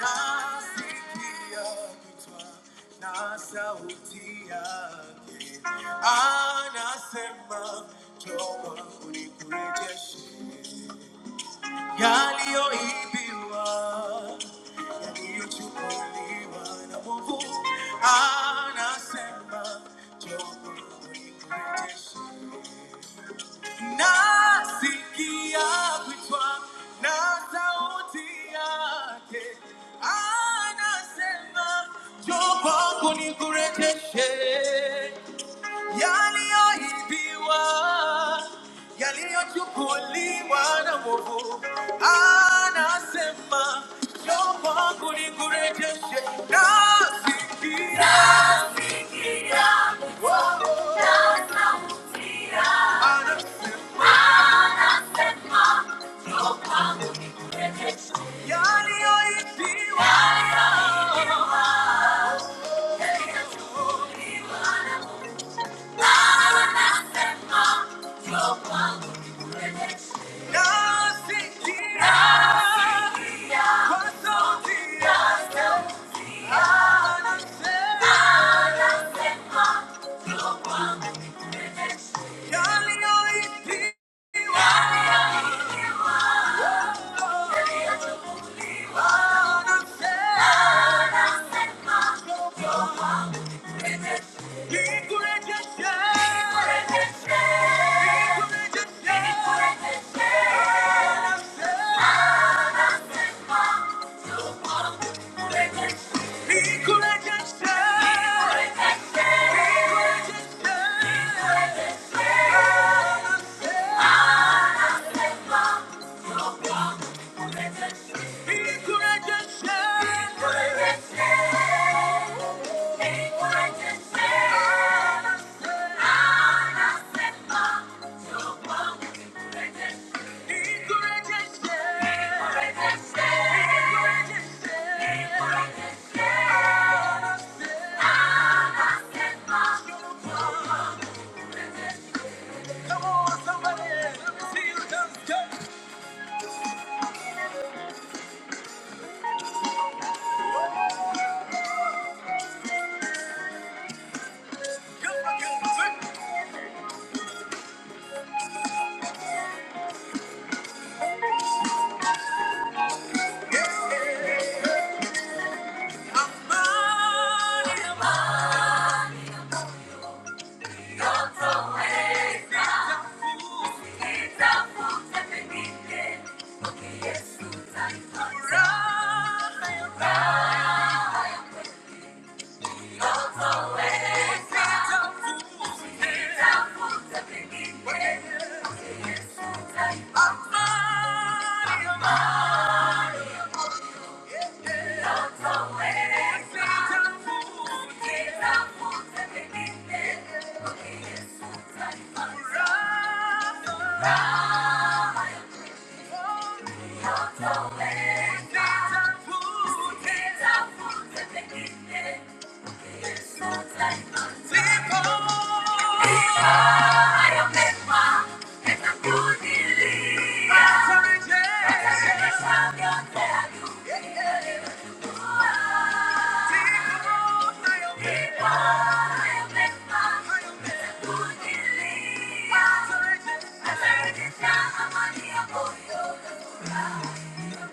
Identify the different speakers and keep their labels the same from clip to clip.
Speaker 1: Nasikia kichwa na sauti yake anasema, njoo unikurejeshe yaliyoibiwa, yaliyochukuliwa na mwovu. Anasema, njoo unikurejeshe Nasikia kuitwa na sauti yake anasema, njoo kwangu nikurejeshe yaliyoibiwa, yaliyochukuliwa na mwovu. Anasema, njoo kwangu nikurejeshe. Nasikia, Nasikia, wow, anasema Yeah. Yeah. Come on, somebody, let me see you dance. Come on, come on. Yeah. Thank you. Thank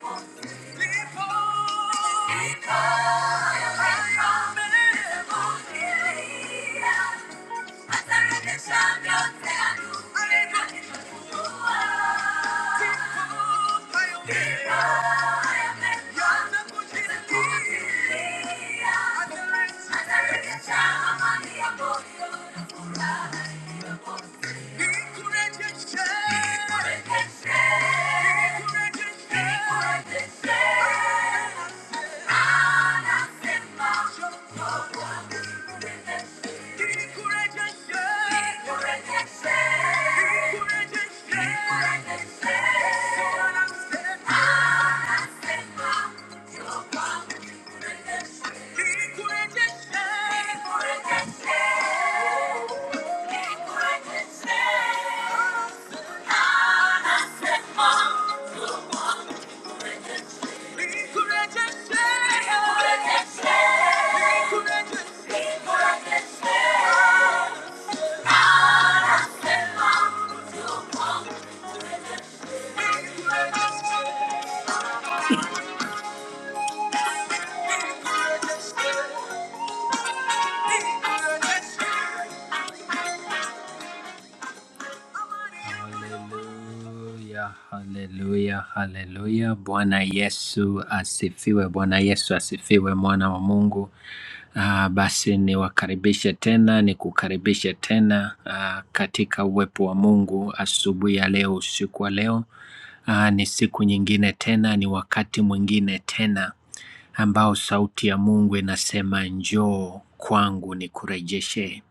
Speaker 1: you. Thank you. Yeah. Yeah. Thank you. Haleluya, haleluya, haleluya. Bwana Yesu asifiwe, Bwana Yesu asifiwe, mwana wa Mungu. Ah, basi niwakaribishe tena, nikukaribishe tena ah, katika uwepo wa Mungu asubuhi ya leo, usiku wa leo. Ah, ni siku nyingine tena, ni wakati mwingine tena ambao sauti ya Mungu inasema njoo kwangu nikurejeshe.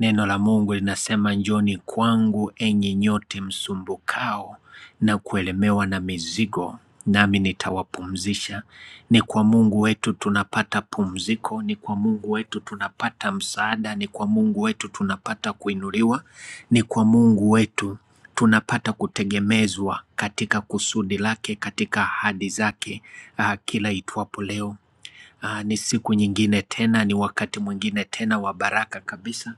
Speaker 1: Neno la Mungu linasema, njoni kwangu enyi nyote msumbukao na kuelemewa na mizigo, nami nitawapumzisha. Ni kwa Mungu wetu tunapata pumziko, ni kwa Mungu wetu tunapata msaada, ni kwa Mungu wetu tunapata kuinuliwa, ni kwa Mungu wetu tunapata kutegemezwa katika kusudi lake, katika ahadi zake, ah, kila itwapo leo. Ah, ni siku nyingine tena, ni wakati mwingine tena wa baraka kabisa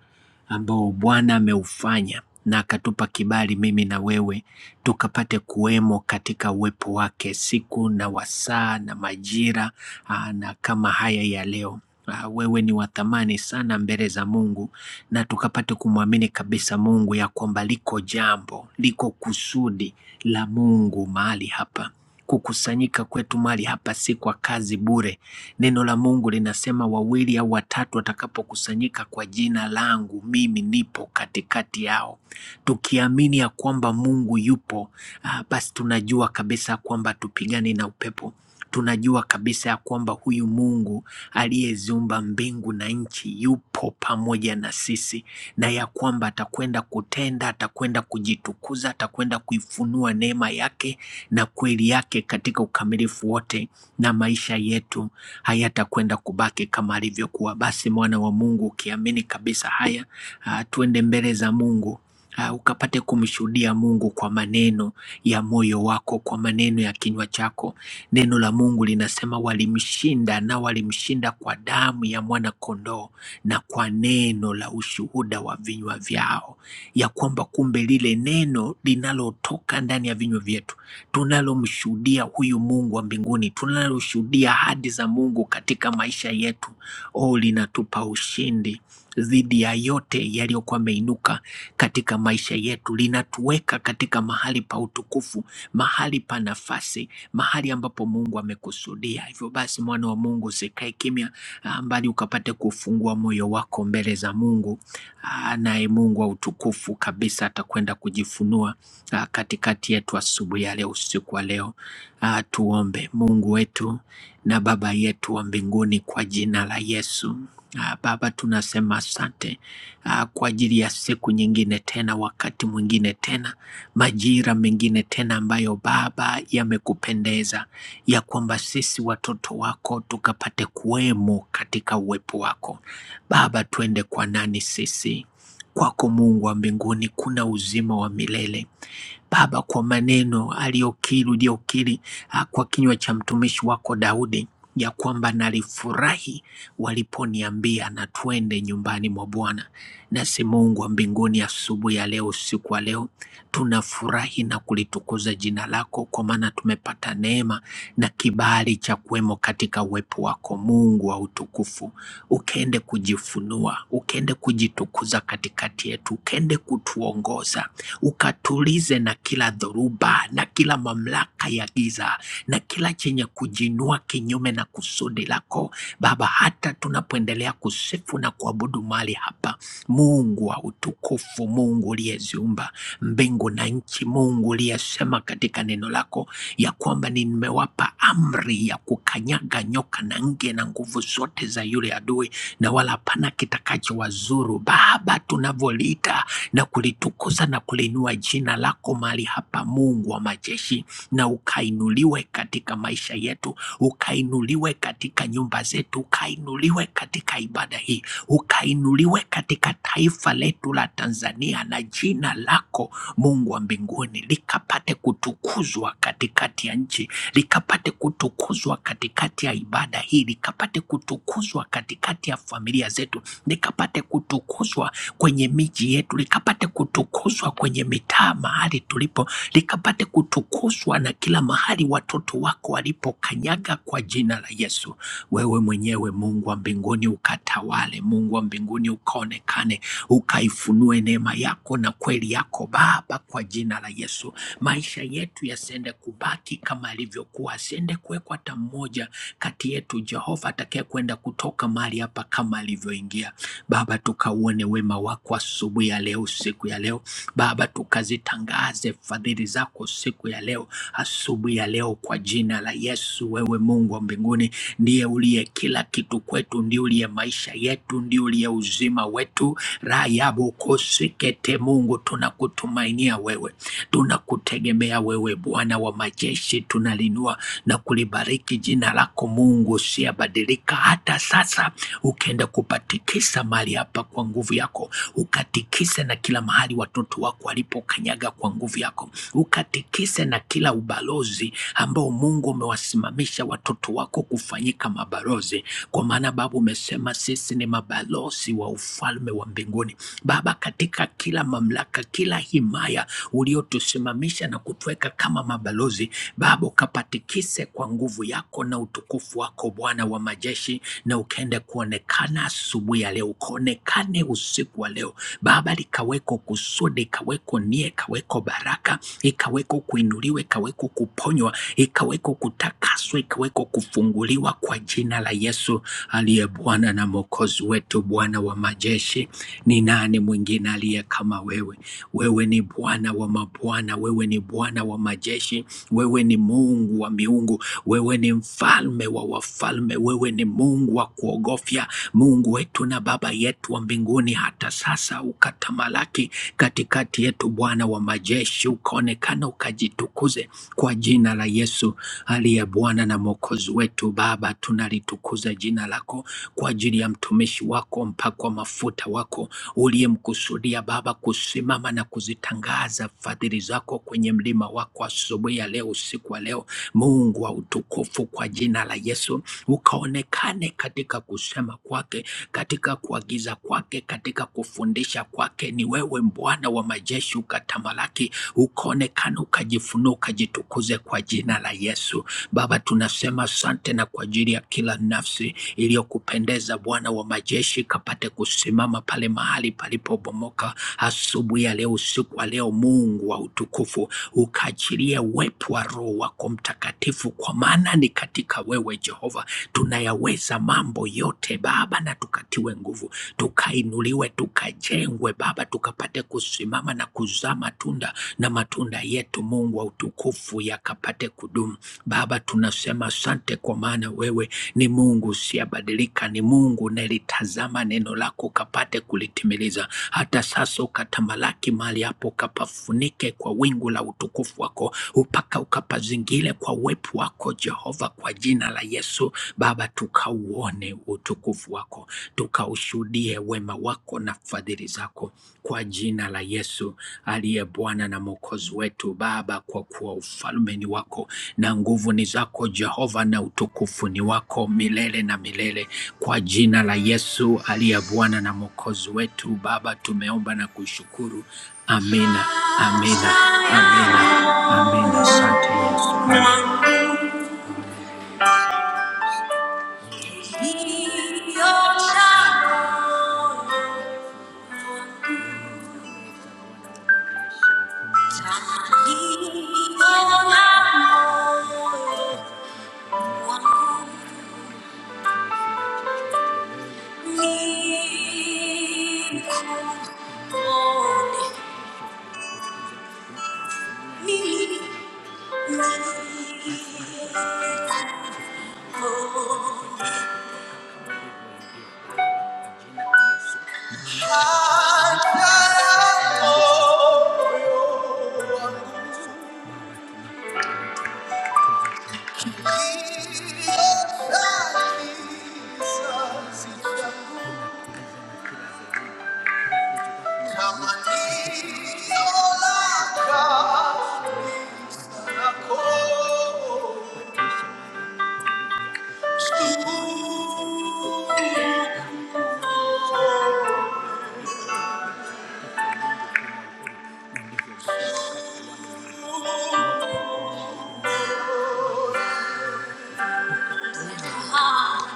Speaker 1: ambao Bwana ameufanya na akatupa kibali mimi na wewe tukapate kuwemo katika uwepo wake siku na wasaa na majira aa, na kama haya ya leo. Aa, Wewe ni wa thamani sana mbele za Mungu na tukapate kumwamini kabisa Mungu ya kwamba liko jambo, liko kusudi la Mungu mahali hapa. Kukusanyika kwetu mali hapa si kwa kazi bure. Neno la Mungu linasema wawili au watatu watakapokusanyika kwa jina langu, mimi nipo katikati yao tukiamini ya kwamba Mungu yupo, ah, basi tunajua kabisa ya kwamba tupigane na upepo tunajua kabisa ya kwamba huyu Mungu aliyeziumba mbingu na nchi yupo pamoja na sisi, na ya kwamba atakwenda kutenda, atakwenda kujitukuza, atakwenda kuifunua neema yake na kweli yake katika ukamilifu wote, na maisha yetu hayatakwenda kubaki kama alivyokuwa. Basi mwana wa Mungu, ukiamini kabisa haya, ah, tuende mbele za Mungu Ah, ukapate kumshuhudia Mungu kwa maneno ya moyo wako, kwa maneno ya kinywa chako. Neno la Mungu linasema walimshinda na walimshinda kwa damu ya mwana kondoo na kwa neno la ushuhuda wa vinywa vyao, ya kwamba kumbe lile neno linalotoka ndani ya vinywa vyetu tunalomshuhudia huyu Mungu wa mbinguni, tunaloshuhudia ahadi za Mungu katika maisha yetu, oh, linatupa ushindi dhidi ya yote yaliyokuwa ameinuka katika maisha yetu, linatuweka katika mahali pa utukufu, mahali pa nafasi, mahali ambapo Mungu amekusudia. Hivyo basi, mwana wa Mungu, usikae kimya, ah, bali ukapate kufungua moyo wako mbele za Mungu, ah, naye Mungu wa utukufu kabisa atakwenda kujifunua ah, katikati yetu asubuhi ya leo, usiku wa leo. Ah, Tuombe. Mungu wetu na Baba yetu wa mbinguni, kwa jina la Yesu Ah, Baba, tunasema asante ah, kwa ajili ya siku nyingine tena, wakati mwingine tena, majira mengine tena ambayo Baba yamekupendeza ya kwamba sisi watoto wako tukapate kuwemo katika uwepo wako. Baba, tuende kwa nani sisi? Kwako Mungu wa mbinguni kuna uzima wa milele. Baba, kwa maneno aliyokiri uliokiri ah, kwa kinywa cha mtumishi wako Daudi ya kwamba nalifurahi waliponiambia na twende nyumbani mwa Bwana. Nasi Mungu wa mbinguni, asubuhi ya leo, usiku wa leo, tunafurahi na kulitukuza jina lako, kwa maana tumepata neema na kibali cha kuwemo katika uwepo wako, Mungu wa utukufu. Ukaende kujifunua, ukende kujitukuza katikati yetu, ukende kutuongoza ukatulize na kila dhoruba na kila mamlaka ya giza na kila chenye kujinua kinyume na kusudi lako Baba. Hata tunapoendelea kusifu na kuabudu mali hapa, Mungu wa utukufu, Mungu uliyeziumba mbingu na nchi, Mungu uliyesema katika neno lako ya kwamba nimewapa amri ya kukanyaga nyoka na nge na nguvu zote za yule adui, na wala hapana kitakachowazuru. Baba, tunavolita na kulitukuza na kuliinua jina lako mahali hapa, Mungu wa majeshi, na ukainuliwe katika maisha yetu, ukainuliwe katika nyumba zetu, ukainuliwe katika ibada hii, ukainuliwe katika taifa letu la Tanzania, na jina lako Mungu wa mbinguni likapate kutukuzwa katikati ya nchi, likapate kutukuzwa katikati ya ibada hii, likapate kutukuzwa katikati ya familia zetu, likapate kutukuzwa kwenye miji yetu, likapate kutukuzwa kwenye mitaa mahali tulipo, likapate kutukuzwa na kila mahali watoto wako walipokanyaga kwa jina la Yesu. Wewe mwenyewe Mungu wa mbinguni ukatawale, Mungu wa mbinguni ukaonekane, ukaifunue neema yako na kweli yako Baba, kwa jina la Yesu. Maisha yetu yasiende kubaki kama yalivyokuwa, asiende kuwekwa hata mmoja kati yetu Jehova atakaye kwenda kutoka mahali hapa kama alivyoingia. Baba, tuka wakauone wema wako asubuhi ya leo, siku ya leo. Baba, tukazitangaze fadhili zako siku ya leo, asubuhi ya leo, kwa jina la Yesu. Wewe Mungu wa mbinguni ndiye uliye kila kitu kwetu, ndiye uliye maisha yetu, ndiye uliye uzima wetu. Rayabu kosekete, Mungu tunakutumainia wewe, tunakutegemea wewe, Bwana wa majeshi, tunalinua na kulibariki jina lako Mungu usiyebadilika hata sasa, ukienda kupatikisa ukatikisa mahali hapa kwa nguvu yako, ukatikise na kila mahali watoto wako walipokanyaga kwa nguvu yako, ukatikise na kila ubalozi ambao Mungu umewasimamisha watoto wako kufanyika mabalozi, kwa maana Baba umesema sisi ni mabalozi wa ufalme wa mbinguni. Baba, katika kila mamlaka, kila himaya uliotusimamisha na kutuweka kama mabalozi, Baba ukapatikise kwa nguvu yako na utukufu wako, Bwana wa majeshi, na ukaende kuonekana likaonekana asubuhi ya leo, ukaonekane usiku wa leo. Baba, likaweko kusudi, ikaweko nia, ikaweko baraka, ikaweko kuinuliwa, ikaweko kuponywa, ikaweko kutakaswa, ikaweko kufunguliwa kwa jina la Yesu aliye Bwana na Mwokozi wetu. Bwana wa majeshi, ni nani mwingine aliye kama wewe? Wewe ni Bwana wa mabwana, wewe ni Bwana wa majeshi, wewe ni Mungu wa miungu, wewe ni mfalme wa wafalme, wewe ni Mungu Mungu wa kuogofya, Mungu wetu na Baba yetu wa mbinguni, hata sasa ukatamalaki katikati yetu, Bwana wa majeshi, ukaonekana ukajitukuze kwa jina la Yesu aliye Bwana na Mwokozi wetu. Baba, tunalitukuza jina lako kwa ajili ya mtumishi wako, mpakwa mafuta wako uliyemkusudia Baba kusimama na kuzitangaza fadhili zako kwenye mlima wako asubuhi ya leo, usiku wa leo. Mungu wa utukufu, kwa jina la Yesu, ukaonekane katika kusema kwake, katika kuagiza kwake, katika kufundisha kwake. Ni wewe Bwana wa majeshi, ukatamalaki, ukaonekane, ukajifunua, ukajitukuze kwa jina la Yesu. Baba, tunasema asante na kwa ajili ya kila nafsi iliyokupendeza Bwana wa majeshi, kapate kusimama pale mahali palipobomoka asubuhi ya leo, usiku wa leo. Mungu wa utukufu, ukaachilie uwepo wa Roho wako Mtakatifu, kwa maana ni katika katika wewe Jehova. Tunayaweza mambo yote Baba, na tukatiwe nguvu, tukainuliwe, tukajengwe Baba, tukapate kusimama na kuzaa matunda, na matunda yetu Mungu wa utukufu yakapate kudumu Baba. Tunasema asante, kwa maana wewe ni Mungu usiyebadilika, ni Mungu unalitazama neno lako ukapate kulitimiliza hata sasa, ukatamalaki mali hapo, ukapafunike kwa wingu la utukufu wako, upaka ukapazingile kwa uwepo wako Jehova, kwa jina la Yesu. Baba, tukauone utukufu wako, tukaushuhudie wema wako na fadhili zako, kwa jina la Yesu aliye Bwana na Mwokozi wetu. Baba, kwa kuwa ufalme ni wako na nguvu ni zako Jehova, na utukufu ni wako milele na milele, kwa jina la Yesu aliye Bwana na Mwokozi wetu. Baba, tumeomba na kushukuru. Amina, amina, amina, amina. Asante Yesu. Oh,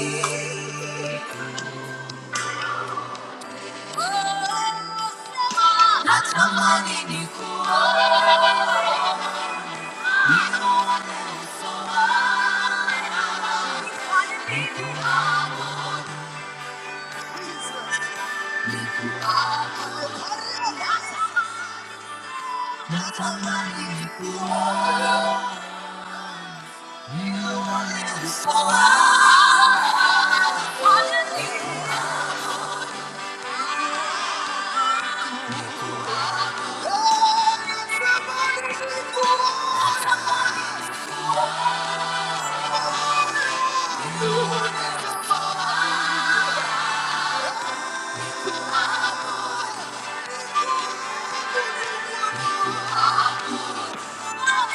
Speaker 1: Nicola. Natamani ni kuwa nikuwa usowa Natamani ni kuwa usowa Natamani ni kuwa Oh, Yeah.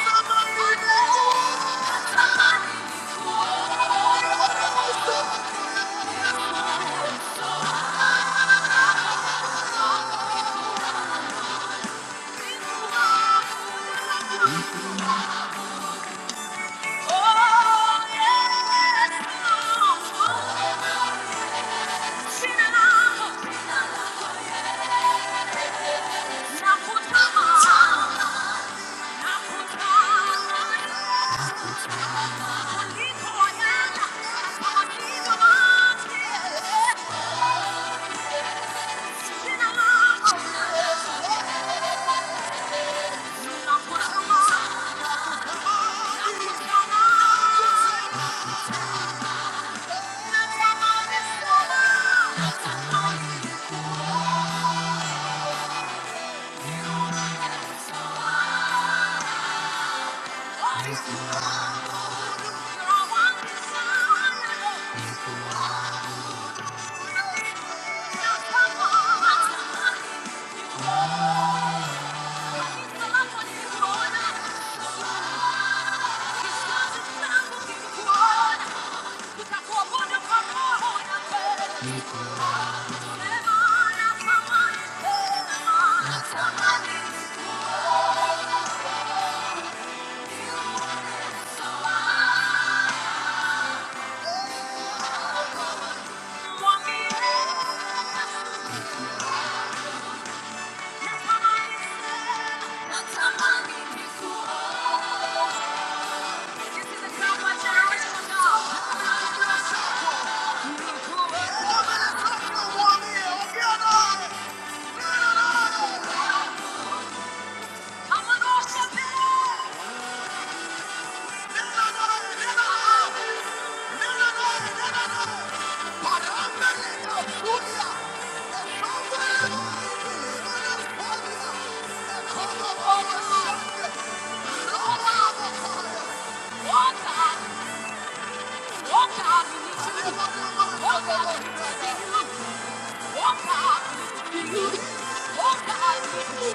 Speaker 1: Thank you. I'm No, no, no, no, no, no. Walk up, walk up, you Walk up, you Walk up, you need to move. Walk up, you need to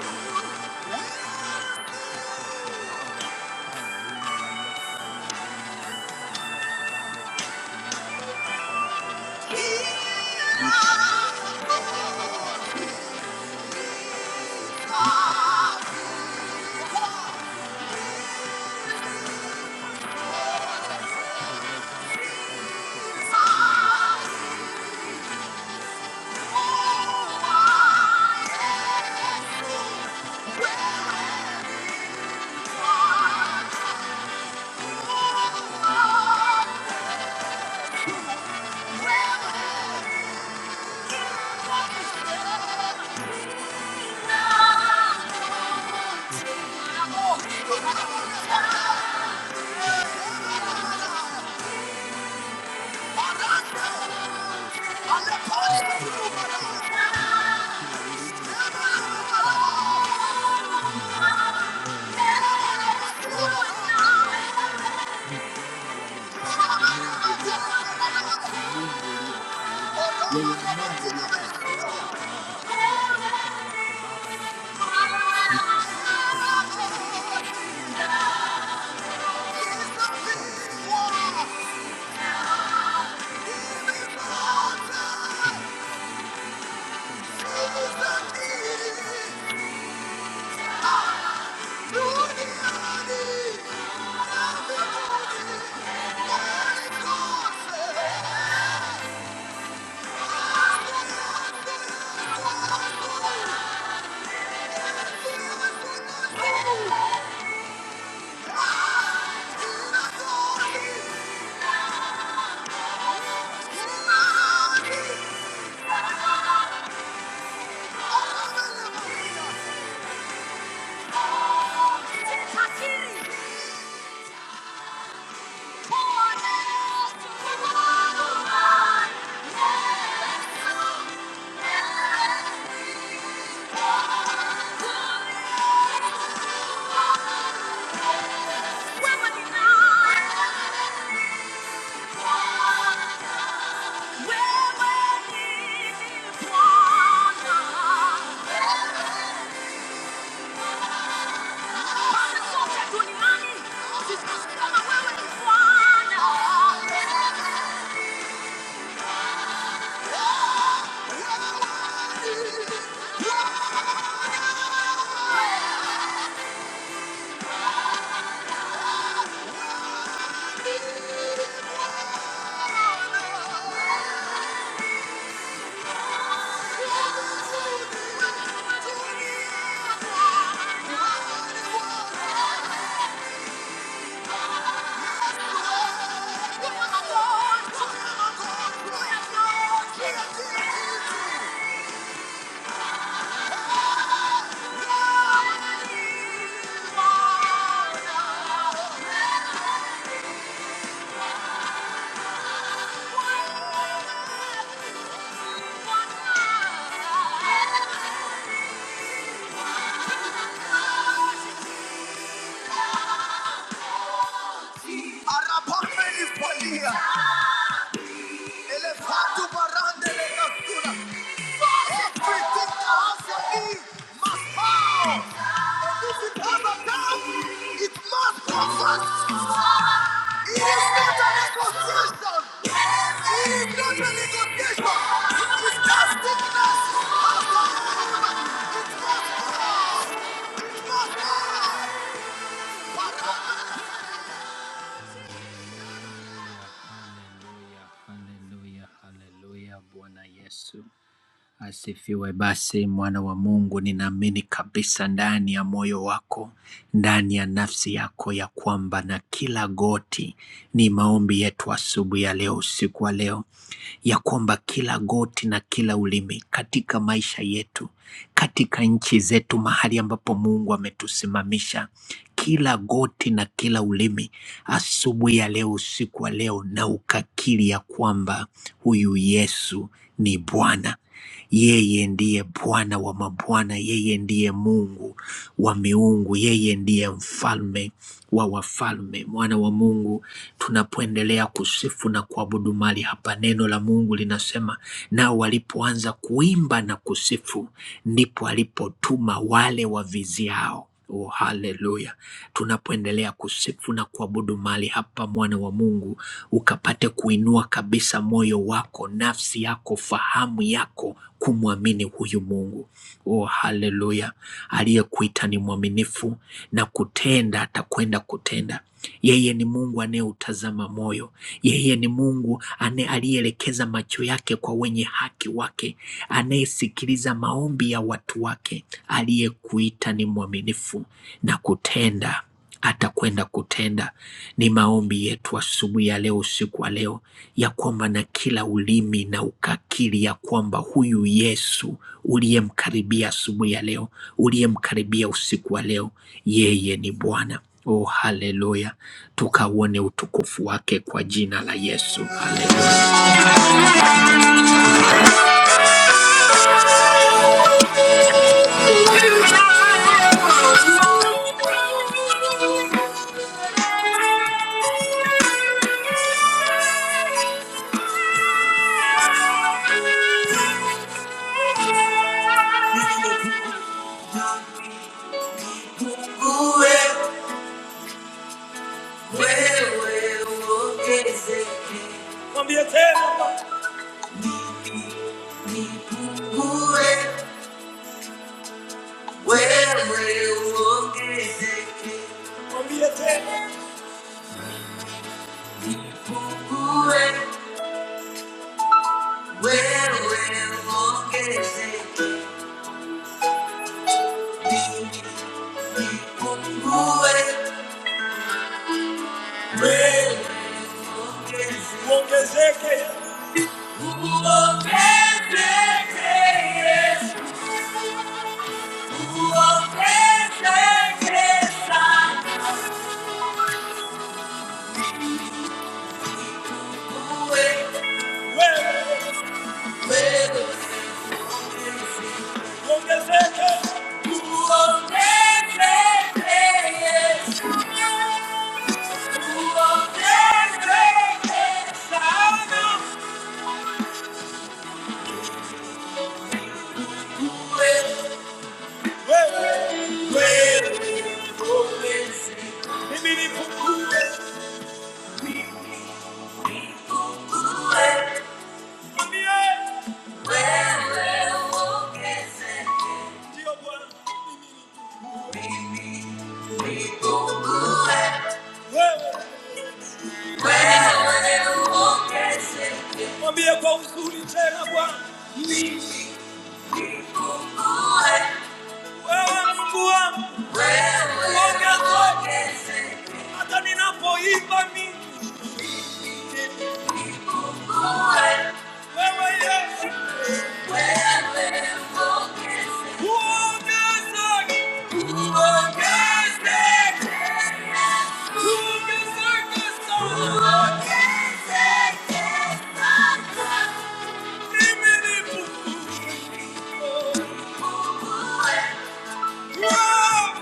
Speaker 1: He is the Thank you. Oh, Thank you. Arapameni palia. Hallelujah, hallelujah, hallelujah, Bwana Yesu. Asifiwe basi mwana wa Mungu, ninaamini kabisa ndani ya moyo wako, ndani ya nafsi yako ya kwamba na kila goti, ni maombi yetu asubuhi ya leo, usiku wa leo, ya kwamba kila goti na kila ulimi katika maisha yetu, katika nchi zetu, mahali ambapo Mungu ametusimamisha, kila goti na kila ulimi asubuhi ya leo, usiku wa leo, na ukakiri ya kwamba huyu Yesu ni Bwana. Yeye ndiye Bwana wa mabwana, yeye ndiye Mungu wa miungu, yeye ndiye mfalme wa wafalme, mwana wa Mungu. Tunapoendelea kusifu na kuabudu mali hapa, neno la Mungu linasema, nao walipoanza kuimba na kusifu, ndipo alipotuma wale waviziao Oh, haleluya! Tunapoendelea kusifu na kuabudu mali hapa, mwana wa Mungu, ukapate kuinua kabisa moyo wako, nafsi yako, fahamu yako kumwamini huyu Mungu. Oh, haleluya! Aliyekuita ni mwaminifu na kutenda, atakwenda kutenda. Yeye ni Mungu anayeutazama moyo. Yeye ni Mungu ane- aliyeelekeza macho yake kwa wenye haki wake, anayesikia Sikiliza maombi ya watu wake. Aliyekuita ni mwaminifu na kutenda, atakwenda kutenda. Ni maombi yetu asubuhi ya leo, usiku wa leo, ya kwamba na kila ulimi na ukakiri ya kwamba huyu Yesu uliyemkaribia asubuhi ya leo, uliyemkaribia usiku wa leo, yeye ni Bwana. Oh, haleluya! Tukauone utukufu wake kwa jina la Yesu. Haleluya. Mwambie tena. Nipungue, wewe uongezeke. Mwambie tena. Nipungue, wewe uongezeke. Nipungue, uongezeke. wewe, wewe uongezeke. Uongezeke, Yesu, uongezeke sana. Mwambie kwa uzuri tena Bwana, wewe Mungu wangu, uongezeke hata ninapoimba mimi, wewe Yesu, uongezeke, uongezeke, uongezeke sana, mimi ni mkuu.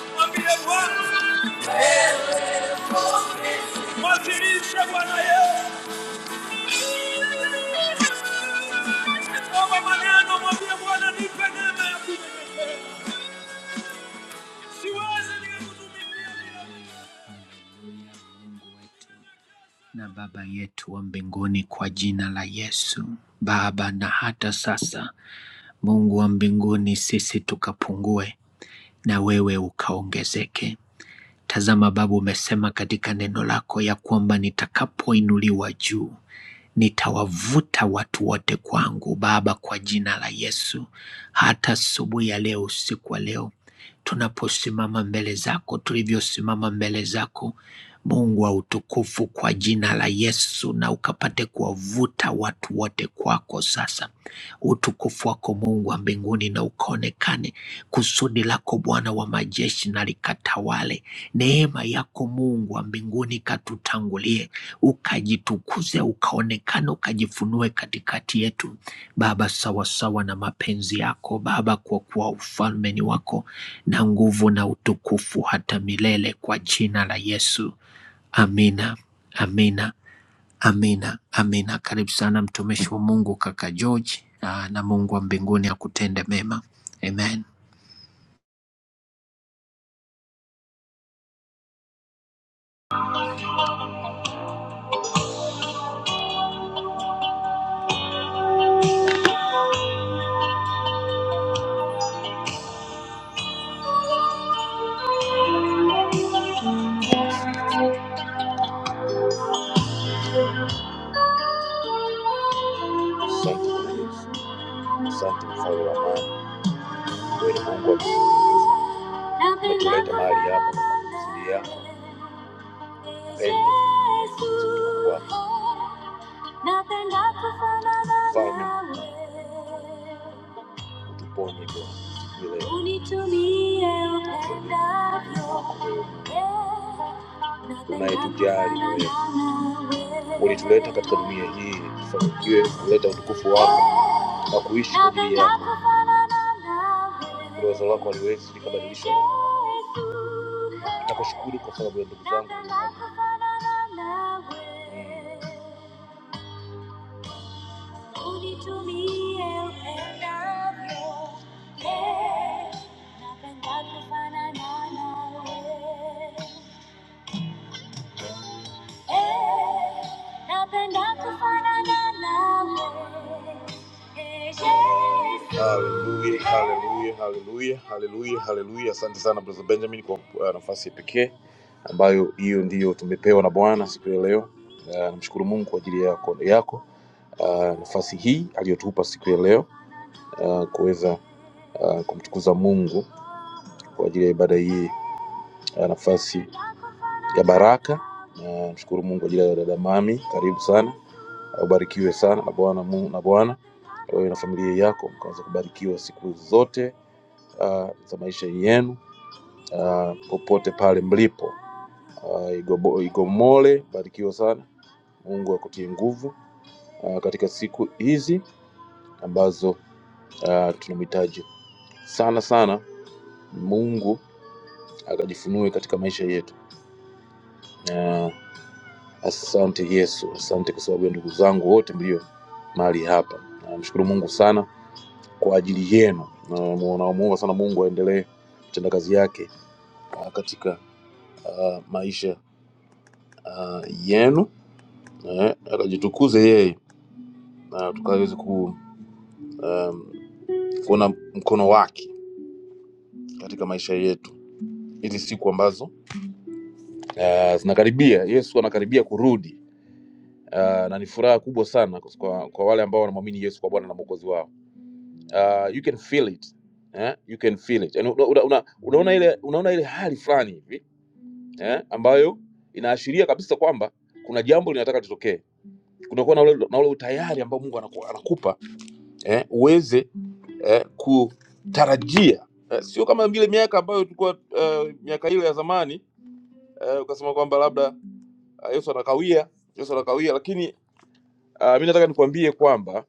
Speaker 1: Mwambie Bwana, mwazirishe Bwana yeye. na Baba yetu wa mbinguni, kwa jina la Yesu Baba, na hata sasa Mungu wa mbinguni, sisi tukapungue na wewe ukaongezeke. Tazama Baba, umesema katika neno lako ya kwamba nitakapoinuliwa juu Nitawavuta watu wote kwangu Baba, kwa jina la Yesu. Hata asubuhi ya leo, usiku wa leo, tunaposimama mbele zako, tulivyosimama mbele zako Mungu wa utukufu, kwa jina la Yesu, na ukapate kuwavuta watu wote kwako sasa utukufu wako Mungu wa mbinguni na ukaonekane. Kusudi lako Bwana wa majeshi na likatawale. Neema yako Mungu wa mbinguni katutangulie, ukajitukuze, ukaonekane, ukajifunue katikati yetu Baba, sawa sawa na mapenzi yako Baba, kwa kuwa ufalme ni wako na nguvu na utukufu hata milele, kwa jina la Yesu. Amina, amina. Amina, amina. Karibu sana mtumishi wa Mungu kaka George, ah, na Mungu wa mbinguni akutende mema. Amen.
Speaker 2: Asante Yesu, asante mfalme wa amani. Wewe ni Mungu wa mbinguni. umetuleta mahali hapa kwa kusudi yako, upendo, utukufu wako. Mfalme, utuponye Bwana unitumie upendavyo, yeah, tunayetujali wewe ulituleta katika dunia hii tufanikiwe kuleta utukufu wako na kuishi kwa ajili yako. Hilo Wazo lako haliwezi likabadilisha. Nakushukuru kwa sababu ya ndugu zangu. Mm unitumie upendavyo. Eh, napenda kufanana nawe. Eh, napenda kufanana nawe. Eh, Yesu. Haleluya, haleluya, haleluya, haleluya, haleluya. Asante sana Brother Benjamin kwa uh, nafasi ya pekee ambayo hiyo ndiyo tumepewa na Bwana siku ya leo. Uh, namshukuru Mungu kwa ajili yako, yako uh, nafasi hii aliyotupa siku ya leo uh, kuweza uh, kumtukuza Mungu kwa ajili ya ibada hii uh, nafasi ya baraka. Na mshukuru Mungu kwa ajili ya dada Mami, karibu sana, ubarikiwe sana na Bwana Mungu na Bwana wewe na familia yako mkaweza kubarikiwa siku zote uh, za maisha yenu uh, popote pale mlipo. Uh, igobo, igomole barikiwa sana mungu akutie nguvu uh, katika siku hizi ambazo uh, tunamhitaji sana sana mungu akajifunue katika maisha yetu. Na asante Yesu, asante kwa sababu ya ndugu zangu wote mlio mahali hapa. Namshukuru uh, Mungu sana kwa ajili yenu. Na- Namuomba uh, sana Mungu aendelee kutenda kazi yake ah, katika ah, maisha ah, yenu, eh, akajitukuze yeye na uh, tukaweze ku- kuona mkono wake katika maisha yetu hizi siku ambazo ah, zinakaribia. uh, Yesu anakaribia kurudi. Uh, na ni furaha kubwa sana kwa, kwa wale ambao wanamwamini Yesu kwa Bwana na Mwokozi wao. uh, you can feel it eh? you can feel it yani una, una, una- unaona ile unaona ile hali fulani hivi eh? ambayo inaashiria kabisa kwamba kuna jambo linataka litokee kunakuwa na ule, na ule utayari ambao mungu anaku, anakupa eh? uweze eh, kutarajia eh, sio kama vile miaka ambayo tulikuwa eh, miaka ile ya zamani eh, ukasema kwamba labda uh, yesu anakawia yesu anakawia lakini uh, mi nataka nikwambie kwamba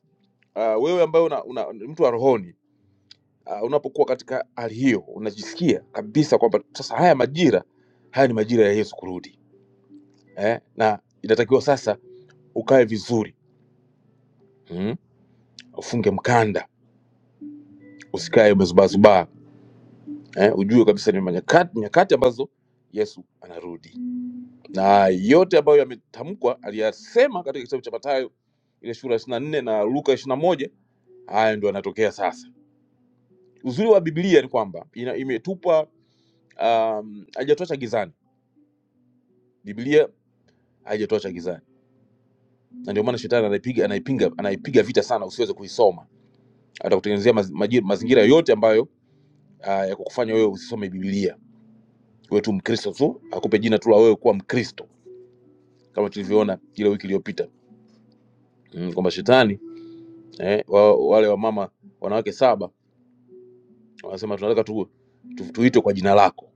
Speaker 2: uh, wewe ambaye una, una, ni mtu wa rohoni uh, unapokuwa katika hali hiyo unajisikia kabisa kwamba sasa haya majira haya ni majira ya Yesu kurudi eh? na inatakiwa sasa ukae vizuri mm? ufunge mkanda usikae umezubaazubaa eh? ujue kabisa ni nyakati, nyakati ambazo Yesu anarudi na yote ambayo yametamkwa aliyasema katika kitabu cha Mathayo ile sura 24 na nne na Luka 21 moja haya ndio yanatokea sasa. Uzuri wa Biblia ni kwamba ina- imetupa um, haijatuacha gizani. Biblia haijatuacha gizani na ndio maana shetani anaipiga anaipiga anaipiga vita sana usiweze kuisoma atakutengenezea maz, maji- mazingira yote ambayo ah, ya kukufanya wewe usisome biblia wewe tu mkristo tu akupe jina tu la wewe kuwa mkristo kama tulivyoona ile wiki iliyopita mm, kwamba shetani eh, wa, wale wamama wanawake saba wanasema tunataka tu, tu, tuitwe kwa jina lako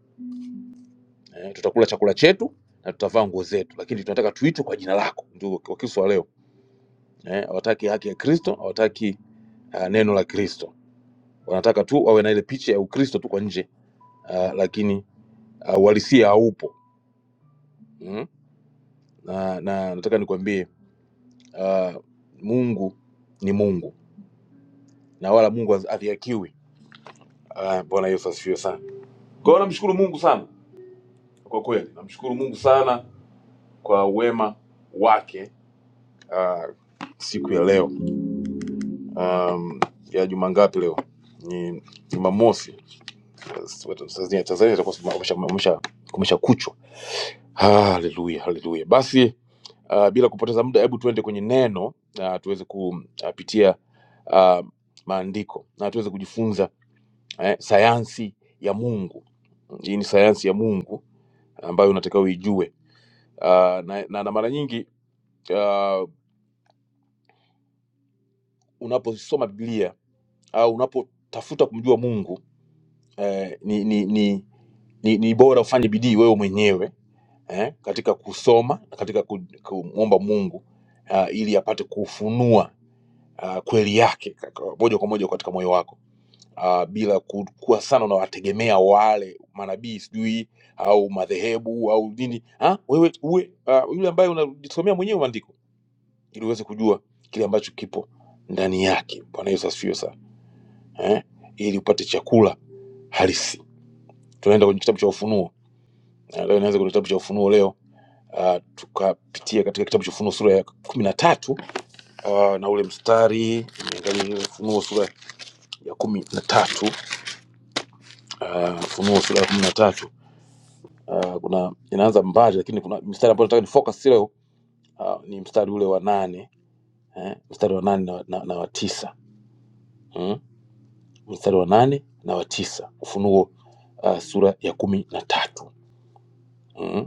Speaker 2: eh, tutakula chakula chetu na tutavaa nguo zetu lakini tunataka tuitwe kwa jina lako ndio wakristo wa leo eh, hawataki haki ya kristo hawataki uh, neno la kristo wanataka tu wawe na ile picha ya ukristo tu kwa nje uh, lakini ah, uhalisia haupo mm? na, na nataka nikwambie uh, mungu ni mungu na wala mungu adhiakiwi Ah, bwana yesu asifiwe sana kwa hiyo namshukuru mungu sana kwa kweli namshukuru mungu sana kwa wema wake ah, siku ya leo um, ya juma ngapi leo ni jumamosi tanzania tanzania itakuwa kumesha, kumesha kuchwa Haleluya, haleluya. Basi uh, bila kupoteza muda, hebu tuende kwenye neno uh, tuweze kupitia uh, maandiko na tuweze kujifunza eh, sayansi ya Mungu. Hii ni sayansi ya Mungu ambayo unatakiwa uijue. Uh, na, na, na mara nyingi uh, unaposoma Biblia au unapotafuta kumjua Mungu eh, ni, ni, ni, ni, ni bora ufanye bidii wewe mwenyewe eh, katika kusoma na katika ku- kumwomba Mungu uh, ili apate kufunua uh, kweli yake kaka- moja kwa moja katika moyo wako uh, bila ku- kuwa sana unawategemea wale manabii sijui au madhehebu au nini ha? Wewe uwe uh, yule ambaye unajisomea mwenyewe maandiko ili uweze kujua kile ambacho kipo ndani yake. Bwana Yesu asifiwe sana eh, ili upate chakula halisi. Tunaenda kwenye kitabu cha Ufunuo Eh, leo inaanza kwenye kitabu cha Ufunuo leo uh, tukapitia katika kitabu cha Ufunuo sura ya kumi na tatu uh, na ule mstari niangalie Ufunuo sura ya kumi na tatu uh, Ufunuo sura ya kumi na tatu uh, kuna inaanza mbali, lakini kuna mstari ambao nataka ni focus leo uh, ni mstari ule wa nane eh, mstari wa nane na, na, na wa tisa mm? mstari wa nane na wa tisa Ufunuo uh, sura ya kumi na tatu hmm?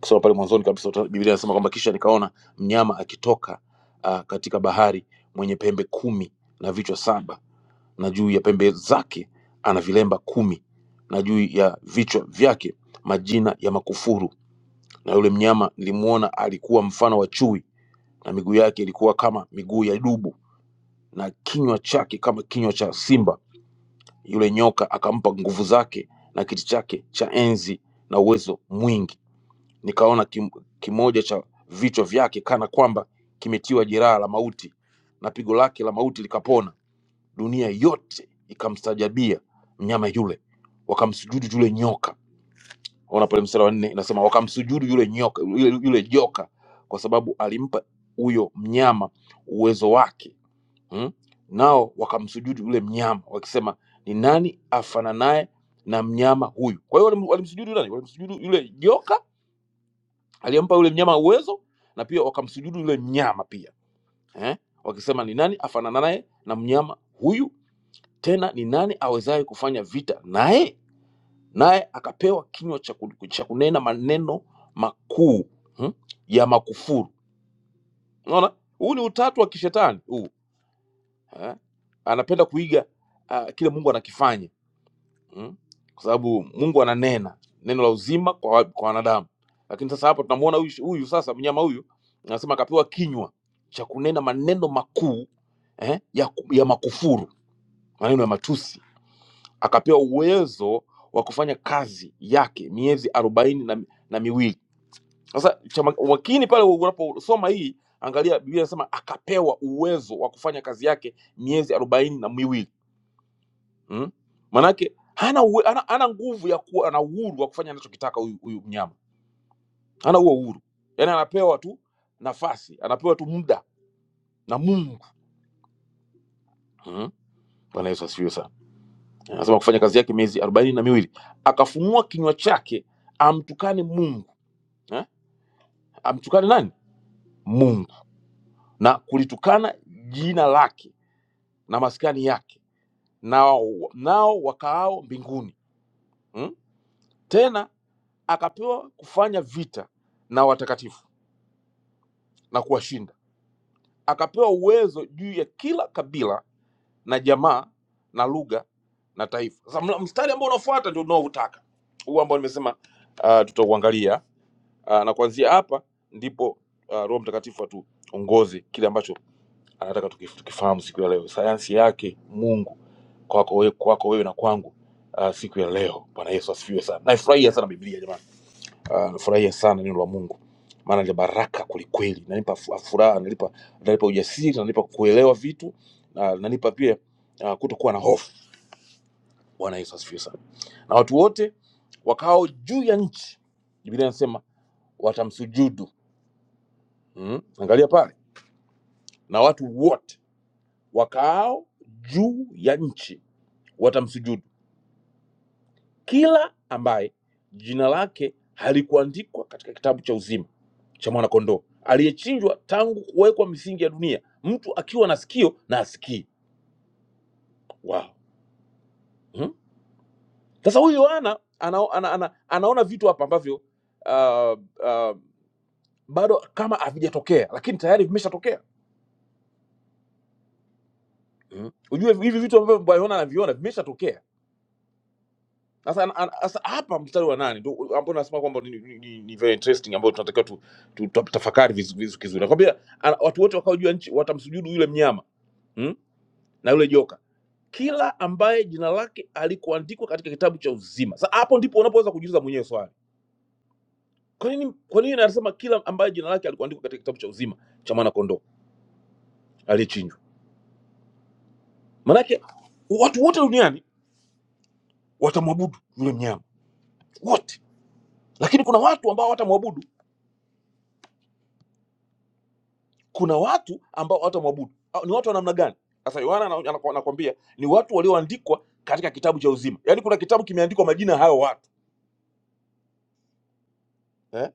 Speaker 2: kusoma pale mwanzoni kabisa uta- biblia inasema kwamba kisha nikaona mnyama akitoka uh, katika bahari mwenye pembe kumi na vichwa saba na juu ya pembe zake ana vilemba kumi na juu ya vichwa vyake majina ya makufuru na yule mnyama nilimwona alikuwa mfano wa chui na miguu yake ilikuwa kama miguu ya dubu na kinywa chake kama kinywa cha simba yule nyoka akampa nguvu zake na kiti chake cha enzi na uwezo mwingi nikaona kim, kimoja cha vichwa vyake kana kwamba kimetiwa jeraha la mauti na pigo lake la mauti likapona. Dunia yote ikamstajabia mnyama yule, wakamsujudu yule nyoka. Ona pale mstari wa nne inasema wakamsujudu yule nyoka, yule, yule joka kwa sababu alimpa huyo mnyama uwezo wake hmm? Nao wakamsujudu yule mnyama wakisema, ni nani afananaye na mnyama huyu? Kwa hiyo walim- walimsujudu nani? Walimsujudu yule joka Aliyempa yule mnyama uwezo na pia wakamsujudu yule mnyama pia eh? Wakisema ni nani afanana naye na mnyama huyu, tena ni nani awezaye kufanya vita naye? Naye akapewa kinywa cha ku- cha kunena maneno makuu hmm? ya makufuru. Unaona, huu ni utatu wa kishetani huu eh? Anapenda kuiga uh, kile Mungu anakifanya mm? kwa sababu Mungu ananena neno la uzima kwa, wa- kwa wanadamu. Lakini sasa hapa tunamwona huyu huyu sasa mnyama huyu anasema akapewa kinywa cha kunena maneno makuu eh, ya, ku- ya makufuru, maneno ya matusi, akapewa uwezo wa kufanya kazi yake miezi arobaini na, na miwili. Sasa cha ma- makini pale unaposoma hii, angalia Biblia inasema akapewa uwezo wa kufanya kazi yake miezi arobaini na miwili mm? manake hana, uwe, hana, hana nguvu ya kuwa na uhuru wa kufanya anachokitaka huyu huyu mnyama hana huo uhuru yaani anapewa tu nafasi anapewa tu muda na mungu mm? bwana yesu asifiwe sana anasema kufanya kazi yake miezi arobaini na miwili akafunua kinywa chake amtukane mungu eh? amtukane nani mungu na kulitukana jina lake na maskani yake nao, nao wakaao mbinguni mm? tena akapewa kufanya vita na watakatifu na kuwashinda akapewa uwezo juu ya kila kabila na jamaa na lugha na taifa. Sasa mla- mstari ambao unafuata ndio unaoutaka huu ambao nimesema uh, tutauangalia uh, na kuanzia hapa ndipo uh, Roho Mtakatifu atuongoze kile ambacho anataka tukif- tukifahamu siku ya leo, sayansi yake Mungu kwako wewe, kwako wewe na kwangu uh, siku ya leo. Bwana Yesu asifiwe sana. Naifurahia sana Biblia jamani. Ah, nafurahia sana neno la mungu maana ni baraka kwelikweli nanipa fu- furaha nanipa, nanipa ujasiri nanipa kuelewa vitu na nanipa pia ah, kutokuwa na hofu bwana yesu asifiwe sana na watu wote wakao juu ya nchi biblia inasema watamsujudu mm? angalia pale na watu wote wakaao juu ya nchi watamsujudu kila ambaye jina lake halikuandikwa katika kitabu cha uzima cha mwanakondoo aliyechinjwa tangu kuwekwa misingi ya dunia mtu akiwa na sikio na asikii wow. hmm? sasa huyu yohana ana, ana, ana, anaona vitu hapa ambavyo uh, uh, bado kama havijatokea lakini tayari vimeshatokea hmm? ujue hivi vitu ambavyo yohana anaviona vimeshatokea Sasa ana- ana- sasa hapa mstari wa nane ndio ambao nasema kwamba ni, ni, ni ni very interesting ambao tunatakiwa tu, tu, tu, tafakari vizu- vizu- vizuri. Nakwambia ana- watu wote wakao juu ya nchi watamsujudu yule mnyama hmm? na yule joka, kila ambaye jina lake alikuandikwa katika kitabu cha uzima. Sasa hapo ndipo unapoweza kujiuliza mwenyewe swali, kwa nini kwa nini anasema kila ambaye jina lake alikuandikwa katika kitabu cha uzima cha mwana kondoo aliyechinjwa? Maanake watu wote duniani watamwabudu yule mnyama wote, lakini kuna watu ambao hawatamwabudu kuna watu ambao hawatamwabudu Ah, ni watu wa namna gani sasa yohana ana- ana- anakwambia ni watu walioandikwa katika kitabu cha uzima yaani kuna kitabu kimeandikwa majina ya hayo watu eh?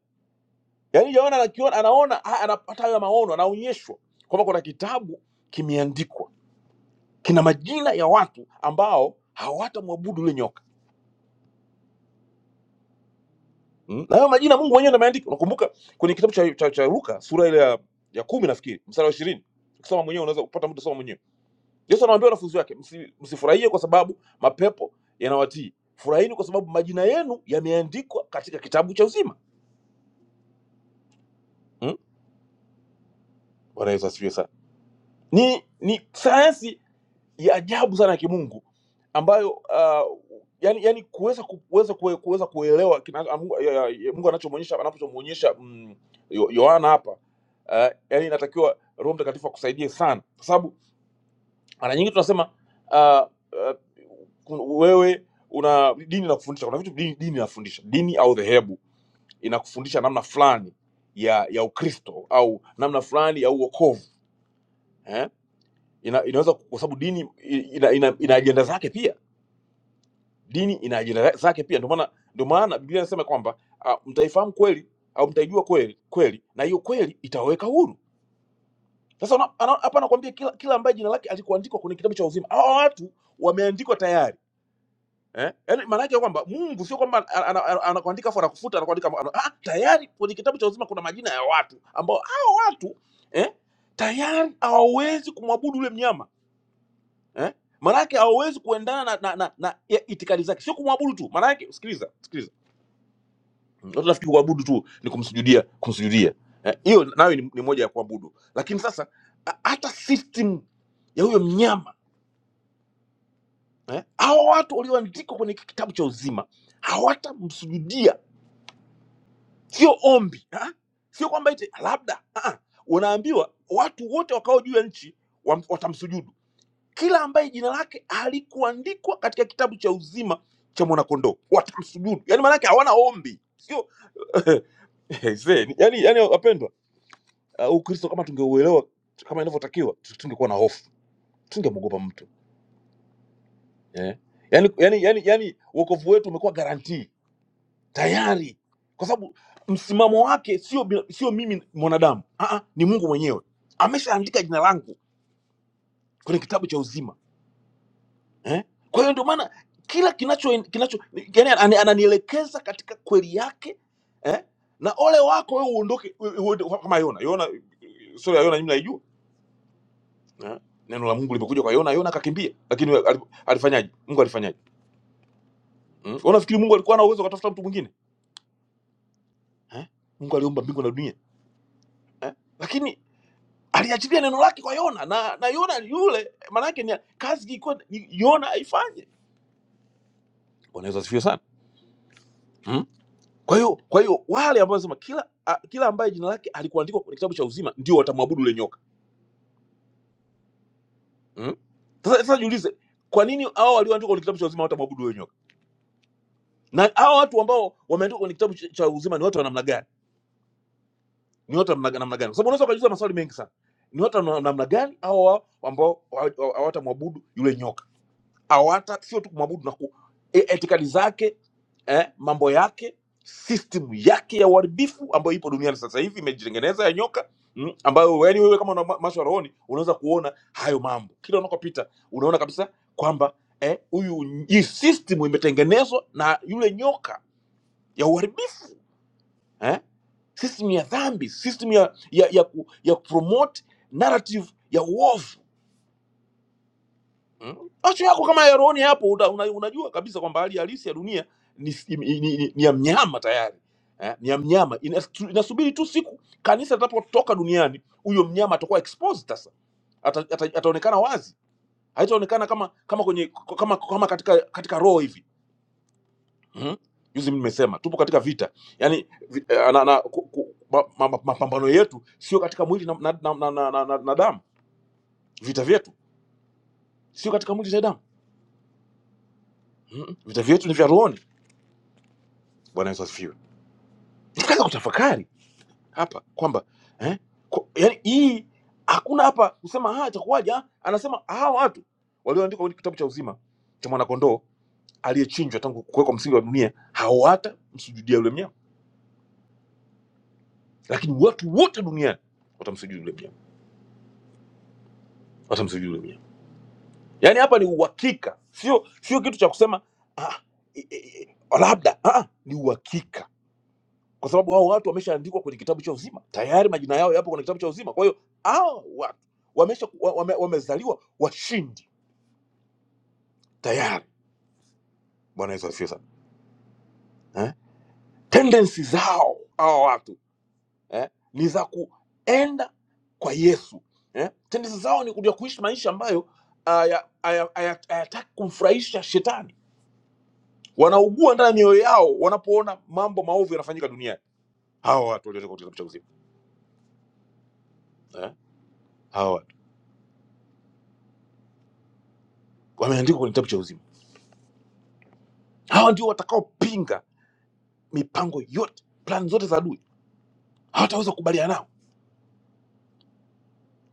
Speaker 2: yaani yohana anakiona anaona ha- anapata hayo maono anaonyeshwa kwamba kuna kitabu kimeandikwa kina majina ya watu ambao hawatamwabudu yule nyoka mm? na hayo majina mungu mwenyewe ndo ameandika unakumbuka kwenye kitabu cha, cha, cha luka sura ile ya, ya kumi nafikiri mstari wa ishirini ukisoma mwenyewe unaweza kupata muda soma mwenyewe Yesu anawaambia wanafunzi wake, "Msi- msifurahie kwa sababu mapepo yanawatii, furahini kwa sababu majina yenu yameandikwa katika kitabu cha uzima. Hmm? Bwana Yesu asifiwe sana. Ni, ni sayansi ya ajabu sana ya kimungu ambayo uh, yani, yani kuweza ku- kuweza kue- kuweza kuelewa kina- ah, Mungu ya- ya- Mungu anachomwonyesha anapomwonyesha mm, Yo- Yohana hapa uh, yani inatakiwa Roho Mtakatifu akusaidie sana, kwa sababu mara nyingi tunasema uh, uh, wewe una dini inakufundisha kuna vitu dini, dini inafundisha dini au dhehebu inakufundisha namna fulani ya ya ukristo au namna fulani ya uokovu eh? ina, inaweza kwa sababu dini ina, ina, ina ajenda zake pia dini ina ajenda zake pia ndio maana ndio maana biblia inasema kwamba uh, mtaifahamu kweli au mtaijua kweli kweli na hiyo kweli itawaweka huru sasa una- ana- hapa anakuambia kila kila ambaye jina lake alikuandikwa kwenye kitabu cha uzima hawa watu wameandikwa tayari eh? Yaani maana yake kwamba Mungu sio kwamba ana- ana- ana- anakuandika afu anakufuta anakuandika ana, ah, tayari kwenye kitabu cha uzima kuna majina ya watu ambao hao watu eh, tayari hawawezi kumwabudu yule mnyama eh? Maana yake hawawezi kuendana na, na, na, na ya- itikadi zake, sio kumwabudu tu. Maana yake sikiliza, sikiliza, Mm, watu nafikiri kuabudu tu ni kumsujudia, kumsujudia Eh, hiyo nayo ni, ni moja ya kuabudu, lakini sasa a- hata system ya huyo mnyama eh, hao watu walioandikwa kwenye kitabu cha uzima hawatamsujudia sio ombi ah? sio kwamba eti labda ah, unaambiwa watu wote wakao juu ya nchi wam- watamsujudu kila ambaye jina lake halikuandikwa katika kitabu cha uzima cha mwanakondoo watamsujudu yani maanake hawana ombi sio eh, see, yani, yani wapendwa uh, ukristo kama tungeuelewa kama inavyotakiwa tu- tungekuwa na hofu tungemwogopa mtu eh? yani, yani, yani, yani wokovu wetu umekuwa guarantee tayari kwa sababu msimamo wake sio bi- sio mimi mwanadamu Aa, ni mungu mwenyewe ameshaandika jina langu kwenye kitabu cha uzima eh? kwa hiyo ndio maana kila kinacho kinacho yani ana- ananielekeza katika kweli yake eh? na ole wako wewe uondoke wewe uende kama yona yona sura ya yona mimi naijua eh? neno la mungu limekuja kwa yona yona akakimbia lakini ali- alifanyaje mungu alifanyaje mm? unafikiri mungu alikuwa na uwezo akatafuta mtu mwingine eh? mungu aliumba mbingu na dunia eh? lakini aliachilia neno lake kwa Yona na, na Yona yule maanake ni kazi ilikuwa ni- Yona aifanye. Bwana Yesu asifiwe sana mm? Kwa hiyo kwa hiyo wale ambao wanasema kila a, kila ambaye jina lake alikuandikwa kwenye kitabu cha uzima ndio watamwabudu yule nyoka mm? Sasa sasa jiulize, kwa nini hao walioandikwa kwenye kitabu cha uzima hawatamwabudu yule nyoka, na hao watu ambao wameandikwa kwenye kitabu cha cha uzima ni watu wa namna gani? Ni watu wa namna namna gani? Kwa sababu unaweza ukajiuliza maswali mengi sana. Ni watu wa namna gani hao ambao hawatamwabudu yule nyoka? awata sio tu kumwabudu na ku, e, etikadi zake eh, mambo yake system yake ya uharibifu ambayo ipo duniani sasa hivi imejitengeneza ya nyoka mm, ambayo yani wewe kama una ma- macho ya rohoni unaweza kuona hayo mambo kila unakopita unaona kabisa kwamba eh, huyu hii system imetengenezwa na yule nyoka ya uharibifu eh? system ya dhambi system ya ya ya, ku, ya promote narrative ya uovu Mm. Macho yako kama yaroni hapo una, una, unajua kabisa kwamba hali halisi ya dunia ni, ni, ni, ni, ni ya mnyama tayari eh, ni ya mnyama Inastu- inasubiri tu siku kanisa litapotoka duniani, huyo mnyama atakuwa exposed sasa, ata, ata, ataonekana wazi, haitaonekana kama kama kwenye kama, kama katika katika roho hivi mm. Juzi nimesema tupo katika vita, yani vi, eh, na, na, ku, ku, ma, ma, ma, mapambano yetu sio katika mwili na, na, na, na, na, na, na damu. Vita vyetu sio katika mwili na damu mm. Vita vyetu ni vya rohoni Bwana Yesu asifiwe. Tukaanza kutafakari hapa kwamba eh, kwa, yani hii hakuna hapa kusema ah, itakuwaje. ah." Anasema hawa watu walioandikwa kwenye kitabu cha uzima cha mwanakondoo aliyechinjwa tangu kuwekwa msingi wa dunia hawatamsujudia yule mnyama, lakini watu wote duniani watamsujudia yule mnyama, watamsujudia yule mnyama. Yani hapa ni uhakika, sio sio kitu cha kusema ah, e, e, e, labda ah, ah," ni uhakika kwa sababu hao watu wameshaandikwa kwenye kitabu cha uzima tayari, majina yao yapo kwenye kitabu cha uzima. Kwa hiyo hao watu wamesha wa- wame, wamezaliwa washindi tayari. Bwana Yesu asifiwe sana eh? Tendency zao hao watu eh, ni za kuenda kwa Yesu eh? Tendency zao ni ya kuishi maisha ambayo haya- haya- haya- hayataki kumfurahisha Shetani. Wanaugua ndani ya mioyo yao wanapoona mambo maovu yanafanyika duniani. Hawa watu waliotoka kwenye kitabu cha uzima eh? hawa watu wameandikwa kwenye kitabu cha uzima, hawa ndio watakaopinga mipango yote, plan zote za adui, hawataweza kukubaliana nao.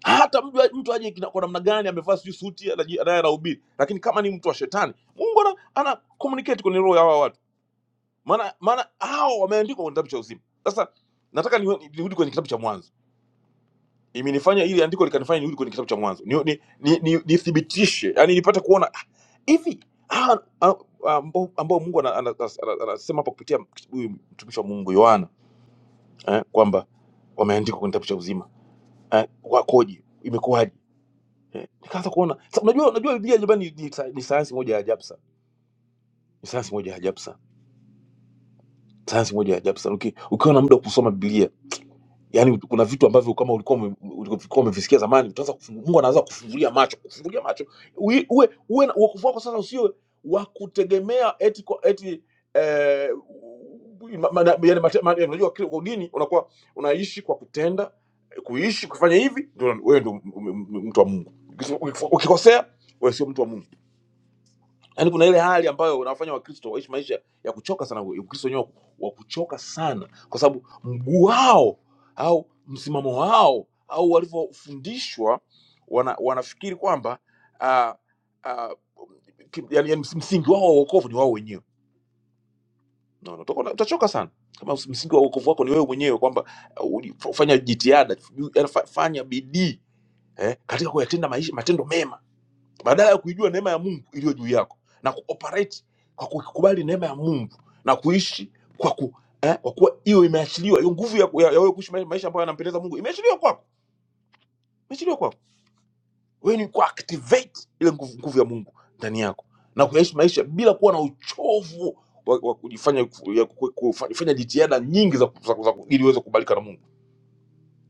Speaker 2: Hata mtu mtu aje kina- kwa namna gani amevaa sijui suti anaji- anaye anahubiri, lakini kama ni mtu wa shetani, Mungu ana, ana communicate kwenye roho ya hawa watu, maana maana hao wameandikwa kwenye kitabu cha uzima. Sasa nataka niwe- nirudi kwenye kitabu cha Mwanzo, imenifanya ili andiko likanifanya nirudi kwenye kitabu cha Mwanzo ni, ni, ni, ni, nithibitishe, yani nipate kuona ah, hivi ah, ah, ah, ambao ambao Mungu ana- ana- ana- ana- anasema hapa kupitia huyu mtumishi wa Mungu Yohana eh, kwamba wameandikwa kwenye kitabu cha uzima eh, wakoje imekuwaje eh, nikaanza kuona sa, unajua unajua biblia jamani ni, ni, sa- ni sayansi moja ya ajabu sana ni sayansi moja ya ajabu sana sayansi moja ya ajabu sana Uki- ukiwa na muda wa kusoma biblia Yaani kuna vitu ambavyo kama ulikuwa ume- ulikuwa umevisikia zamani, utaanza kufungu, Mungu anaanza kufungulia macho, kufungulia macho. Uwe uwe uwe na wokovu wako sasa usiwe wa kutegemea eti kwa- eti eh, ma- ma- yaani mate- ma- yaani unajua kile kwa dini unakuwa unaishi kwa kutenda, kuishi kufanya hivi, ndio wewe ndio m- m- m- mtu wa Mungu. Ukis- ukif- Ukikosea wewe sio mtu wa Mungu yaani kuna ile hali ambayo unawafanya wakristo waishi maisha ya kuchoka sana ukristo wenyewe wa kuchoka sana kwa sababu mguu wao au msimamo wao au walivyofundishwa wana, wanafikiri kwamba uh, uh, yani, yani msingi wao wa uokovu ni wao wenyewe no, no, utakuwa- utachoka sana kama msi- msingi wa uokovu wako ni wewe mwenyewe kwamba uh, uli- fanya jitihada yani fa- fanya bidii eh, katika kuyatenda maisha matendo mema badala ya kuijua neema ya mungu iliyo juu yako na kuoperate kwa kukubali neema ya mungu na kuishi kwa ku eh, kwa kuwa hiyo imeachiliwa hiyo nguvu ya, ya, ya wewe kuishi mai- maisha ambayo yanampendeza mungu imeachiliwa kwako imeachiliwa kwako wewe ni kuactivate ile nguvu, nguvu ya mungu ndani yako na kuyaishi maisha bila kuwa na uchovu wa, wa kujifanya ya ku- kufanya jitihada nyingi za, za, za, ili uweze kukubalika na mungu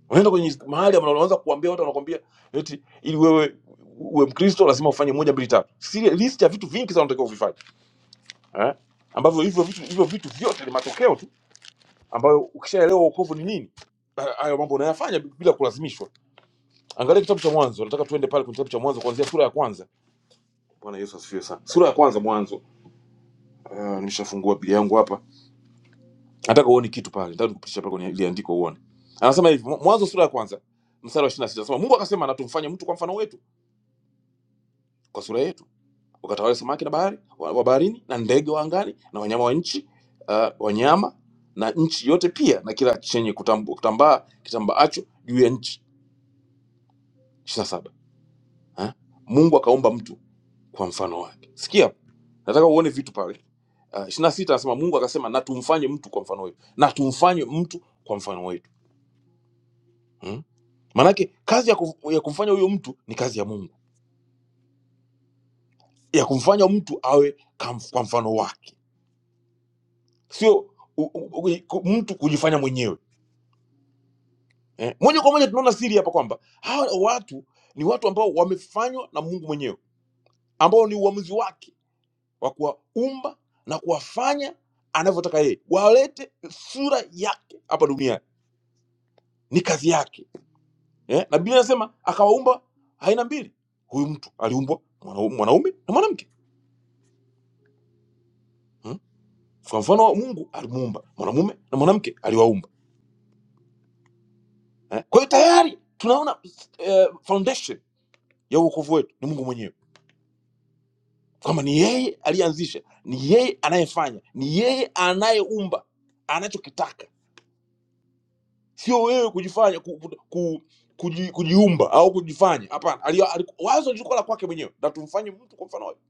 Speaker 2: unaenda kwenye mahali ambapo unaanza kuambia watu wanakwambia eti ili wewe uwe mkristo lazima ufanye moja mbili tatu Siri- list ya vitu vingi sana unatakiwa uvifanye eh? ambavyo hivyo vitu hivyo vitu vyote ni matokeo tu ambayo ukishaelewa wokovu ni nini ha- hayo mambo unayafanya bila kulazimishwa angalia kitabu cha mwanzo nataka tuende pale kwenye kitabu cha mwanzo kuanzia sura ya kwanza bwana yesu asifiwe sana sura ya kwanza mwanzo uh, nimeshafungua biblia yangu hapa nataka uone kitu pale nataka nikupitisha pale kwenye ile andiko uone anasema hivi mwanzo sura ya kwanza mstari wa 26 anasema mungu akasema na tumfanye mtu kwa mfano wetu kwa sura yetu wakatawale samaki na bahari wa wa baharini na ndege wa angani na wanyama wa nchi uh, wanyama na nchi yote pia na kila chenye kutambu- kutambaa kitambaacho juu ya nchi ishiri na saba ha? mungu akaumba mtu kwa mfano wake sikia hapo. nataka uone vitu pale uh, ishiri na sita anasema mungu akasema na tumfanye mtu kwa mfano wetu na tumfanye mtu kwa mfano wetu hmm? maanake kazi ya, kuf, ya kumfanya huyo mtu ni kazi ya mungu ya kumfanya mtu awe kam, kwa mfano wake sio u, u, u, ku- mtu kujifanya mwenyewe eh, moja kwa moja tunaona siri hapa kwamba hawa watu ni watu ambao wamefanywa na Mungu mwenyewe, ambao ni uamuzi wake wa kuwaumba na kuwafanya anavyotaka yeye, walete sura yake hapa duniani. Ni kazi yake eh? Na Biblia inasema akawaumba aina mbili, huyu mtu aliumbwa mwanau- mwanaume na mwanamke hmm? Kwa mfano wa Mungu alimuumba mwanamume na mwanamke aliwaumba eh? Kwa hiyo tayari tunaona eh, foundation ya wokovu wetu ni Mungu mwenyewe kwamba ni yeye aliyeanzisha ni yeye anayefanya ni yeye anayeumba anachokitaka sio wewe kujifanya ku, ku, ku, kuji, kujiumba au kujifanya hapana ali- ali- wazo lilikuwa la kwake mwenyewe na tumfanye mtu kwa mfano wake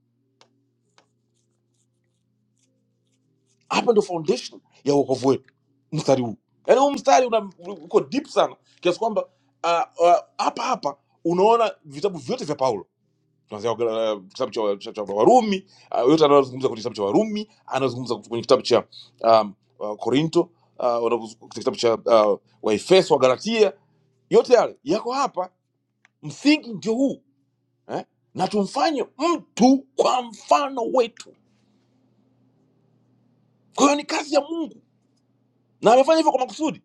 Speaker 2: hapa ndio foundation ya uokovu wetu mstari huu yaani huu mstari una uko deep sana kiasi kwamba ah, ah, hapa hapa unaona vitabu vyote vya paulo tunaanzia kwa- eh, kitabu cha, cha, cha warumi uh, yote anayozungumza kwenye kitabu cha warumi anayozungumza kwenye kitabu cha um, uh, korinto anazungumza uh, wanazungumza kwenye kitabu cha uh, waefeso wa galatia yote yale yako hapa msingi ndio huu eh? na tumfanye mtu kwa mfano wetu kwa hiyo ni kazi ya mungu na amefanya hivyo kwa makusudi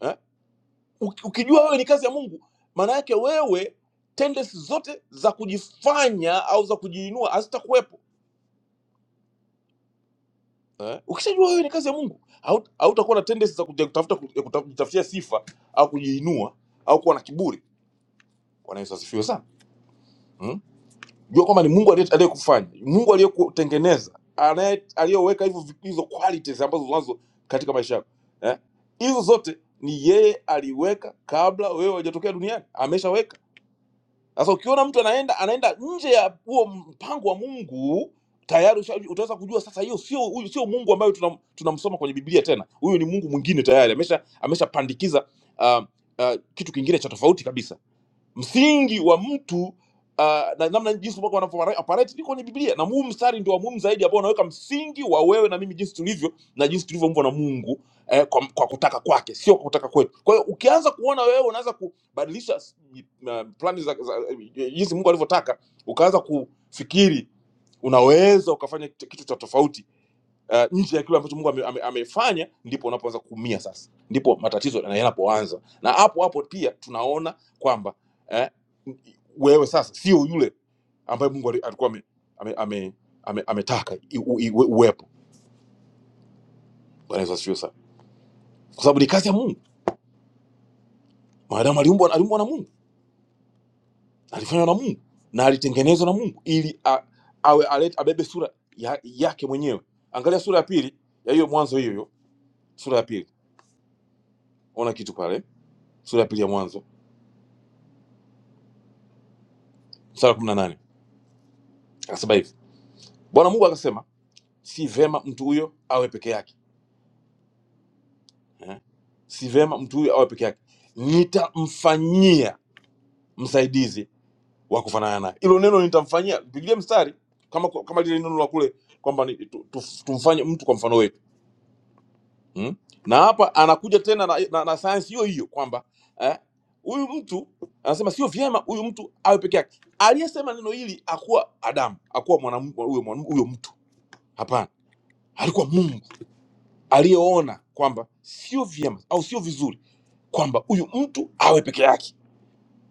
Speaker 2: eh? Uki- ukijua wewe ni kazi ya mungu maana yake wewe tendensi zote za kujifanya au za kujiinua hazitakuwepo eh? Ukishajua wewe ni kazi ya Mungu, haut- hautakuwa na tendency za kuja kutafuta ku- ya kuta- kujitafutia sifa au kujiinua au kuwa na kiburi. Bwana Yesu asifiwe sana. Mm? Jua kwamba ni Mungu aliye- aliyekufanya, Mungu aliyekutengeneza, anaye aliyoweka hivyo vi- hizo qualities ambazo unazo katika maisha yako. Eh? Hizo zote ni yeye aliweka kabla wewe hujatokea duniani, ameshaweka sasa ukiona mtu anaenda anaenda nje ya huo mpango wa Mungu tayari usha- utaweza kujua sasa, hiyo sio huyu sio Mungu ambayo tunam- tunamsoma kwenye Biblia tena. Huyu ni Mungu mwingine tayari, amesha ameshapandikiza uh, uh, kitu kingine cha tofauti kabisa msingi wa mtu uh, na namna jinsi Mungu anavyo operate ni kwenye Biblia, na huu mstari ndio wa muhimu zaidi ambao unaweka msingi wa wewe na mimi jinsi tulivyo na jinsi tulivyoumbwa na Mungu eh, kwa, kwa kutaka kwake, sio kwa kutaka kwetu. Kwa hiyo ukianza kuona wewe unaanza kubadilisha s- uh, plani za, za jinsi Mungu alivyotaka, ukaanza kufikiri unaweza ukafanya kitu kitu cha tofauti uh, nje ya kile ambacho Mungu amefanya ame, ame- amefanya, ndipo unapoanza kuumia sasa, ndipo matatizo yana- yanapoanza. Na hapo hapo pia tunaona kwamba eh, wewe sasa sio yule ambaye Mungu ali- alikuwa ame, ame, ame, ame, ametaka i- u- iwe- uwepo. Bwana Yesu asifiwe sana, kwa sababu ni kazi ya Mungu. Maadamu aliumbwa aliumbwa na Mungu, alifanywa na Mungu na alitengenezwa na Mungu ili a, awe alete, abebe sura ya, yake mwenyewe. Angalia sura ya pili ya hiyo Mwanzo, hiyo hiyo sura ya pili, ona kitu pale, sura ya pili ya Mwanzo mstari wa 18 Akasema hivi, Bwana Mungu akasema, si vema mtu huyo awe peke yake eh? Si vema mtu huyo awe peke yake, nitamfanyia msaidizi wa kufanana naye. Hilo neno nitamfanyia, pigilia mstari kama kama lile neno la kule kwamba ni- tu- tu- tumfanye mtu kwa mfano wetu hmm? Na hapa anakuja tena na, na, na sayansi hiyo hiyo kwamba eh, huyu mtu anasema sio vyema huyu mtu awe peke yake. Aliyesema neno hili akuwa Adamu, akuwa mwanam- huyo mwanam- huyo mtu, hapana, alikuwa Mungu aliyoona kwamba sio vyema au sio vizuri kwamba huyu mtu awe peke yake.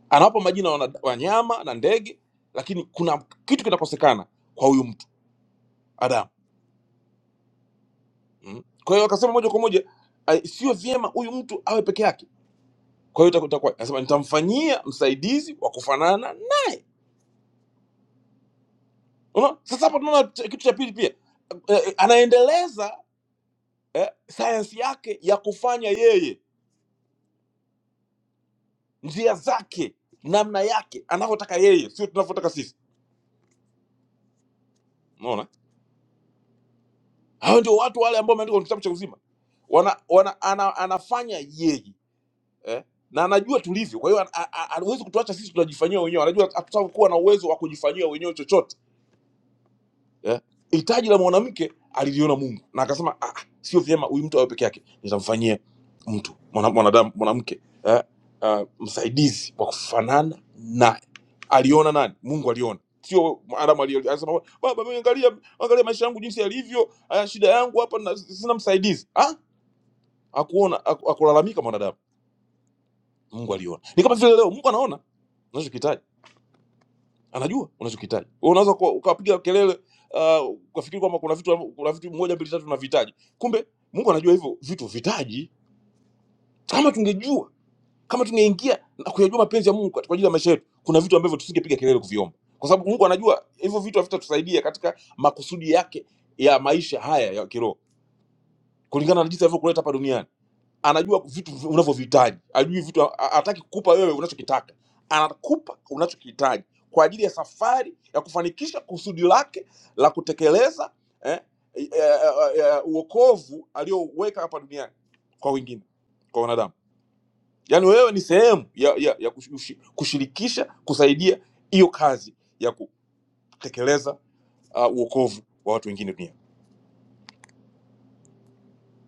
Speaker 2: Anawapa majina wana- wanyama na ndege, lakini kuna kitu kinakosekana kwa huyu mtu Adamu. Mm. Kwa hiyo akasema moja kwa moja "Ai, sio vyema huyu mtu awe peke yake. Kwa hiyo itakuwa anasema nitamfanyia msaidizi wa kufanana naye. Unaona? Sasa hapa tunaona ch- kitu cha pili pia eh, eh, anaendeleza eh, sayansi yake ya kufanya yeye njia zake namna yake anavyotaka yeye, sio tunavyotaka sisi. Unaona? hao ndio watu wale ambao wameandikwa kwenye kitabu cha uzima wana, wana, ana, anafanya yeye eh? na anajua tulivyo kwa hiyo an- a- a- hawezi kutuacha sisi tunajifanyia wenyewe anajua hatutakuwa na uwezo wa kujifanyia wenyewe chochote eh, hitaji la mwanamke aliliona Mungu na akasema ah, ah, sio vyema huyu mtu awe peke yake, nitamfanyia mtu mwana- mwanadamu mwanamke eh, uh, msaidizi wa kufanana naye. Aliona nani? Mungu aliona, sio Adamu. alio- Alisema baba, mimi angalia, angalia maisha yangu jinsi yalivyo, haya shida yangu hapa, na, sina msaidizi ah? Akuona, aku- akulalamika mwanadamu. Mungu aliona, ni kama vile leo Mungu anaona unachokihitaji anajua unachokihitaji Wewe unaweza kuwa- ukapiga kelele uh, ukafikiri kwamba kuna vitu kuna vitu moja mbili tatu tunavihitaji kumbe mungu anajua hivyo vitu vitaji kama tungejua kama tungeingia na kuyajua mapenzi ya mungu kwa ajili ya maisha yetu kuna vitu ambavyo tusingepiga kelele kuviomba kwa sababu mungu anajua hivyo vitu havitatusaidia katika makusudi yake ya maisha haya ya kiroho kulingana na jinsi alivyokuleta hapa duniani anajua vitu unavyohitaji, ajui vitu, ha- hataki kukupa wewe unachokitaka, anakupa unachokihitaji kwa ajili ya safari ya kufanikisha kusudi lake la kutekeleza eh, eh, eh, eh, uokovu alioweka hapa duniani kwa wengine, kwa wanadamu. Yaani wewe ni sehemu ya, ya, ya kushi- kushirikisha, kusaidia hiyo kazi ya kutekeleza uh, uokovu wa watu wengine duniani.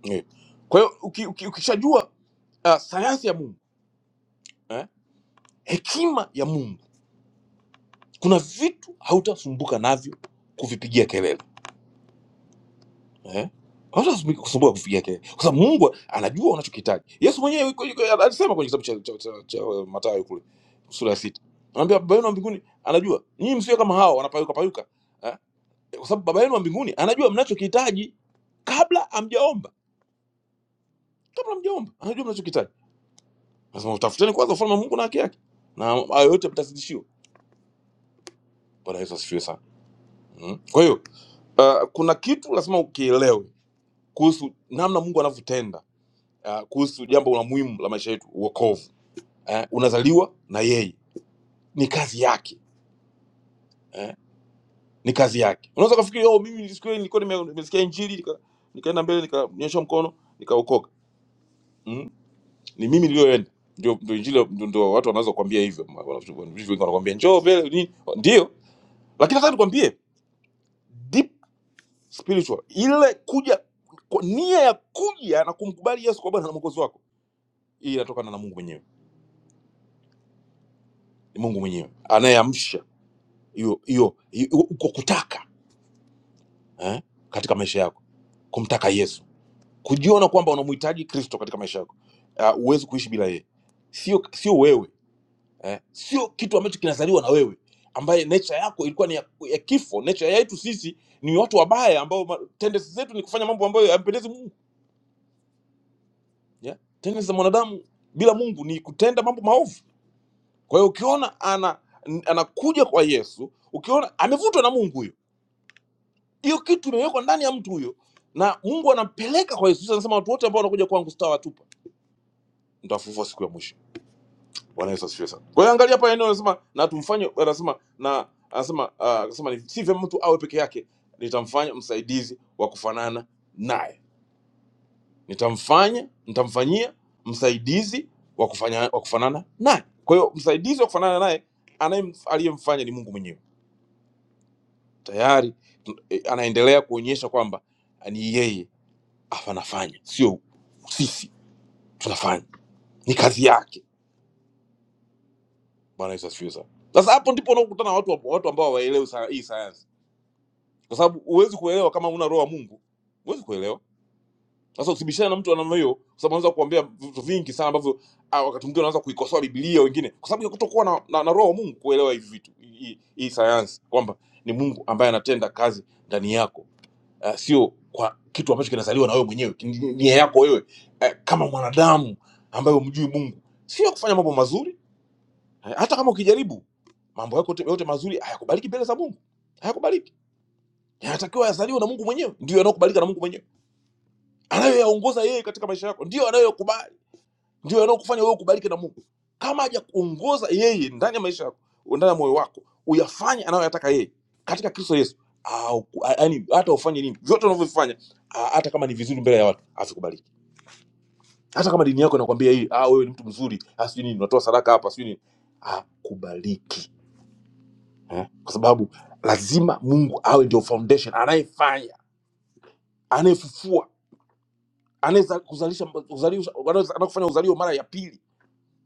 Speaker 2: Eh. Kwa hiyo uki, uki, ukishajua uh, sayansi ya Mungu eh, hekima ya Mungu kuna vitu hautasumbuka navyo kuvipigia kelele eh? hautasumbuka kupigia kelele kwa sababu mungu anajua unachokihitaji yesu mwenyewe yuko- yuko- alisema kwenye kitabu cha, cha, cha, cha eh, mathayo kule sura ya sita anaambia baba yenu wa mbinguni anajua nyinyi msiwe kama hao wanapayuka payuka eh? kwa sababu baba yenu wa mbinguni anajua mnachokihitaji kabla hamjaomba kabla hamjaomba anajua mnachokihitaji nasema utafuteni kwanza ufalme wa mungu na haki yake na hayo yote mtazidishiwa bwana yesu asifiwe sana mm. kwa hiyo uh, kuna kitu lazima ukielewe kuhusu namna Mungu anavyotenda uh, kuhusu jambo la muhimu la maisha yetu, uokovu. Eh, unazaliwa na yeye, ni kazi yake eh, ni kazi yake. Unaweza kufikiri oh, mimi siku ile nilikuwa nime- nimesikia injili nika, nikaenda mbele nikanyosha mkono nikaokoka. Mm? Ni mimi niliyoenda ndio, ndio injili ndio, ndio watu wanaweza kukwambia hivyo. Ma- wana- Wengi wanakuambia njoo mbele nini, ndio, lakini nataka nikwambie deep spiritual, ile kuja kwa nia ya kuja na kumkubali Yesu kwa Bwana na Mwokozi wako, hii inatokana na Mungu mwenyewe ni mungu mwenyewe anayeamsha hiyo hiyo hiyo- uko kutaka eh, katika maisha yako kumtaka yesu kujiona kwamba unamhitaji kristo katika maisha yako Ah, huwezi kuishi bila yeye sio sio wewe eh, sio kitu ambacho kinazaliwa na wewe ambaye nature yako ilikuwa ni ya, ya kifo nature yetu sisi ni watu wabaya ambao ma- tendency zetu ni kufanya mambo ambayo hayampendezi mungu yeah? tendency za mwanadamu bila mungu ni kutenda mambo maovu kwa hiyo ukiona ana n- anakuja kwa yesu ukiona amevutwa na mungu huyo hiyo kitu imewekwa ndani ya mtu huyo na mungu anampeleka kwa yesu Yesu anasema watu wote ambao wanakuja kwangu sitawatupa nitawafufua siku ya mwisho bwana yesu asifiwe sana kwa hiyo angalia hapa eneo anasema na tumfanye anasema na anasema ah, anasema ni si vyema mtu awe peke yake nitamfanya msaidizi wa kufanana naye nitamfanya nitamfanyia msaidizi wa kufanya wa kufanana naye kwa hiyo msaidizi wa kufanana naye anayem- aliyemfanya ni mungu mwenyewe tayari tu- eh, anaendelea kuonyesha kwamba ni yeye afu anafanya sio sisi tunafanya ni kazi yake bwana yesu asifiwe sana sasa hapo ndipo unakutana na watu watu ambao hawaelewi sa- hii sayansi kwa sababu huwezi kuelewa kama una roho ya mungu huwezi kuelewa sasa usibishane na mtu wa namna hiyo kwa sababu anaweza kuambia vitu vingi sana ambavyo ah, wakati mwingine anaweza kuikosoa biblia wengine kwa sababu ya kutokuwa na, na, na roho wa mungu kuelewa hivi vitu hii hii- hii sayansi kwamba ni mungu ambaye anatenda kazi ndani yako uh, sio kwa kitu ambacho kinazaliwa na wewe mwenyewe ni ni- nia yako wewe uh, kama mwanadamu ambaye umjui mungu sio kufanya mambo mazuri eh, hata kama ukijaribu mambo yako yote yote mazuri hayakubaliki mbele za mungu hayakubaliki yanatakiwa yazaliwe na mungu mwenyewe ndio yanayokubalika na mungu mwenyewe anayoyaongoza yeye katika maisha yako ndio anayokubali ndio yanayokufanya wewe ukubalike na mungu kama hajakuongoza yeye ndani ya maisha yako ndani ya moyo wako uyafanye anayoyataka yeye katika kristo yesu au- a- yaani hata ufanye nini vyote unavyovifanya a- hata kama ni vizuri mbele ya watu havikubaliki hata kama dini yako inakwambia hii ah, wewe ni mtu mzuri ah, sijui nini unatoa sadaka hapa sijui nini hakubaliki eh? kwa sababu lazima mungu awe ndio foundation anayefanya anayefufua anayekufanya uzalio mara ya pili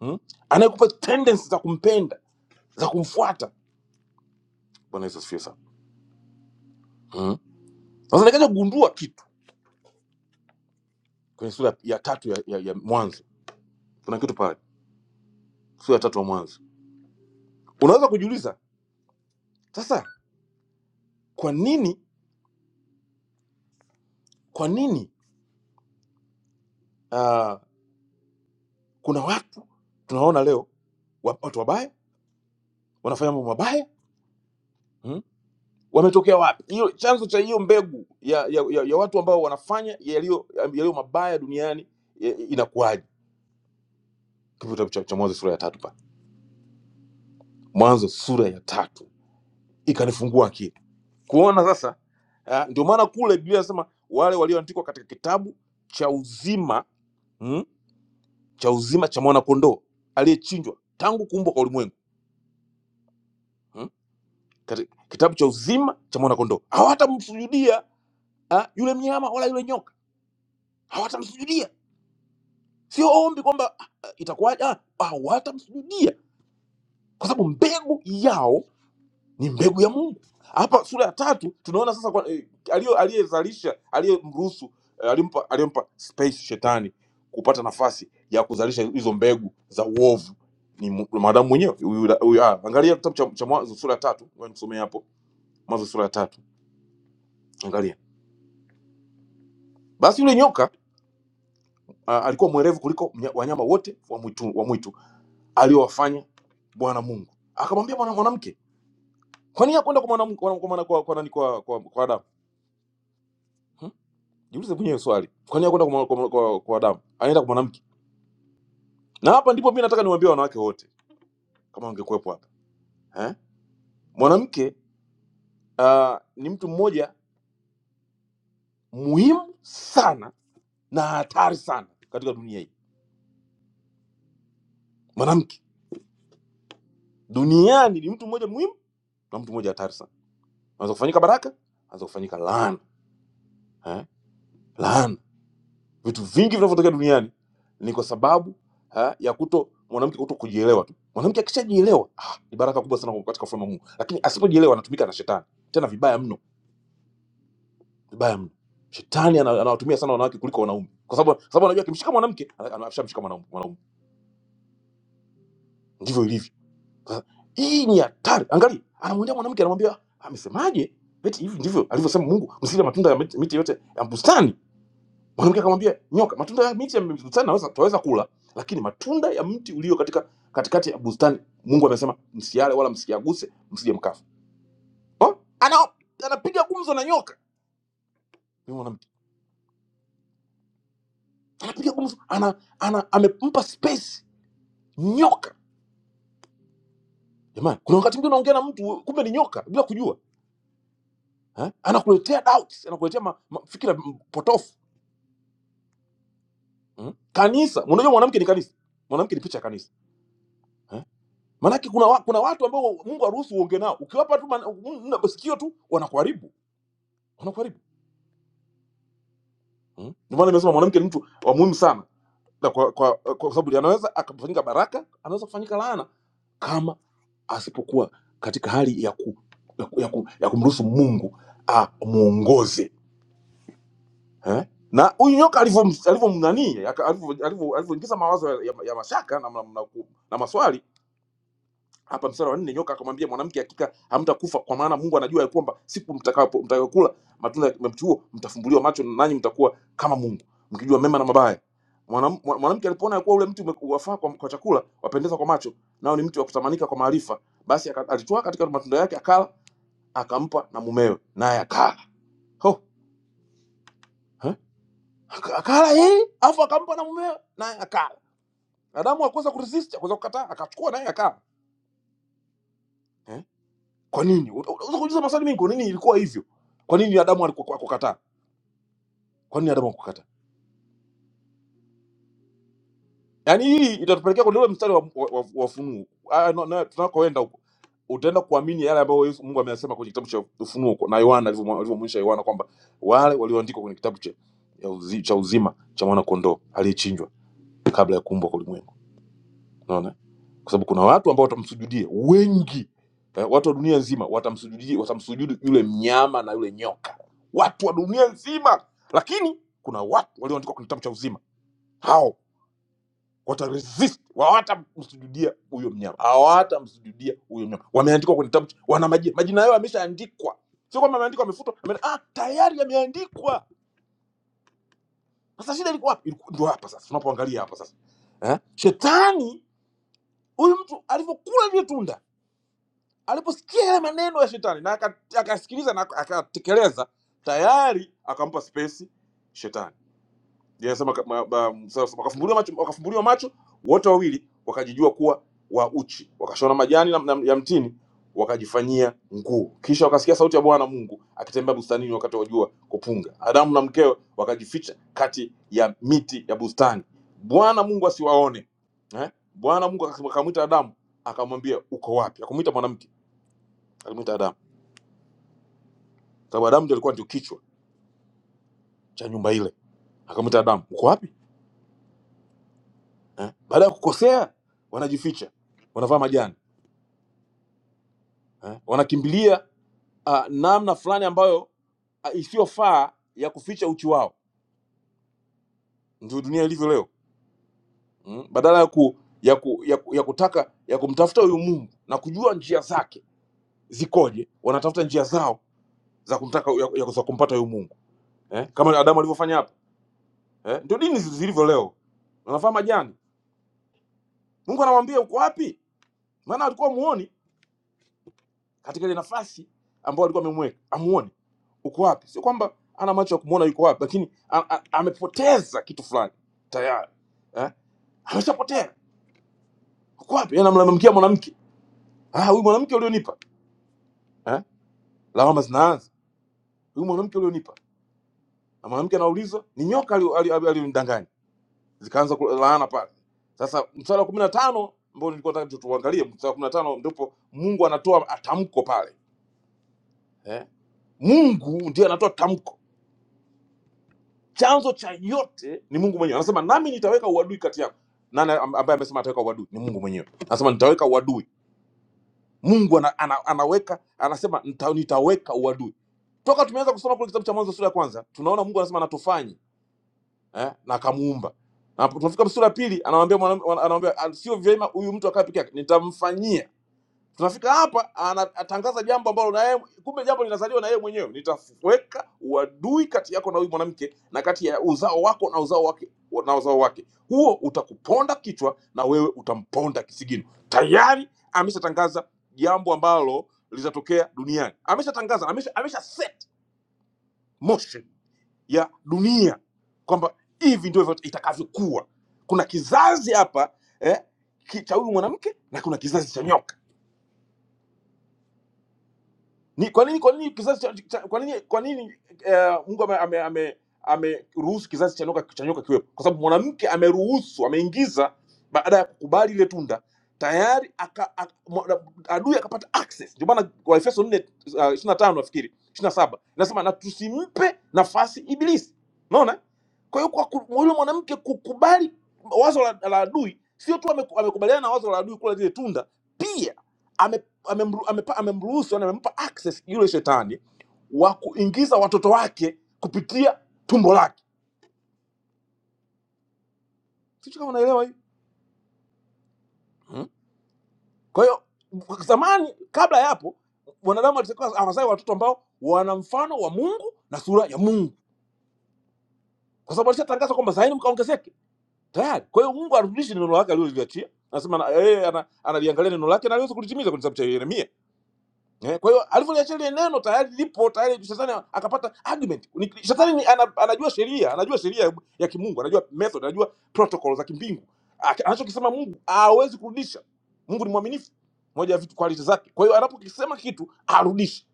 Speaker 2: hmm? anayekupa tendensi za kumpenda za kumfuata bwana yesu asifiwe sana mm. sasa nikaja kugundua kitu kwenye sura ya tatu ya, ya, ya mwanzo kuna kitu pale sura ya tatu ya mwanzo unaweza kujiuliza sasa kwa nini kwa nini uh, kuna watu tunaona leo wa- watu wabaya wanafanya mambo mabaya mm. wametokea wapi hiyo chanzo cha hiyo mbegu ya, ya, ya, ya watu ambao wanafanya yaliyo yaliyo mabaya duniani ya- inakuwaje kitabu cha, cha mwanzo sura ya tatu pale mwanzo sura ya tatu ikanifungua akili kuona sasa uh, ndio maana kule biblia anasema wale walioandikwa katika kitabu cha uzima mm, cha uzima cha mwanakondoo aliyechinjwa tangu kuumbwa kwa ulimwengu mm, kati- kitabu cha uzima cha mwanakondoo hawatamsujudia ah, yule mnyama wala yule nyoka hawatamsujudia sio ombi kwamba ah, eh, itakuwaje ah, hawatamsujudia kwa sababu mbegu yao ni mbegu ya mungu hapa sura ya tatu tunaona sasa kwa- eh, aliyo- aliyezalisha aliyemruhusu eh, aliyompa aliyompa space shetani kupata nafasi ya kuzalisha hizo mbegu za uovu ni mu- mwanadamu mwenyewe huyu- huyu- ah, angalia kitabu cha, cha mwanzo sura ya tatu Ngoja nikusomee hapo mwanzo sura ya tatu angalia basi yule nyoka ah, alikuwa mwerevu kuliko mnya- wanyama wote wa mwitu, wa mwitu aliowafanya bwana mungu akamwambia mwana- mwanamke kwa nini hakwenda kwa mwanamke kwa, kwa, kwa, kwa, kwa, nani? kwa, kwa, kwa adamu Jiulize mwenyewe swali, kwani hakwenda kwa, kwa, kwa, kwa damu, anaenda kwa mwanamke. Na hapa ndipo mimi nataka niwaambie wanawake wote, kama wangekuwepo hapa eh? Mwanamke uh, ni mtu mmoja muhimu sana na hatari sana katika dunia hii. Mwanamke duniani ni mtu mmoja muhimu na mtu mmoja hatari sana, anaweza kufanyika baraka, anaweza kufanyika laana eh? laana vitu vingi vinavyotokea duniani ni kwa sababu ha, ya kuto mwanamke kuto kujielewa tu. Mwanamke akishajielewa ah, ni baraka kubwa sana katika ufalme wa Mungu, lakini asipojielewa anatumika na shetani, tena vibaya mno, vibaya mno. Shetani ana- anawatumia sana wanawake kuliko wanaume, kwa sababu kwa sababu anajua akimshika mwanamke ana- ana- ashamshika mwanaume. Mwanaume ndivyo ilivyo. Sasa hii ni hatari. Angalia, anamwendea mwanamke, anamwambia "Ah, amesemaje? Eti hivi ndivyo alivyosema Mungu, msile matunda ya miti miti yote ya bustani mwanamke akamwambia nyoka matunda ya miti ya bustani naweza twaweza kula lakini matunda ya mti ulio katika katikati ya bustani mungu amesema msiale wala msiaguse msije mkafa oh? ana anapiga gumzo na nyoka Ni mwanamke anapiga gumzo ana, ana amempa space nyoka jamani kuna wakati mwingine unaongea na mtu kumbe ni nyoka bila kujua eh? anakuletea doubts anakuletea ma, ma, fikira m- potofu mm? kanisa unajua mwanamke ni kanisa mwanamke ni picha ya kanisa Maanake kuna, wa, kuna watu ambao Mungu haruhusu uonge nao, ukiwapa tu man- mm, mm, sikio tu wanakuharibu, wanakuharibu. Mm. Ndio maana nimesema mwanamke ni mtu wa muhimu sana, na kwa, kwa, kwa sababu anaweza akafanyika baraka, anaweza kufanyika laana kama asipokuwa katika hali ya, ku, ya, ku, ya, ku, ya kumruhusu Mungu amwongoze eh? na huyu nyoka alivyom- alivyomnani aka- alivyo- mnani alivyo- alivyoingiza mawazo ya, ya, ya mashaka na, na, na, ku- na maswali hapa mstari wa nne nyoka akamwambia mwanamke hakika hamtakufa kwa maana mungu anajua ya kwamba siku mtakapo mtakayokula matunda ya mti huo mtafumbuliwa macho nanyi mtakuwa kama mungu mkijua mema na mabaya Mwanam- mwa- mwanamke mwana alipoona ya kuwa ule mti ume- wafaa kwa, kwa chakula wapendeza kwa macho nao ni mti wa kutamanika kwa maarifa basi aka- alitwaa katika matunda yake akala akampa na mumewe naye akala Ho, eh? Aka- akala yeye afu akampa na mumewe naye akala adamu akuweza kuresist akuweza kukataa akachukua naye akala Eh? Kwa nini? Una- Unaweza kujiuliza maswali mengi, kwa nini ilikuwa hivyo? Kwa nini Adamu alikuwa akukataa? Kwa nini Adamu akukataa? Yaani hii itatupelekea kwenye ule mstari wa, wa, wa, wa Ufunuo Ah, no, no, tunakoenda huko utaenda kuamini yale ambayo Yesu- Mungu ameyasema kwenye kitabu cha Ufunuo kwa- na Yohana alivyomwa- alivyomwonyesha Yohana kwamba wale walioandikwa kwenye kitabu cha, ya uzi, cha uzima cha mwana kondoo aliyechinjwa kabla ya kuumbwa kwa ulimwengu. unaona kwa sababu kuna watu ambao watamsujudia wengi eh, watu wa dunia nzima watamsujudia watamsujudu yule mnyama na yule nyoka watu wa dunia nzima lakini kuna watu walioandikwa kwenye kitabu cha uzima hao wataresist hawatamsujudia huyo mnyama hawatamsujudia huyo mnyama wameandikwa kwenye kitabu cha- wana majina majina yao yameshaandikwa sio kwamba ameandikwa amefutwa ame- ah, tayari yameandikwa sasa shida ilikuwa wapi? Ilikuwa- ndio hapa sasa tunapoangalia hapa sasa eh? shetani huyu mtu alivyokula lile tunda aliposikia yale maneno ya shetani na aka- akasikiliza na akatekeleza tayari akampa space shetani Ndiye anasema ka- ma- ma- Musa anasema, wakafumbuliwa macho wakafumbuliwa macho wote wawili wakajijua kuwa wa uchi wakashona majani na- na- ya mtini wakajifanyia nguo kisha wakasikia sauti ya bwana mungu akitembea bustanini wakati wa jua kupunga adamu na mkewe wakajificha kati ya miti ya bustani bwana mungu asiwaone eh? bwana mungu akamwita adamu akamwambia uko wapi akamwita mwanamke akamwita Adamu, sababu Adamu ndio alikuwa ndio kichwa cha nyumba ile. Akamwita Adamu, uko wapi eh? Baada ya kukosea wanajificha, wanavaa majani eh? wanakimbilia uh, namna fulani ambayo uh, isiyofaa ya kuficha uchi wao. Ndio dunia ilivyo leo mm? badala ya ku ya, ku, ya, ku, ya kutaka ya kumtafuta huyu Mungu na kujua njia zake zikoje, wanatafuta njia zao za kumtaka ya, ya, za kumpata huyu Mungu eh? kama Adamu alivyofanya hapa eh? ndio dini zilivyo leo, wanavaa majani. Mungu anamwambia uko wapi? maana alikuwa muoni katika ile nafasi ambayo alikuwa amemweka amuone uko wapi sio kwamba ana macho ya kumuona yuko wapi lakini a- a- amepoteza kitu fulani tayari eh? ameshapotea uko wapi Yeye anamlalamikia mwanamke ah huyu mwanamke ulionipa eh? lawama zinaanza huyu mwanamke ulionipa na mwanamke anauliza ni nyoka alio- alio- alio- alionidanganya zikaanza ku- laana pale sasa mstari wa kumi na tano ambao nilikuwa nataka tu- tuangalie mstari wa kumi na tano ndipo mungu anatoa tamko pale eh? mungu ndiye anatoa tamko chanzo cha yote ni mungu mwenyewe anasema nami nitaweka uadui kati yako nani am- ambaye amesema ataweka uadui ni mungu mwenyewe anasema nitaweka uadui mungu ana, ana, anaweka anasema nita, nitaweka uadui toka tumeanza kusoma kule kitabu cha mwanzo sura ya kwanza tunaona mungu anasema anatufanyi eh, na akamuumba na tunafika sura ya pili anawambia mwanam- wana- anawambia "Ah, sio vyema huyu mtu akaa peke yake nitamfanyia tunafika hapa ana- atangaza jambo ambalo na yeye kumbe jambo linazaliwa na yeye mwenyewe nitaweka uadui kati yako na huyu mwanamke na kati ya uzao wako na uzao wake na uzao wake huo utakuponda kichwa na wewe utamponda kisigino tayari ameshatangaza jambo ambalo litatokea duniani ameshatangaza amesha, amesha set motion ya dunia kwamba hivi ndio itakavyokuwa kuna kizazi hapa eh, ki- cha huyu mwanamke na kuna kizazi cha nyoka ni kwa nini kwa nini kizazi cha, cha, kwa nini kwa nini eh, Mungu ameruhusu ame, ame, ame ameruhusu kizazi cha nyoka cha nyoka kiwepo? Kwa sababu mwanamke ameruhusu, ameingiza baada ya kukubali ile tunda tayari aka, aka, mwa- adui akapata access. Ndio maana Waefeso 4 uh, 25 nafikiri 27 inasema na tusimpe nafasi ibilisi. Unaona? Kwa hiyo kwa ku- yule mwanamke kukubali wazo la, la adui sio tu ameku- amekubaliana na wazo la adui kula lile tunda, pia amemru- amepa- amemruhusu yani amempa access yule shetani wa kuingiza watoto wake kupitia tumbo lake sicho kama unaelewa hii hmm? kwa hiyo zamani kabla ya hapo mwanadamu alitakiwa awazai watoto ambao wana mfano wa mungu na sura ya mungu kwa sababu alishatangaza kwamba zaini mkaongezeke tayari kwa hiyo mungu arudishi neno lake aliloliachia anasema na- yeye ana- analiangalia neno lake na aliweza kulitimiza kwenye kitabu cha yeremia Eh, kwa hiyo alivyoliachia lile neno tayari lipo tayari, shetani akapata argument. Ni- Shetani ni- ana, anajua sheria, anajua sheria ya ya kimungu, anajua method, anajua protocol za kimbingu. Aki- Anachokisema Mungu hawezi kurudisha. Mungu ni mwaminifu, moja ya vitu quality zake. Kwa hiyo anapokisema kitu arudisha,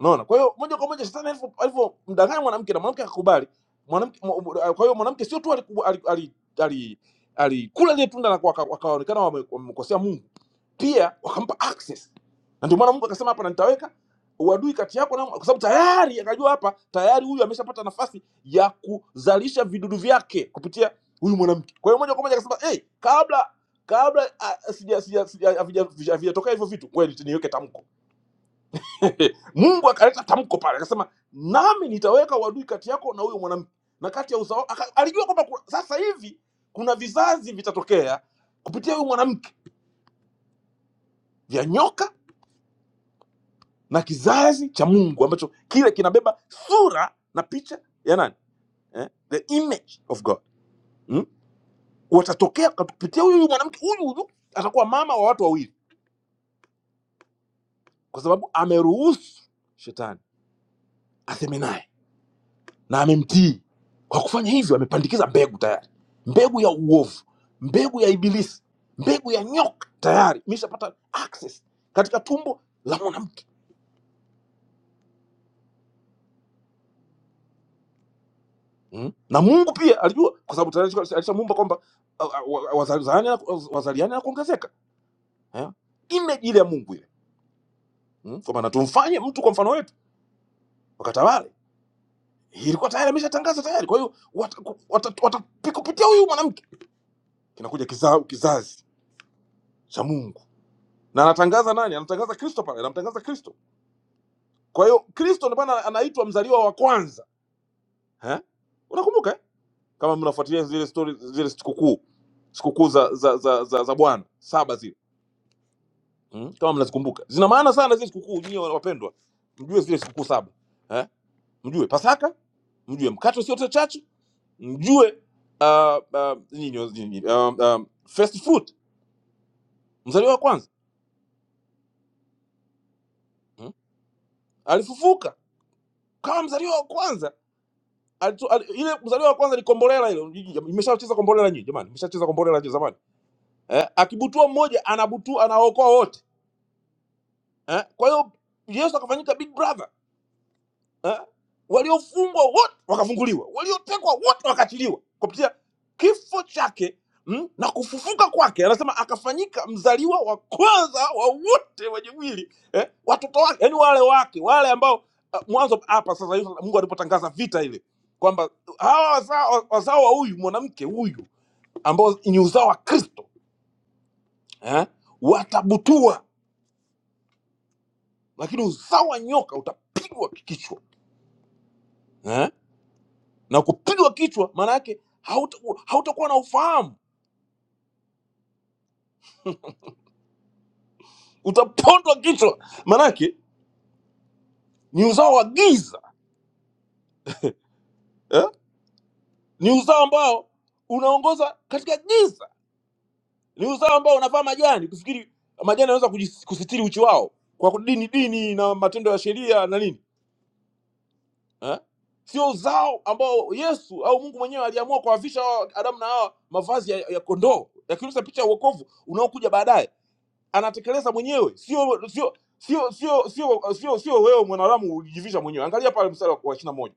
Speaker 2: unaona. Kwa hiyo moja kwa moja shetani alivyo- alivyomdanganya mwanamke na mwanamke akakubali, mwanamke mwa- mwa- kwa hiyo mwanamke sio tu aliku- ali- ali- ali- alikula lile tunda na kwa- wakaonekana wame- wamemkosea Mungu pia wakampa access na ndio maana mungu akasema hapa na nitaweka uadui kati yako na kwa sababu tayari akajua hapa tayari huyu ameshapata nafasi ya kuzalisha vidudu vyake kupitia huyu mwanamke kwa hiyo moja kwa moja akasema "Eh, hey, kabla kabla ah, sija- sija- sija- havija- vija- havijatokea hivyo vitu ngoja niti- niweke tamko mungu akaleta tamko pale akasema nami nitaweka uadui kati yako na huyo mwanamke na kati ya uzao aka- alijua kwamba kuna- sasa hivi kuna vizazi vitatokea kupitia huyu mwanamke vya nyoka na kizazi cha mungu ambacho kile kinabeba sura na picha ya nani eh? the image of god mm? watatokea kupitia huyu huyu mwanamke huyu huyu atakuwa mama wa watu wawili kwa sababu ameruhusu shetani aseme naye na amemtii kwa kufanya hivyo amepandikiza mbegu tayari mbegu ya uovu mbegu ya ibilisi mbegu ya nyoka tayari imeshapata access katika tumbo la mwanamke Mm. Na Mungu pia alijua kwa sababu tayari alishamuumba kwamba ah, ah, wa- wazaliane wazaliane na kuongezeka. Eh? Image ile ya Mungu ile. Mm. Kwa maana tumfanye mtu kwa mfano wetu wakatawale. Hii Ilikuwa tayari ameshatangaza tayari. Kwa hiyo watakupitia wata, wata, wata- kupitia huyu mwanamke kinakuja kiza, kizazi cha Mungu. Na anatangaza nani? Anatangaza Kristo pale, anamtangaza Kristo. Kwa hiyo Kristo ndio maana anaitwa mzaliwa wa kwanza. Eh? Unakumbuka eh? Kama mnafuatilia zile story zile sikukuu sikukuu za za za, za, za Bwana saba zile mm? kama mnazikumbuka zina maana sana zile sikukuu nyie wapendwa mjue zile sikukuu saba eh? mjue pasaka mjue mkate usio chachu mjue uh, uh, nini, nini, um, um, first fruit mzaliwa wa kwanza hmm? alifufuka kama mzaliwa wa kwanza Alitu, al, ile mzaliwa wa kwanza ni kombolela ile imeshacheza kombolela nyinyi jamani imeshacheza kombolela hiyo zamani eh, akibutua mmoja anabutua anaokoa wote eh, kwa hiyo yesu akafanyika big brother eh? waliofungwa wote wakafunguliwa, waliotekwa wote wakaachiliwa kupitia kifo chake mm, na kufufuka kwake. Anasema akafanyika mzaliwa wa kwanza wa wote wenye mwili eh? watoto wake, yani wale wake wale ambao uh, mwanzo hapa sasa hivi Mungu alipotangaza vita ile kwamba hawa wazao, wazao wa huyu mwanamke huyu ambao ni uzao wa Kristo eh? watabutua, lakini uzao wa nyoka utapigwa kichwa eh? na kupigwa kichwa maana yake hautakuwa hautakuwa na ufahamu utapondwa kichwa maana yake ni uzao wa giza eh? ni uzao ambao unaongoza katika giza ni uzao ambao unavaa majani kufikiri majani yanaweza kujis- kusitiri uchi wao kwa dini dini na matendo ya sheria na nini eh? sio uzao ambao yesu au mungu mwenyewe aliamua kuwavisha hawa adamu na hawa mavazi ya, ya kondoo yakionyesha picha ya uokovu unaokuja baadaye anatekeleza mwenyewe, sio sio sio sio sio sio sio wewe mwanadamu ulijivisha mwenyewe. Angalia pale mstari wa ishirini na moja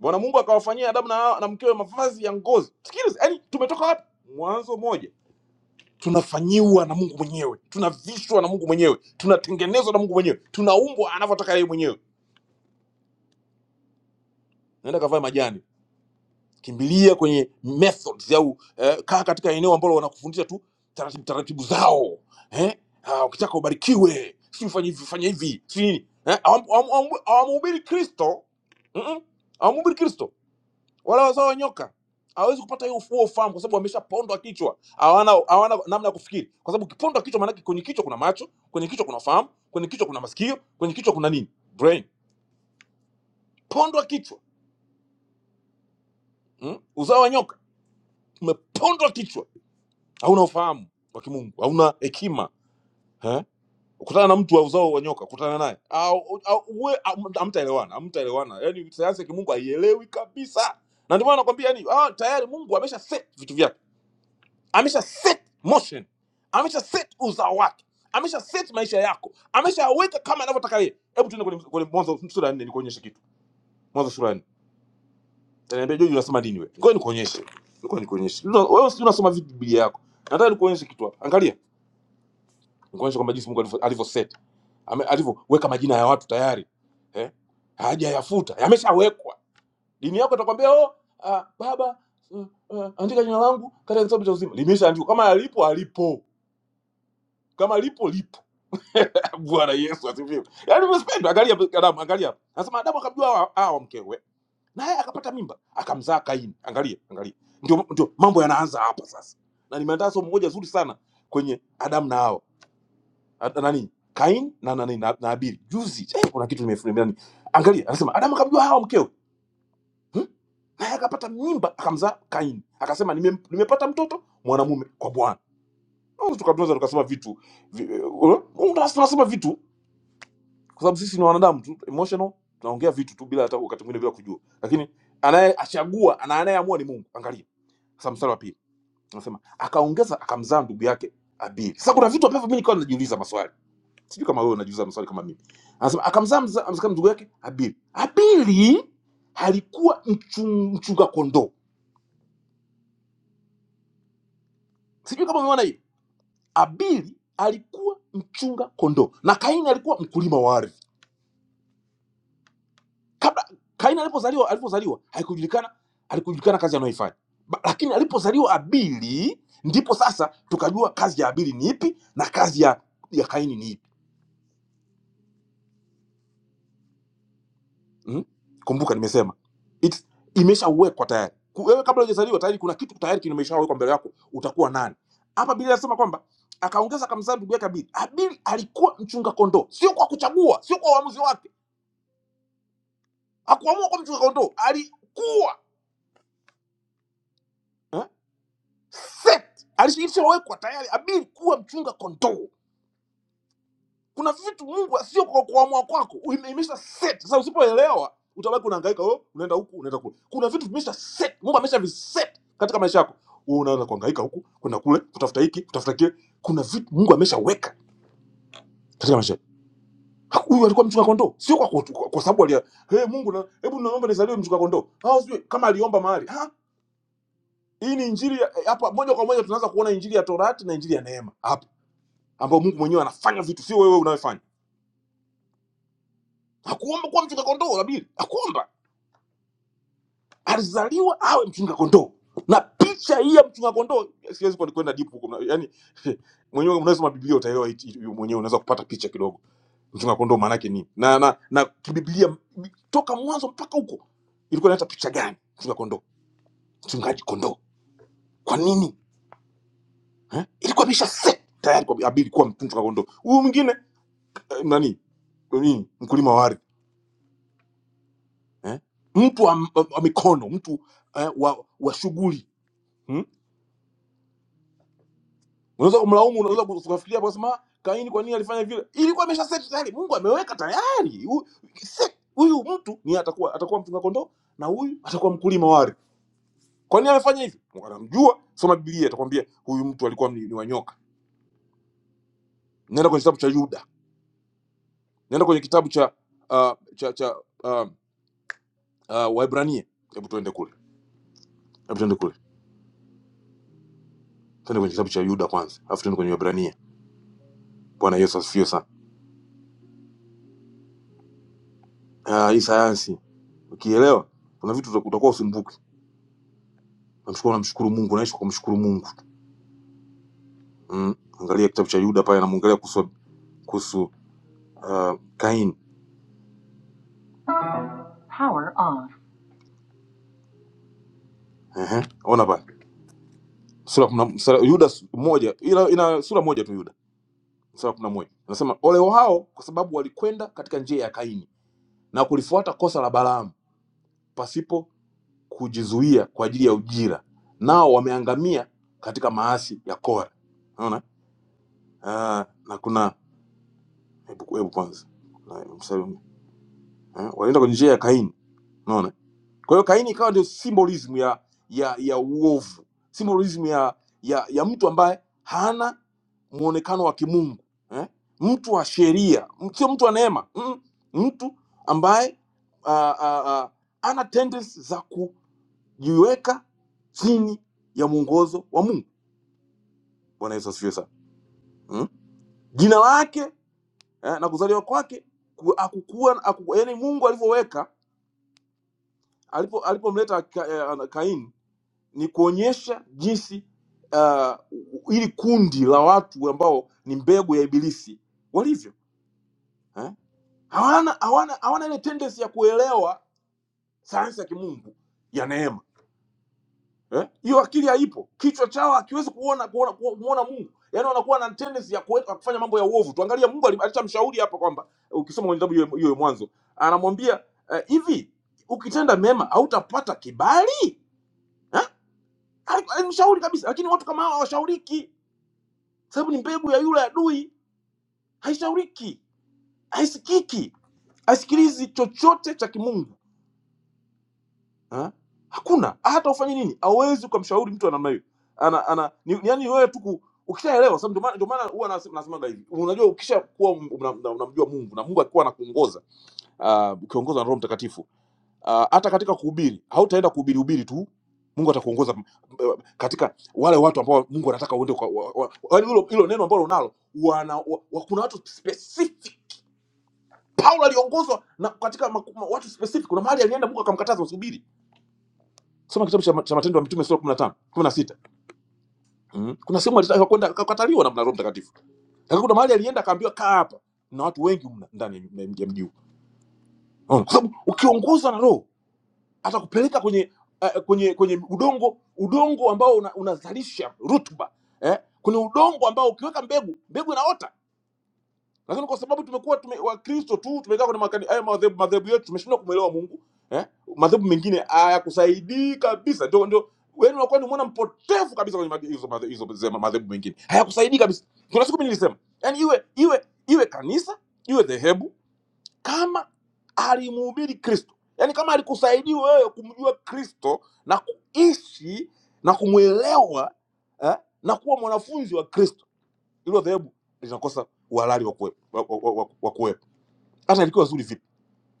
Speaker 2: Bwana Mungu akawafanyia Adamu na, na mkewe mavazi ya ngozi. Sikiliza, yani tumetoka wapi? Mwanzo moja tunafanyiwa na Mungu mwenyewe, tunavishwa na Mungu mwenyewe, tunatengenezwa na Mungu mwenyewe, tunaumbwa anavyotaka yeye mwenyewe. Naenda kavae majani kimbilia kwenye methods au eh, kaa katika eneo ambalo wanakufundisha tu taratibu taratibu zao eh? ah, ukitaka ubarikiwe si ufanye hivi fanya hivi si nini eh? hawam- hawam- hawam- hawamhubiri kristo Mm-mm. hawamhubiri kristo wala wazao wa nyoka hawezi kupata hiyo ufuo ufahamu kwa sababu wameshapondwa kichwa hawana hawana namna ya kufikiri kwa sababu ukipondwa kichwa maanake kwenye kichwa kuna macho kwenye kichwa kuna fahamu kwenye kichwa kuna masikio kwenye kichwa kuna nini brain pondwa kichwa mm? uzao wa nyoka umepondwa kichwa hauna ufahamu wa kimungu hauna hekima eh? kutana na mtu wa uzao wa nyoka kutana naye au- au- uwe- am- hamtaelewana hamtaelewana yani sayansi ya kimungu haielewi kabisa na ndio maana nakwambia yani ah, tayari mungu amesha set vitu vyake amesha set motion amesha set uzao wake amesha set maisha yako ameshaweka kama anavyotaka yeye hebu tuende kwenye, kwenye mwanzo sura ya nne nikuonyeshe kitu mwanzo sura ya nne taniambia joji unasoma dini wewe ngoja nikuonyeshe ngoja nikuonyeshe Una- wewe si unasoma vipi biblia yako nataka nikuonyeshe kitu hapa angalia Nikuonyeshe kwamba jinsi Mungu alivyo alivyoseti. Ame- alivyoweka majina ya watu tayari eh? hajayafuta yameshawekwa. Dini yako itakwambia oh, ah, baba uh, uh, andika jina langu katika kitabu cha uzima, limeshaandikwa. Kama alipo alipo, kama lipo lipo. Bwana Yesu asifiwe. Yaani respect, angalia Adamu, angalia. Anasema Adamu akamjua Hawa Hawa mkewe, naye akapata mimba, akamzaa Kaini. Angalia, angalia, ndio ndio mambo yanaanza hapa sasa, na nimeandaa somo moja zuri sana kwenye Adamu na Hawa Ah, nani Kain na nani na, na Abili juzi eh, kuna kitu nimefunika nani, angalia, anasema Adamu akamjua Hawa mkewe hmm? naye akapata mimba akamzaa Kain, akasema nime, nimepata mtoto mwanamume kwa Bwana. Au Tukatunza tukasema vitu vi, uh, tunasema vitu kwa sababu sisi ni wanadamu tu emotional, tunaongea vitu tu bila hata wakati mwingine bila kujua, lakini anayeachagua ana- anayeamua ni Mungu. Angalia sasa mstari wa pili anasema akaongeza akamzaa ndugu yake Abili. Sasa kuna vitu ambavyo mimi nikawa najiuliza maswali sijui kama wewe unajiuliza maswali kama mimi anasema akamzaa mza- mzaa mdogo yake habili habili alikuwa mchu- mchunga kondoo sijui kama umeona hiyo habili alikuwa mchunga kondoo na kaini alikuwa mkulima wa ardhi kabla kaini alipozaliwa alipozaliwa haikujulikana alikujulikana kazi anayoifanya Ba- lakini alipozaliwa habili ndipo sasa tukajua kazi ya habili ni ipi na kazi ya ya kaini ni ipi mm? kumbuka nimesema It's- imeshawekwa tayari Ku- wewe kabla hujazaliwa tayari kuna kitu tayari kimeshawekwa mbele yako utakuwa nani hapa biblia anasema kwamba akaongeza akamzaa ndugu yake abili abili alikuwa mchunga kondoo sio kwa kuchagua sio kwa uamuzi wake akuamua kuwa mchunga kondoo alikuwa eh? set alishawekwa tayari abili kuwa mchunga kondoo kuna vitu mungu sio kwa kuamua kwako uime- imesha set sasa usipoelewa utabaki unahangaika oh, unaenda huku unaenda kule kuna vitu vimesha set mungu amesha viset katika maisha yako wewe unaanza kuhangaika huku kwenda kule kutafuta hiki kutafuta kile kuna vitu mungu ameshaweka katika maisha yako Ha, huyu alikuwa mchunga kondoo sio kwa, kwa, kwa kwa sababu alia hey, mungu na, hebu naomba nizaliwe mchunga kondoo au sijui kama aliomba mahali ha? hii ni injili ya- eh, hapa moja kwa moja tunaanza kuona injili ya torati na injili ya neema hapa ambao mungu mwenyewe anafanya vitu sio wewe unayofanya hakuomba kuwa mchunga kondoo labili hakuomba alizaliwa awe mchunga kondoo na picha hii ya mchunga kondoo siwezi kwenda kwenda deep huko mna- yani mwenyewe unasoma biblia utaelewa hii- hii- mwenyewe unaweza kupata picha kidogo mchunga kondoo maana yake nini na na na kibiblia toka mwanzo mpaka huko ilikuwa inaleta picha gani mchunga kondoo mchungaji kondoo kwa nini eh? ilikuwa imesha set tayari kwa abili kuwa mchunga kondoo huyu mwingine eh, nani nini mkulima wa ardhi eh? mtu wa, wa, wa mikono mtu eh, wa, wa shughuli Hmm? unaweza kumlaumu unaweza kufikiria ukasema kaini kwa nini alifanya vile ilikuwa imesha set tayari mungu ameweka tayari Hu- set- huyu mtu ni atakuwa atakuwa mchunga kondoo na huyu atakuwa mkulima wa ardhi kwa nini amefanya hivyo Mungu anamjua soma biblia atakwambia huyu mtu alikuwa ni, ni wanyoka nenda kwenye kitabu cha yuda nenda kwenye kitabu cha uh, cha cha uh, uh, waebrania hebu tuende kule hebu tuende kule tuende kwenye kitabu cha yuda kwanza alafu tuende kwenye waebrania bwana yesu asifiwe sana Ah, hii sayansi ukielewa kuna vitu utakuwa usumbuki namshukuru namshukuru mungu naishi kwa kumshukuru mungu mm. angalia kitabu cha yuda pale anamwangalia kuhusu kuhusu uh, kaini Power on. Ehe, Uh-huh. ona pale sura ya kumi na- sura- yuda su- moja ila ina sura moja tu yuda sura ya kumi na moja anasema ole wao kwa sababu walikwenda katika njia ya kaini na kulifuata kosa la balaamu pasipo kujizuia kwa ajili ya ujira nao wameangamia katika maasi ya kora naona uh, na kuna hebu hebu kwanza Na msalimu eh, wanaenda kwenye njia ya Kaini. Unaona, kwa hiyo Kaini ikawa ndio symbolism ya ya ya uovu, symbolism ya ya, ya mtu ambaye hana muonekano wa kimungu eh, mtu wa sheria, m- sio mtu wa neema mm, mtu ambaye ah, ah, ah, ana tendency za kujiweka chini ya mwongozo wa Mungu. Bwana Yesu asifiwe sana mm. Jina lake eh, na kuzaliwa kwake ku- hakukuwa, haku, yani Mungu alivyoweka alipo alipomleta ka, eh, Kaini ni kuonyesha jinsi uh, ili kundi la watu ambao ni mbegu ya Ibilisi walivyo eh? hawana hawana hawana ile tendency ya kuelewa sayansi ya kimungu ya neema eh? hiyo akili haipo, kichwa chao hakiwezi kuona kuona kuona Mungu, yaani wanakuwa na tendency ya kuwe- ya kufanya mambo ya uovu. Tuangalie Mungu ali- alishamshauri hapa kwamba ukisoma kwenye kitabu hiyo hiyo ya Mwanzo anamwambia eh, hivi ukitenda mema hautapata kibali eh? Al- alimshauri kabisa lakini watu kama hawa hawashauriki sababu ni mbegu ya yule adui haishauriki haisikiki haisikilizi chochote cha kimungu ha? hakuna hata ufanye nini hauwezi ukamshauri mtu wa namna hiyo ana, ana, ni, ni, yani wewe tu ku- ukishaelewa sababu ndio maana ndio maana huwa nas- nasemaga hivi unajua ukishakuwa unamjua una, una unamjua mungu na mungu akiwa anakuongoza ah, ukiongozwa na roho mtakatifu Ah, hata uh, katika kuhubiri hautaenda kuhubiri hubiri tu mungu atakuongoza m- m- katika wale watu ambao mungu anataka uende kwa- wa- wa- yaani hilo hilo neno ambalo unalo wana, wa, wa, kuna watu specific paulo aliongozwa na katika maku, ma, watu specific kuna mahali alienda mungu akamkataza usihubiri soma kitabu cha, ma- cha matendo ya mitume sura 15 16 mm. kuna sehemu alitaka kwenda akakataliwa na na roho mtakatifu lakini kuna mahali alienda akaambiwa kaa hapa na watu wengi mna ndani ya ya mji huu Mm. kwa sababu ukiongozwa na roho atakupeleka kwenye eh, kwenye kwenye udongo udongo ambao una, unazalisha una rutuba eh? kwenye udongo ambao ukiweka mbegu mbegu inaota lakini kwa sababu tumekuwa tume, wakristo tu tumekaa kwenye makani haya madhehebu madhehebu yetu tumeshindwa kumwelewa mungu eh? madhehebu mengine hayakusaidii kabisa ndio ndio wewe unakuwa ni mwana mpotevu kabisa kwenye madhe- hizo madhe- hizo zema- madhehebu mengine hayakusaidii kabisa kuna siku mimi nilisema yani iwe iwe iwe kanisa iwe dhehebu kama alimhubiri kristo yaani kama alikusaidia wewe kumjua kristo na kuishi na kumwelewa eh, na kuwa mwanafunzi wa kristo ilo dhehebu linakosa uhalali wa kuwepo wa- wa- wa- wa kuwepo. hata ilikuwa zuri vipi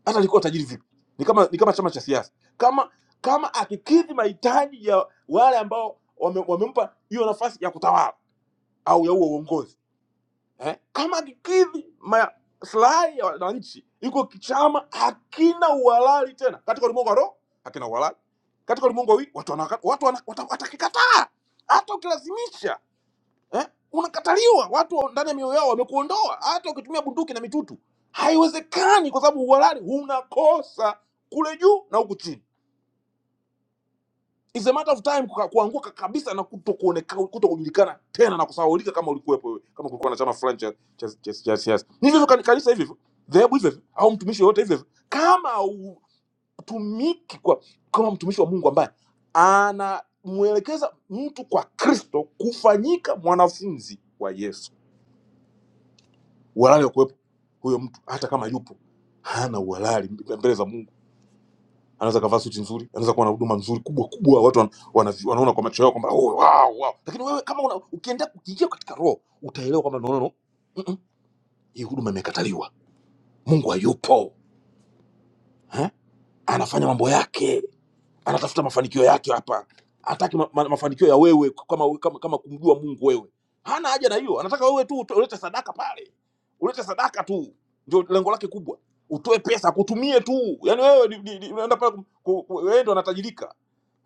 Speaker 2: hata ilikuwa tajiri vipi ni kama ni kama chama cha siasa kama kama akikidhi mahitaji ya wale ambao wame- wamempa hiyo nafasi ya kutawala au ya huo uongozi eh, kama kikidhi maslahi ya wananchi, iko kichama hakina uhalali tena katika ulimwengu wa roho, hakina uhalali katika ulimwengu wa wi- watu wanaka- watu wana- wata- watakikataa hata ukilazimisha eh, unakataliwa. Watu wa- ndani ya mioyo yao wamekuondoa, hata ukitumia bunduki na mitutu haiwezekani, kwa sababu uhalali unakosa kule juu na huku chini. It's a matter of time kuka- kuanguka kabisa na kutokuonekana kutokujulikana tena na kusahaulika kama ulikuwepo wewe, kama kulikuwa na chama fulani cha cha cha cha siasa. Ni hivyo hivyo kani- kanisa hivyo hivyo, dhehebu hivyo hivyo, au mtumishi yoyote hivyo hivyo. Kama hutumiki kwa kama mtumishi wa Mungu ambaye anamwelekeza mtu kwa Kristo kufanyika mwanafunzi wa Yesu, uhalali wa kuwepo huyo mtu, hata kama yupo hana uhalali mbele za Mungu anaweza kavaa suti nzuri, anaweza kuwa na huduma nzuri kubwa kubwa, watu wan, wana, wanaona kwa macho yao kwamba oh, wow, wow. Lakini wewe kama una, ukienda ukiingia katika roho utaelewa kwamba no, no, no. Mm-mm. Hii huduma imekataliwa, Mungu hayupo eh? Anafanya mambo yake anatafuta mafanikio yake hapa hataki ma, ma, mafanikio ya wewe kama, kama, kama kumjua mungu wewe hana haja na hiyo anataka wewe tu uto- ulete sadaka pale ulete sadaka tu ndio lengo lake kubwa utoe pesa akutumie tu yani wewe ni- ni- ni- unaenda pale kum- ku- ku- wewe ndo anatajirika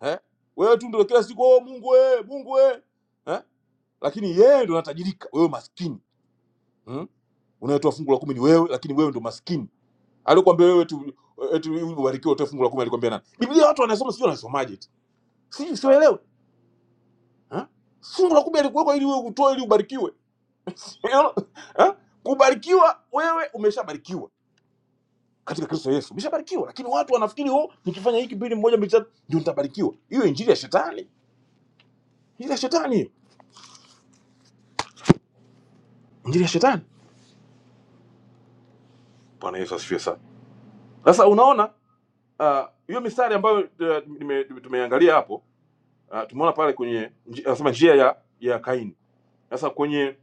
Speaker 2: eh? wewe tu ndio kila siku oh, mungu we, mungu we. Eh? lakini yeye ndo anatajirika wewe maskini hmm? unayetoa fungu la kumi ni wewe lakini wewe ndo maskini alikwambia wewe tu eti ubarikiwe utoe fungu la kumi alikwambia nani biblia watu wanasoma sio wanasomaje Si sielewi. Fungu la kumi alikuwekwa ili wewe utoe ili ubarikiwe. Unaona? Eh? Kubarikiwa wewe umeshabarikiwa katika Kristo Yesu. Umeshabarikiwa lakini watu wanafikiri oh nikifanya hiki mbili moja mbili tatu ndio nitabarikiwa. Hiyo injili ya shetani. Injili ya shetani hiyo. Injili ya shetani. Bwana Yesu asifiwe sana. Sasa unaona ah, hiyo uh, mistari ambayo eh, nime- tumeangalia hapo ah, tumeona pale kwenye nji- anasema njia ya ya Kaini. Sasa kwenye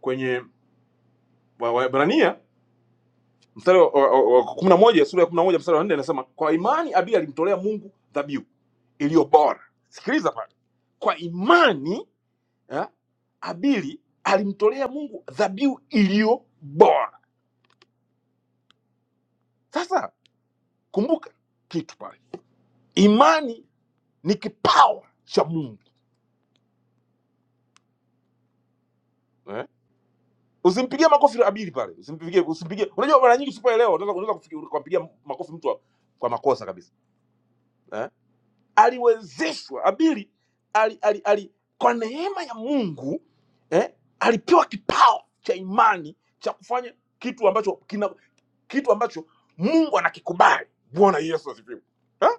Speaker 2: kwenye Waebrania mstari wa wa- wa- wa kumi na moja sura ya kumi na moja mstari wa nne inasema kwa imani Abeli alimtolea Mungu dhabihu iliyo bora. Sikiliza pale, kwa imani eh, Abeli alimtolea Mungu dhabihu iliyo bora. Sasa kumbuka kitu pale, imani ni kipawa cha Mungu eh? Usimpigie makofi Abeli pale, usimpigie, usimpigie. Unajua mara nyingi usipoelewa unaweza unaweza kufikiri- kumpigia makofi mtu wa- kwa makosa kabisa eh? aliwezeshwa Habili ali, ali, ali, kwa neema ya Mungu eh, alipewa kipawa cha imani cha kufanya kitu ambacho kina, kitu ambacho Mungu anakikubali. Bwana Yesu asifiwe. Eh?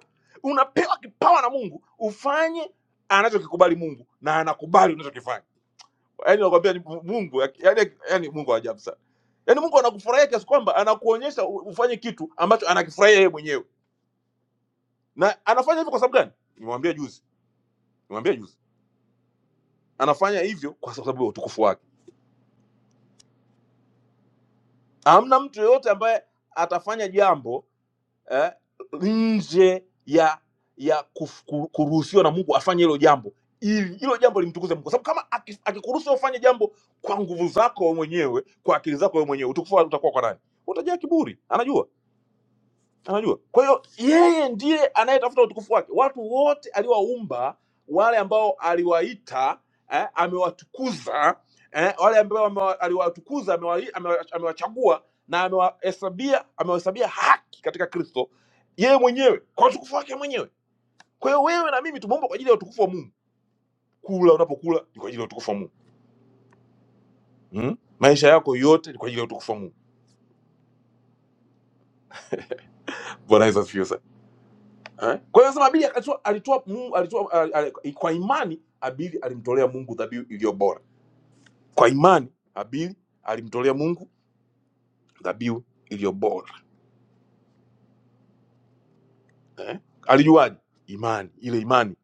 Speaker 2: Unapewa kipawa na Mungu ufanye anachokikubali Mungu na anakubali unachokifanya. Yaani nakwambia ni Mungu, yaani yaani Mungu wa ajabu sana. Yaani Mungu anakufurahia kiasi kwamba anakuonyesha u- ufanye kitu ambacho anakifurahia yeye mwenyewe. Na anafanya hivyo kwa sababu gani? Nimwambia juzi, nimwambia juzi anafanya hivyo kwa sababu ya utukufu wake. Hamna mtu yeyote ambaye atafanya jambo eh, nje ya ya kuf- ku- kuruhusiwa na Mungu afanye hilo jambo ili hilo jambo limtukuze Mungu, kwa sababu kama aki- akikuruhusu ufanye jambo kwa nguvu zako wewe mwenyewe, kwa akili zako wewe mwenyewe, utukufu utakuwa kwa nani? Utajaa kiburi, anajua unajua kwa hiyo yeye ndiye anayetafuta utukufu wake watu wote aliowaumba wale ambao aliwaita eh, amewatukuza eh, wale ambao amewa- aliwatukuza amewa- amewa- amewachagua na amewahesabia amewahesabia haki katika kristo yeye mwenyewe kwa utukufu wake mwenyewe kwa hiyo wewe na mimi tumeumbwa kwa ajili ya utukufu wa mungu kula unapokula ni kwa ajili ya utukufu wa mungu mm? maisha yako yote ni kwa ajili ya utukufu wa mungu bwana yesu asifiwe sana. Eh? Kwa hiyo sema Abeli akatoa alitoa Mungu alitoa al, al, kwa imani Abeli alimtolea Mungu dhabihu iliyo bora. Kwa imani Abeli alimtolea Mungu dhabihu iliyo bora. Eh? Alijuaje? Imani, ile imani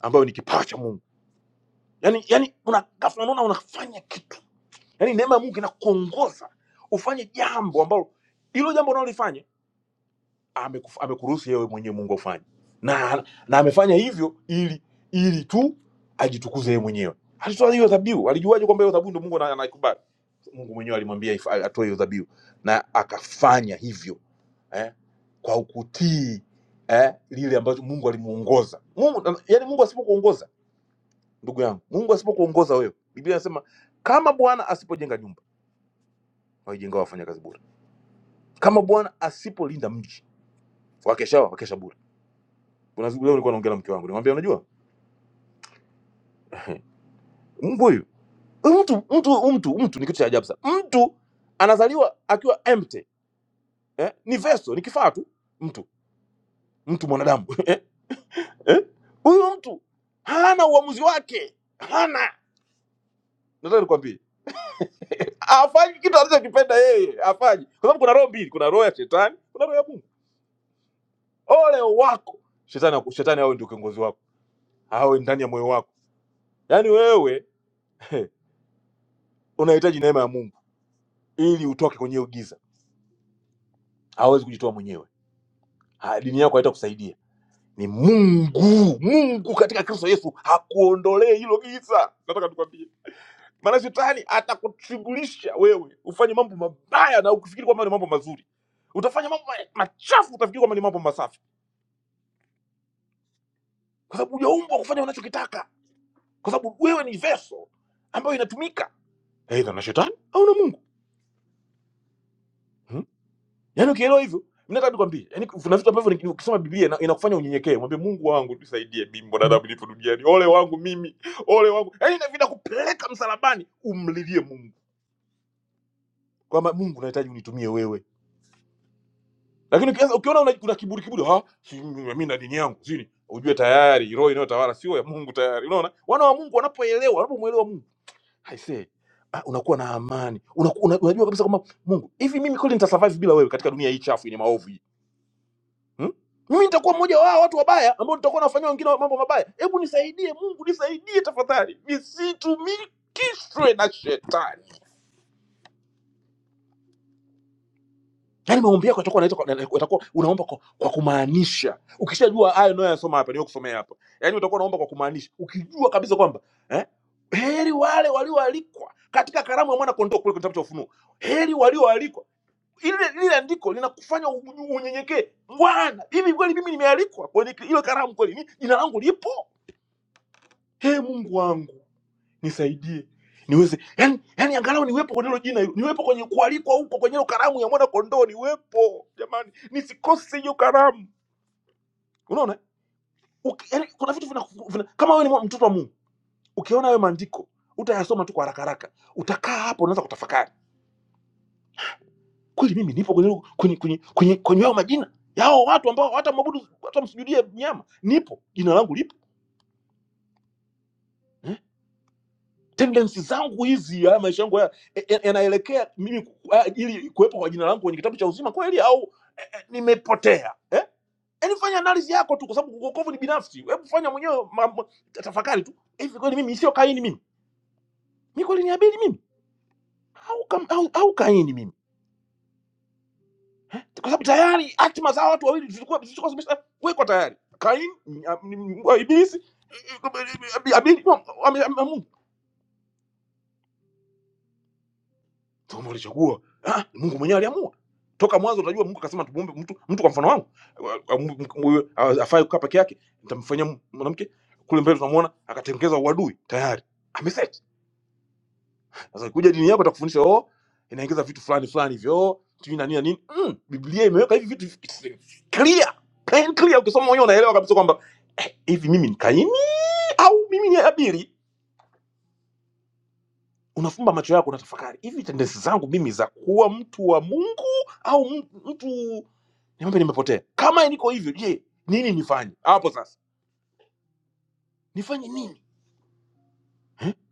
Speaker 2: ambayo ni kipawa cha Mungu. Yaani yaani una ghafla unaona unafanya kitu. Yaani neema ya Mungu inakuongoza ufanye jambo ambalo hilo jambo unalolifanya amekuf- amekuruhusu yewe mwenyewe Mungu afanye na, na amefanya hivyo ili ili tu ajitukuze yeye mwenyewe. Alitoa hiyo dhabihu, alijuaje kwamba hiyo dhabihu ndio Mungu ana- anaikubali? Mungu mwenyewe alimwambia if- atoe hiyo dhabihu na akafanya hivyo eh, kwa kutii eh, lile ambacho Mungu alimuongoza. Mungu, yani Mungu asipokuongoza ndugu yangu, Mungu asipokuongoza wewe, Biblia inasema kama Bwana asipojenga nyumba, waijengao wafanyakazi bure. Kama Bwana asipolinda mji, wakesha wakesha bure Kuna siku leo nilikuwa naongea na mke wangu, nimwambia unajua Mungu huyu mtu mtu mtu mtu ni kitu cha ajabu sana. Mtu anazaliwa akiwa empty eh? Ni vessel, ni kifaa tu. Mtu mtu mwanadamu eh? Eh? Huyu mtu hana uamuzi wake, hana nataka nikwambie, hafanyi kitu anachokipenda yeye, hafanyi kwa sababu kuna roho mbili, kuna roho ya shetani, kuna roho ya Mungu. Ole wako shetani, aku- shetani awe ndio kiongozi wako, awe ndani ya moyo wako. Yaani wewe unahitaji neema ya Mungu ili utoke kwenye hiyo giza hawezi kujitoa mwenyewe ha, dini yako haitakusaidia ni mungu mungu katika kristo yesu hakuondolee hilo giza nataka tukwambie maana shetani atakushughulisha wewe ufanye mambo mabaya na ukifikiri kwamba ni mambo mazuri utafanya mambo ma- machafu utafikiri kwamba ni mambo masafi kwa sababu hujaumbwa kufanya unachokitaka kwa sababu wewe ni veso ambayo inatumika eidha na shetani au na mungu Hmm? Yaani ukielewa hivyo, mimi nataka nikwambie, yaani kuna vitu ambavyo ni- ukisoma Biblia ina- inakufanya unyenyekee, mwambie Mungu wangu tusaidie, mimi mwanadamu nipo duniani, ole wangu mimi, ole wangu. Yaani na vinakupeleka msalabani umlilie Mungu kwamba Mungu nahitaji unitumie wewe. Lakini ukianza ukiona una, kuna kiburi kiburi, ah, si mimi na dini yangu, sini ujue tayari roho inayotawala sio ya Mungu tayari. Unaona, wana wa Mungu wanapoelewa, wanapomwelewa Mungu, I say ah, unakuwa na amani unaku, una, unajua kabisa kwamba Mungu, hivi mimi kweli nitasurvive bila wewe katika dunia hii chafu yenye maovu hii? hmm? mimi nitakuwa mmoja wao watu wabaya ambao nitakuwa nafanyia wengine mambo mabaya hebu nisaidie mungu nisaidie tafadhali nisitumikishwe na shetani yaani maombi yako yatakuwa yanaitwa kwa- yatakuwa unaomba kwa, kwa kumaanisha ukishajua haya unayoyasoma hapa niyokusomea hapa yaani utakuwa unaomba kwa kumaanisha ukijua kabisa kwamba eh? heri wale walioalikwa katika karamu ya mwana kondoo kule kwenye kitabu cha ufunuo heri walioalikwa ile lile andiko linakufanya u- unyenyekee bwana hivi kweli mimi nimealikwa kwenye ile karamu kweli ni- jina langu lipo He Mungu wangu nisaidie niweze yani, yani angalau niwepo kwenye hilo jina hilo, niwepo kwenye kualikwa huko kwenye hilo karamu ya mwana kondoo, niwepo jamani, nisikose hiyo karamu. Unaona Uki, yani, kuna vitu vina, vina, kama wewe ni mwa- mtoto wa Mungu, ukiona hayo maandiko utayasoma tu kwa haraka haraka, utakaa hapo, unaweza kutafakari kweli, mimi nipo kwenye hilo- kwenye kwenye kwenye kwenye hayo majina yao watu ambao hata mwabudu hata msujudie mnyama, nipo jina langu lipo Hmm? tendensi zangu hizi haya maisha yangu haya e- e- yanaelekea mimi ku- a- ili kuwepo kwa jina langu kwenye kitabu cha uzima kweli au eh, nimepotea eh? Yaani fanya analizi yako tu, kwa sababu uokovu ni binafsi. Hebu fanya mwenyewe ma- ma- ta- tafakari tu, hivi kweli mimi sio Kaini mimi, mi kweli ni Abeli mimi au, kam, au, au Kaini mimi? Kwa sababu tayari hatima za watu wawili zilikuwa zilikuwa zimeshawekwa tayari. Kaini ni- ni- ni- wa Ibilisi, eh, eh, Abeli Mfalme alichagua. Ah, Mungu mwenyewe aliamua. Toka mwanzo unajua Mungu akasema tumuombe mtu mtu kwa mfano wangu. Ah, mu- mu- mu- ah, Afai kukaa peke yake, nitamfanyia mwanamke kule mbele tunamuona akatengeza uadui tayari. Ameset. Sasa kuja dini yako itakufundisha oh inaingiza vitu fulani fulani hivyo oh, sijui na nini na nini. Mm, Biblia imeweka hivi vitu clear, plain clear ukisoma mwenyewe unaelewa kabisa kwamba eh, hivi mimi ni Kaini au mimi ni Abili? unafumba macho yako unatafakari hivi tendensi zangu mimi za kuwa mtu wa mungu au m- mtu nimembe nimepotea kama niko hivyo je nini nifanye hapo sasa nifanye nini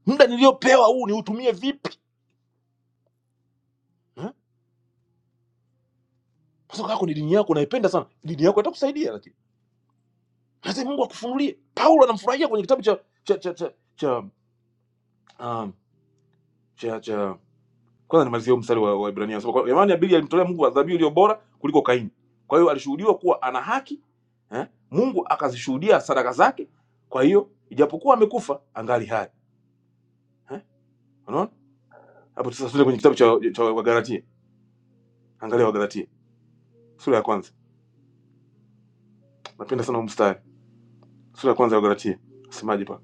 Speaker 2: muda niliyopewa huu niutumie vipi Eh? Pasaka yako ni dini yako naipenda sana dini yako itakusaidia lakini lazima mungu akufunulie paulo anamfurahia kwenye kitabu cha cha cha cha cha, um, cha, cha, Kwanza nimalizie huo mstari wa Waebrania anasema kwa- jamani, Habili alimtolea Mungu dhabihu iliyo bora kuliko Kaini. Kwa hiyo alishuhudiwa kuwa ana haki eh? Mungu akazishuhudia sadaka zake. Kwa hiyo ijapokuwa amekufa angali hai eh? Unaona hapo sasa, tuende kwenye kitabu cha, cha Wagalatia. Angalia Wagalatia sura ya kwanza, napenda sana huu mstari, sura ya kwanza ya Wagalatia. Semaje pa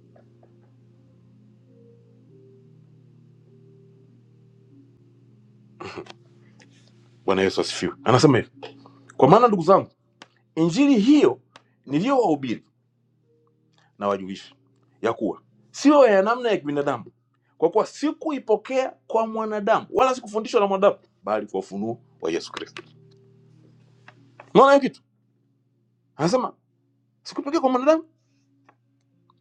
Speaker 2: Bwana Yesu asifiwe, anasema hivi: kwa maana ndugu zangu, injili hiyo niliyowahubiri na wajulishe ya kuwa sio ya namna ya kibinadamu, kwa kuwa sikuipokea kwa mwanadamu wala sikufundishwa na mwanadamu, bali kwa ufunuo wa Yesu Kristo. Unaona hiyo kitu? Anasema sikuipokea kwa mwanadamu,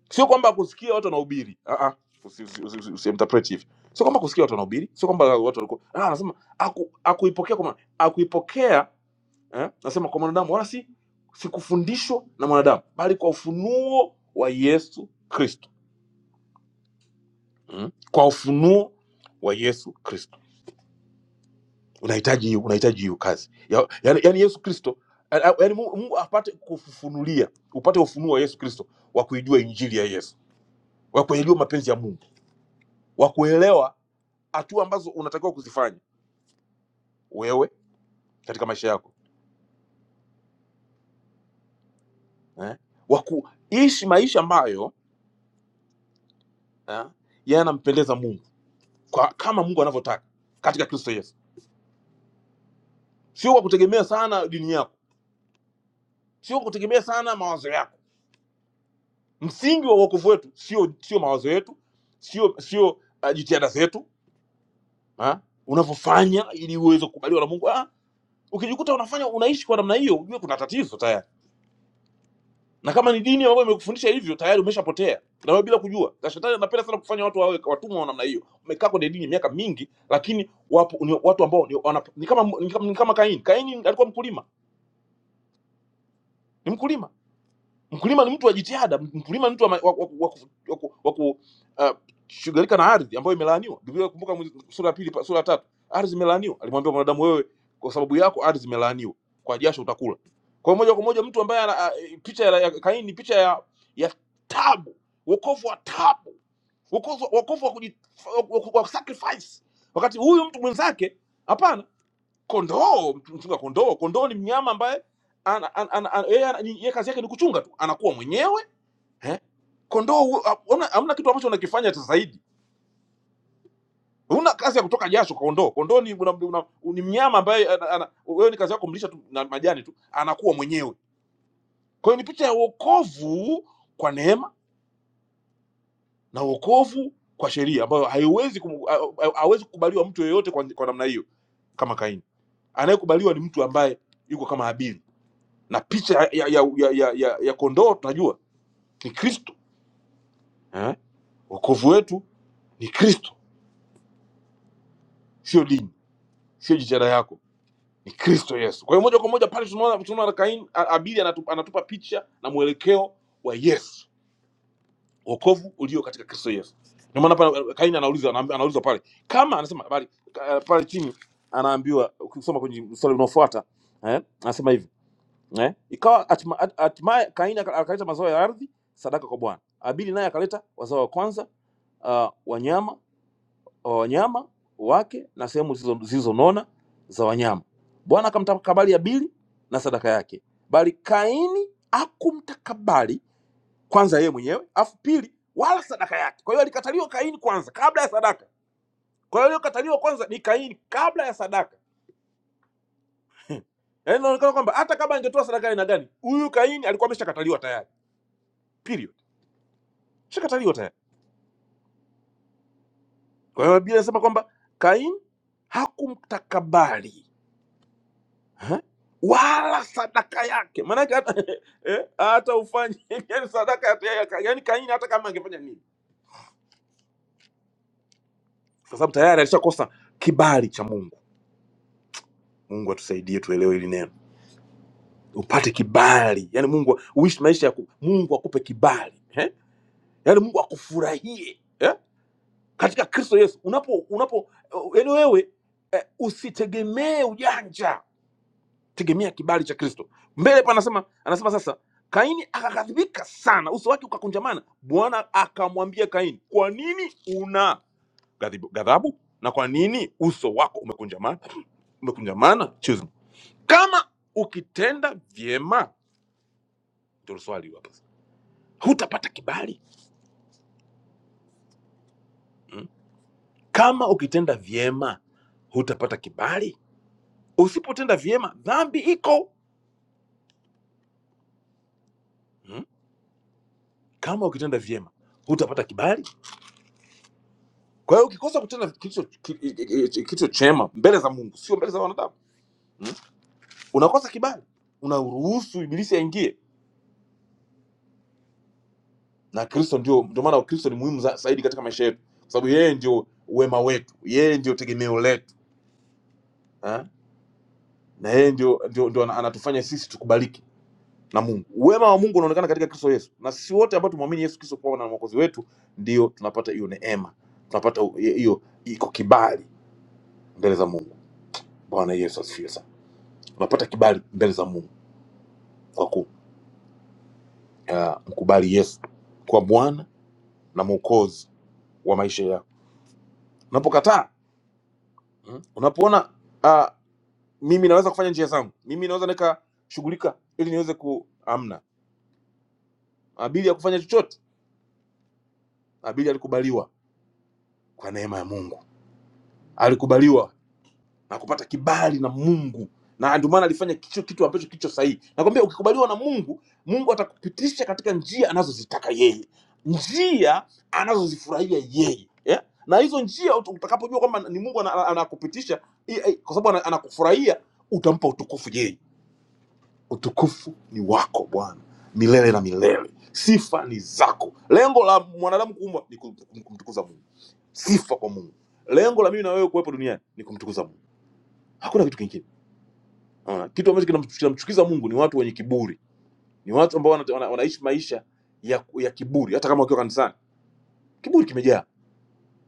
Speaker 2: sio kwamba kusikia watu wanahubiri. Ah ah, usi- usi- usi- usi- usiinterpret hivi. Sio kwamba kusikia watu wanahubiri, sio kwamba watu walikuwa. Ah, anasema aku, akuipokea kwa mwana- akuipokea eh, nasema kwa mwanadamu wala si sikufundishwa na mwanadamu, bali kwa ufunuo wa Yesu Kristo. Mm? Kwa ufunuo wa Yesu Kristo unahitaji hiyo unahitaji hiyo kazi ya, yani, yani yesu kristo yani mungu, mungu apate kufufunulia upate ufunuo wa yesu kristo wa kuijua injili ya yesu wa kuelewa mapenzi ya mungu wa kuelewa hatua ambazo unatakiwa kuzifanya wewe katika maisha yako eh? wa kuishi maisha ambayo eh, yanampendeza mungu kwa, kama mungu anavyotaka katika kristo yesu sio kwa kutegemea sana dini yako sio kwa kutegemea sana mawazo yako msingi wa uokovu wetu sio sio mawazo yetu sio sio uh, jitihada zetu ha? unavyofanya ili uweze kukubaliwa na Mungu. Ah, ukijikuta unafanya unaishi kwa namna hiyo, ujue kuna tatizo tayari, na kama ni dini ambayo imekufundisha hivyo, tayari umeshapotea na wewe bila kujua. Na shetani anapenda sana kufanya watu wawe watumwa wa namna hiyo. Umekaa kwenye dini miaka mingi, lakini wapo ni watu ambao ni, wana, ni kama ni kama, ni kama Kaini. Kaini alikuwa mkulima, ni mkulima mkulima ni mtu wa jitihada mkulima ni mtu wa, ma- wa, wa, wa, wa, ku- wa, ku- ah, shughulika na ardhi ambayo imelaaniwa biblia kumbuka mwezi- sura ya pili pa- sura ya tatu ardhi imelaaniwa alimwambia mwanadamu wewe kwa sababu yako ardhi imelaaniwa kwa jasho utakula kwa hiyo moja kwa moja mtu ambaye ana- ah, picha ya, ya kaini ni picha ya ya tabu wokovu wa tabu wokovu wokovu wa, kuji, wa, wa, wa sacrifice wakati huyu mtu mwenzake hapana kondoo mchunga kondoo kondoo ni mnyama ambaye ana, ana, ana, ana, yeye ana, ni- yeye kazi yake ni kuchunga tu anakuwa mwenyewe eh? kondoo hu- hamna hamna kitu ambacho unakifanya cha zaidi una kazi ya kutoka jasho kwa kondoo kondoo ni, una, una, ni mnyama ambaye ana- ana- wewe ni kazi yako kumlisha tu na majani tu anakuwa mwenyewe kwa hiyo ni picha ya wokovu kwa neema na wokovu kwa sheria ambayo haiwezi kum- ha- ha- hawezi kukubaliwa mtu yeyote kwa, kwa namna hiyo kama kaini anayekubaliwa ni mtu ambaye yuko kama habili na picha ya, ya, ya, ya, ya, ya kondoo tunajua ni Kristo eh? Wokovu wetu ni Kristo, sio dini, sio jitihada yako, ni Kristo Yesu. Kwa hiyo moja kwa moja pale tunaona tunaona Kaini a- Abeli anatupa, anatupa picha na mwelekeo wa Yesu, wokovu ulio katika Kristo Yesu. Ndio maana pale eh, Kaini anauliza anaambi- anaulizwa pale kama anasema bali ka- pale chini anaambiwa ukisoma kwenye mstari unaofuata eh? anasema hivi eh? Ikawa hatima- hat- hatimaye Kaini aka- akaleta mazao ya ardhi sadaka kwa Bwana. Abili naye akaleta wazao wa kwanza uh, wanyama wa wanyama wake na sehemu zilizo- zilizonona za wanyama. Bwana akamtakabali Abili na sadaka yake, bali Kaini hakumtakabali kwanza yeye mwenyewe, afu pili wala sadaka yake. Kwa hiyo alikataliwa Kaini kwanza kabla ya sadaka. Kwa hiyo aliyokataliwa kwanza ni Kaini kabla ya sadaka. Yaani inaonekana kwamba hata kama angetoa sadaka ya aina gani, huyu Kaini alikuwa ameshakataliwa tayari. Period. shakataliwa tayari. Kwa hiyo Biblia inasema kwamba Kain hakumtakabali ha? wala sadaka yake, maanake hata eh, hata ufanye yani sadaka ya ya- ya- yani Kain hata kama angefanya nini, kwa sababu tayari alishakosa kibali cha Mungu. Mungu atusaidie tuelewe hili neno, upate kibali, yani Mungu uishi maisha ya ku- Mungu akupe kibali eh? yani Mungu akufurahie eh? katika Kristo Yesu unapo unapo, yani wewe eh, usitegemee ujanja tegemea kibali cha kristo mbele pa anasema anasema sasa kaini akaghadhibika sana uso wake ukakunjamana bwana akamwambia kaini kwa nini una ghadhibu- ghadhabu na kwa nini uso wako umekunjamana umekunjamana Choose. kama ukitenda vyema ndio swali hapa sasa. hutapata kibali mm? kama ukitenda vyema hutapata kibali usipotenda vyema dhambi iko mm? kama ukitenda vyema hutapata kibali Kwa hiyo ukikosa kutenda kilicho ki- ki- ki- kilicho chema mbele za Mungu, sio mbele za wanadamu mm, unakosa kibali, unaruhusu ibilisi aingie. Na Kristo ndio, ndio maana Kristo ni muhimu za- zaidi katika maisha yetu, kwa sababu yeye ndio wema wetu, yeye ndio tegemeo letu ha? na yeye ndio, ndio, ndio ana- anatufanya sisi tukubaliki na Mungu. Wema wa Mungu unaonekana katika Kristo Yesu, na sisi wote ambao tumwamini Yesu Kristo kuwa na mwokozi wetu, ndio tunapata hiyo neema, tunapata hiyo iko kibali mbele za Mungu. Bwana Yesu asifiwe sana, tunapata kibali mbele za Mungu wa kumkubali uh, Yesu kwa Bwana na Mwokozi wa maisha yako. Unapokataa mm, unapoona uh, mimi naweza kufanya njia zangu, mimi naweza nikashughulika ili niweze ku amna Habili ya kufanya chochote. Habili alikubaliwa kwa neema ya Mungu, alikubaliwa na kupata kibali na Mungu, na ndio maana alifanya kicho kitu ambacho kicho sahihi. Nakwambia, ukikubaliwa na Mungu, Mungu atakupitisha katika njia anazozitaka yeye, njia anazozifurahia yeye yeah? na hizo njia ut- utakapojua kwamba ni Mungu ana- ana- anakupitisha i- i- kwa sababu ana- anakufurahia, utampa utukufu yeye. Utukufu ni wako Bwana milele na milele, sifa ni zako. Lengo la mwanadamu kuumbwa ni kum- kum- kumtukuza Mungu, sifa kwa Mungu. Lengo la mimi na wewe kuwepo duniani ni kumtukuza Mungu, hakuna kitu kingine. Unaona? Kitu ambacho kinam- kinamchukiza Mungu ni watu wenye kiburi, ni watu ambao wana- wana- wanaishi maisha ya, ya kiburi, hata kama wakiwa kanisani, kiburi kimejaa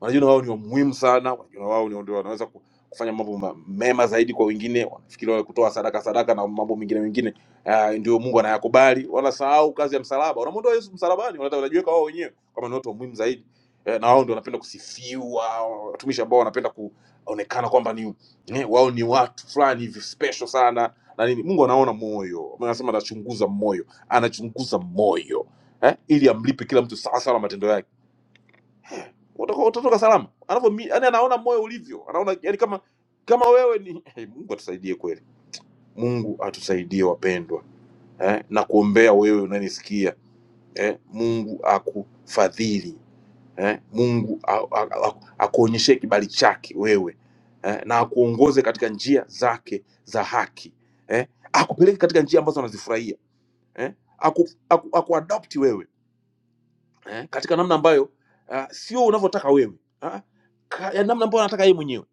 Speaker 2: wanajiona wao ni wa muhimu sana, wanajiona wao ni ndio wanaweza ku- kufanya mambo ma- mema zaidi kwa wengine, wanafikiri wale kutoa sadaka sadaka na mambo mengine mengine uh, ndio Mungu anayakubali. Wanasahau kazi ya msalaba, wanamuondoa Yesu msalabani, wanata- wanajiweka wao wenyewe kama ni watu wa muhimu zaidi eh, na wao ndio wanapenda kusifiwa, watumishi ambao wanapenda kuonekana kwamba ni eh, wao ni watu fulani hivi special sana na nini. Mungu anaona moyo, anasema anachunguza moyo, anachunguza moyo eh, ili amlipe kila mtu sawasawa na matendo yake utatoka utatoka salama anavyo yani anaona moyo ulivyo anaona yani kama kama wewe ni hey, mungu atusaidie kweli mungu atusaidie wapendwa eh, na kuombea wewe unanisikia eh, mungu akufadhili eh, mungu a- a- a- akuonyeshe kibali chake wewe eh, na akuongoze katika njia zake za haki eh, akupeleke katika njia ambazo anazifurahia eh, aku, aku, aku wewe eh, katika namna ambayo uh, sio unavyotaka wewe ah, ka- ya namna ambayo anataka yeye mwenyewe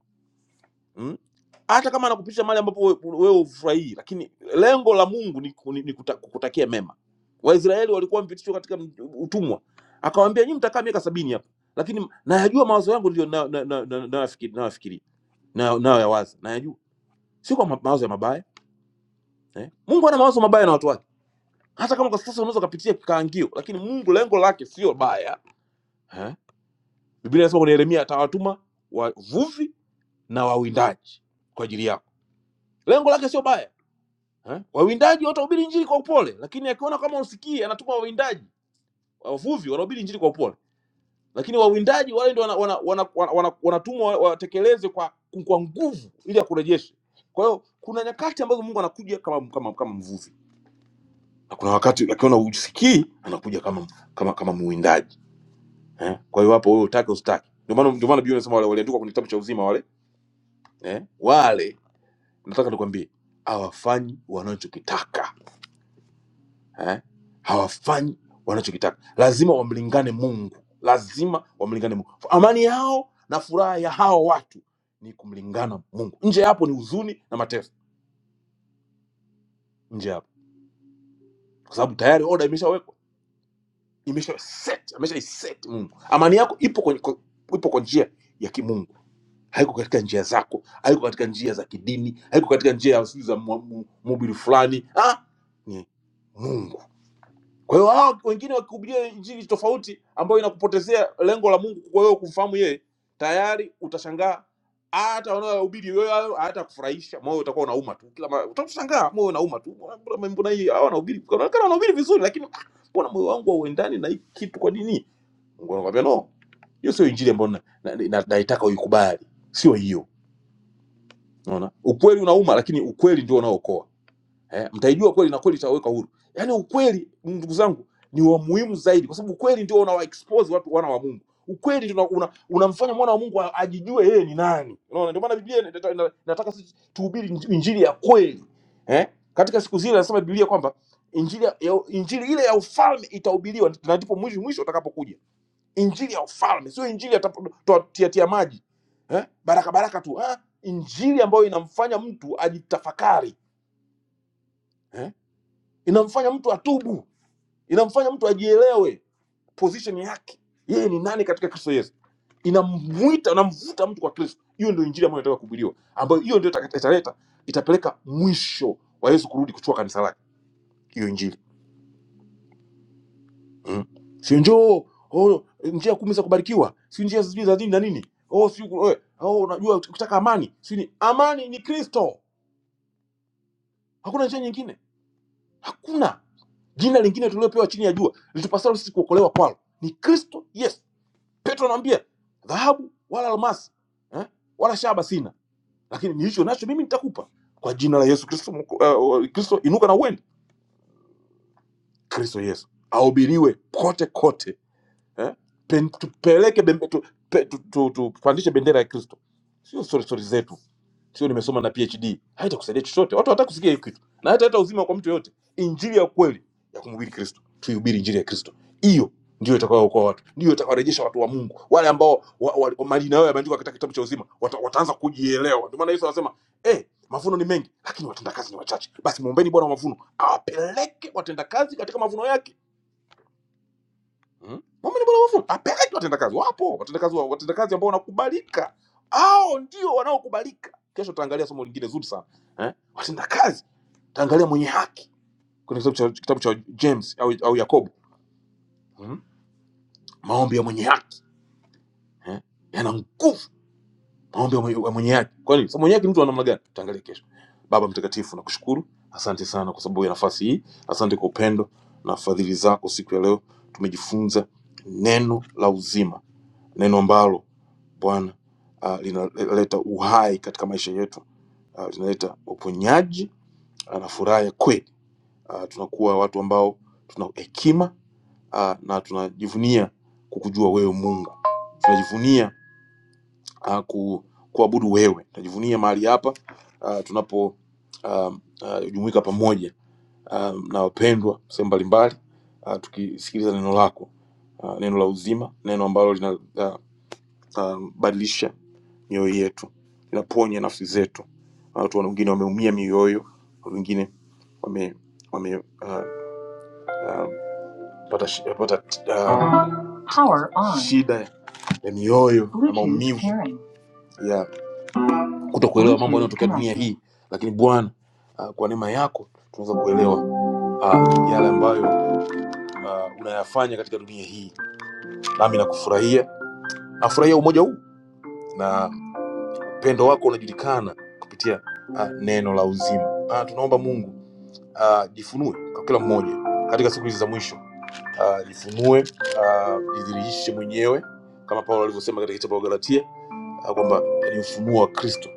Speaker 2: mm? hata kama anakupitisha mahali ambapo we- wewe hufurahii, lakini lengo la Mungu ni, ku- ni, ni kuta, kukutakia mema. Waisraeli walikuwa wamepitishwa katika m- utumwa, akawaambia nyinyi mtakaa miaka sabini hapa, lakini nayajua mawazo yangu ndio nayoyafikiria na, na, na, nayoyafikiri- nayoyafikiria, nayo- nayoyawaza, nayajua sio kwa ma- mawazo ya mabaya eh? Mungu ana mawazo mabaya na watu wake, hata kama kwa sasa unaweza ukapitia kikaangio, lakini Mungu lengo lake sio baya eh? Biblia inasema kuna Yeremia atawatuma wavuvi na wawindaji kwa ajili yako. Lengo lake sio baya eh? Wawindaji watahubiri injili kwa upole, lakini akiona kama usikii, anatuma wawindaji. Wavuvi wanahubiri injili kwa upole, lakini wawindaji wale ndio wanatumwa wana, wana, wana, wana wanatumwa wa- watekeleze kwa, kwa nguvu ili akurejeshe. Kwa hiyo kuna nyakati ambazo Mungu anakuja kama kama, kama mvuvi na kuna wakati akiona usikii anakuja kama kama kama muwindaji eh? Kwa hiyo hapo wewe utake usitake, ndio maana ndio maana Biblia inasema wale waliandikwa kwenye kitabu cha uzima wale eh? Wale nataka nikwambie, hawafanyi wanachokitaka eh? Hawafanyi wanachokitaka, lazima wamlingane Mungu, lazima wamlingane Mungu. Amani yao na furaha ya hawa watu ni kumlingana Mungu. Nje ya hapo ni huzuni na mateso, nje ya hapo, kwa sababu tayari oda imeshawekwa, imesha set, amesha iset Mungu. Amani yako ipo kwenye, kwa- ipo kwa njia ya kimungu, haiko katika njia zako, haiko katika njia za kidini, haiko katika njia ya sijui za mwa- mu- mhubiri fulani ah, ni Mungu. Kwa hiyo hao wengine wakihubiria injili tofauti ambayo inakupotezea lengo la Mungu kwa wewe kumfahamu yeye, tayari utashangaa hata wanaohubiri wewe hayo hayatakufurahisha, moyo utakuwa unauma tu. Kila mara utashangaa moyo unauma tu. Mbona mbona mbona hii hawa wanahubiri? Wanaonekana wanahubiri vizuri lakini ah, mbona moyo wangu hauendani na hii kitu kwa nini? Mungu anakuambia no. Hiyo sio injili ambayo na- na- na- naitaka uikubali. Sio hiyo. Unaona? Ukweli unauma lakini ukweli ndio unaookoa eh, mtaijua kweli na kweli itawaweka huru. Yaani ukweli, ndugu zangu, ni wa muhimu zaidi, kwa sababu ukweli ndio unawa expose watu wana wa Mungu. Ukweli ndio una- una- unamfanya mwana wa Mungu a- ajijue yeye ni nani. Unaona, ndio maana Biblia ina- ina- ina- inataka sisi tuhubiri inji- injili ya kweli eh? Katika siku zile anasema Biblia kwamba injili ya, ya- injili ile ya ufalme itahubiriwa na ndipo mwisho mwisho utakapokuja. Injili ya ufalme, sio injili ya tap- toa- tia tia maji eh? baraka baraka tu ah? Injili ambayo inamfanya mtu ajitafakari Eh? inamfanya mtu atubu inamfanya mtu ajielewe position yake yeye ni nani katika kristo yesu inamwita inamvuta mtu kwa kristo hiyo ndio injili ambayo inataka kuhubiriwa ambayo hiyo ndio itaka- italeta itapeleka mwisho wa yesu kurudi kuchukua kanisa lake hiyo injili mm. sio njoo oh, njia kumi za kubarikiwa si njia sijui za dini na nini oh, si, eh, oh, unajua ukitaka amani si ni amani ni kristo hakuna njia nyingine hakuna jina lingine tuliopewa chini ya jua litupasalo sisi kuokolewa kwalo ni kristo yesu petro anamwambia dhahabu wala almasi eh, wala shaba sina lakini nilicho nacho mimi nitakupa kwa jina la yesu kristo uh, kristo inuka na uende kristo yesu ahubiriwe kote kote eh, pen, tupeleke bembe, tu, pe, tu, tu, tupandishe bendera ya kristo sio stori stori zetu sio nimesoma na phd haitakusaidia chochote watu hawataka kusikia hiyo kitu na hata hata uzima kwa mtu yoyote injili ya kweli ya kumhubiri kristo tuihubiri injili ya kristo hiyo ndio itakayowaokoa watu ndio itakayorejesha watu wa mungu wale ambao wa, wa, wa, majina yao yameandikwa katika kitabu cha uzima wata, wataanza kujielewa ndio maana yesu anasema eh mavuno ni mengi lakini watendakazi ni wachache basi mwombeni bwana wa mavuno awapeleke watendakazi katika mavuno yake Mm. Mama ni bwana mafundi, apeleke watendakazi. Wapo watendakazi wa- watendakazi ambao wanakubalika, hao ndio wanaokubalika. Kesho tutaangalia somo lingine zuri sana eh? Watendakazi tutaangalia mwenye haki kwenye kitabu cha, kitabu cha James au, au Yakobo mm? Maombi ya mwenye haki eh? yana nguvu maombi ya mwenye, ya mwenye haki. Kwa nini? Sasa mwenye haki ni mtu wa namna gani? Tutaangalia kesho. Baba Mtakatifu, nakushukuru, asante sana kwa sababu ya nafasi hii, asante kwa upendo na fadhili zako. Siku ya leo tumejifunza neno la uzima, neno ambalo Bwana uh, linaleta uhai katika maisha yetu uh, linaleta uponyaji ah, na furaha ya kweli. Uh, tunakuwa watu ambao tuna hekima uh, na tunajivunia kukujua wewe Mungu, tunajivunia uh, ku, kuabudu wewe, tunajivunia mahali hapa uh, tunapo um, ah, jumuika pamoja um, na wapendwa sehemu mbalimbali uh, tukisikiliza neno lako uh, neno la uzima, neno ambalo lina uh, um, badilisha mioyo yetu, inaponya nafsi zetu. Na Watu wengine wameumia mioyo, wengine wame wame uh, uh, pata, shi- pata uh, Power on. shida ya mioyo na maumivu pairing. ya kutokuelewa mambo yanayotokea dunia hii, lakini Bwana uh, kwa neema yako tunaweza kuelewa uh, yale ambayo uh, unayafanya katika dunia hii, nami nakufurahia, nafurahia umoja huu na upendo wako unajulikana kupitia uh, neno la uzima uh, tunaomba mungu uh, jifunue kwa kila mmoja katika siku hizi za mwisho uh, jifunue uh, jidhirishe mwenyewe kama paulo alivyosema katika kitabu wa galatia uh, kwamba ni ufunuo wa kristo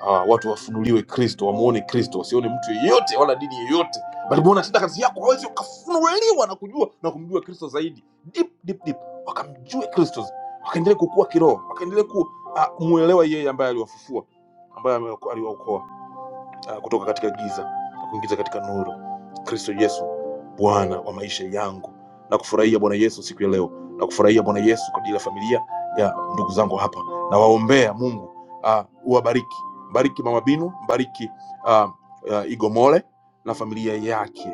Speaker 2: Ah, watu wafunuliwe Kristo, wamuone Kristo, wasione mtu yeyote wala dini yeyote, bali muone hata kazi yako, waweze wakafunuliwa na kujua na kumjua Kristo zaidi, deep deep deep, wakamjue Kristo, wakaendelee kukua kiroho, wakaendelee ku uh, muelewa yeye ambaye aliwafufua, ambaye amewaokoa ah, kutoka katika giza na kuingiza katika nuru. Kristo Yesu Bwana wa maisha yangu, na kufurahia Bwana Yesu siku ya leo, na kufurahia Bwana Yesu kwa ajili ya familia ya ndugu zangu hapa, na waombea Mungu ah, uwabariki, mbariki mama Binu, mbariki ah, ah, Igomole na familia yake.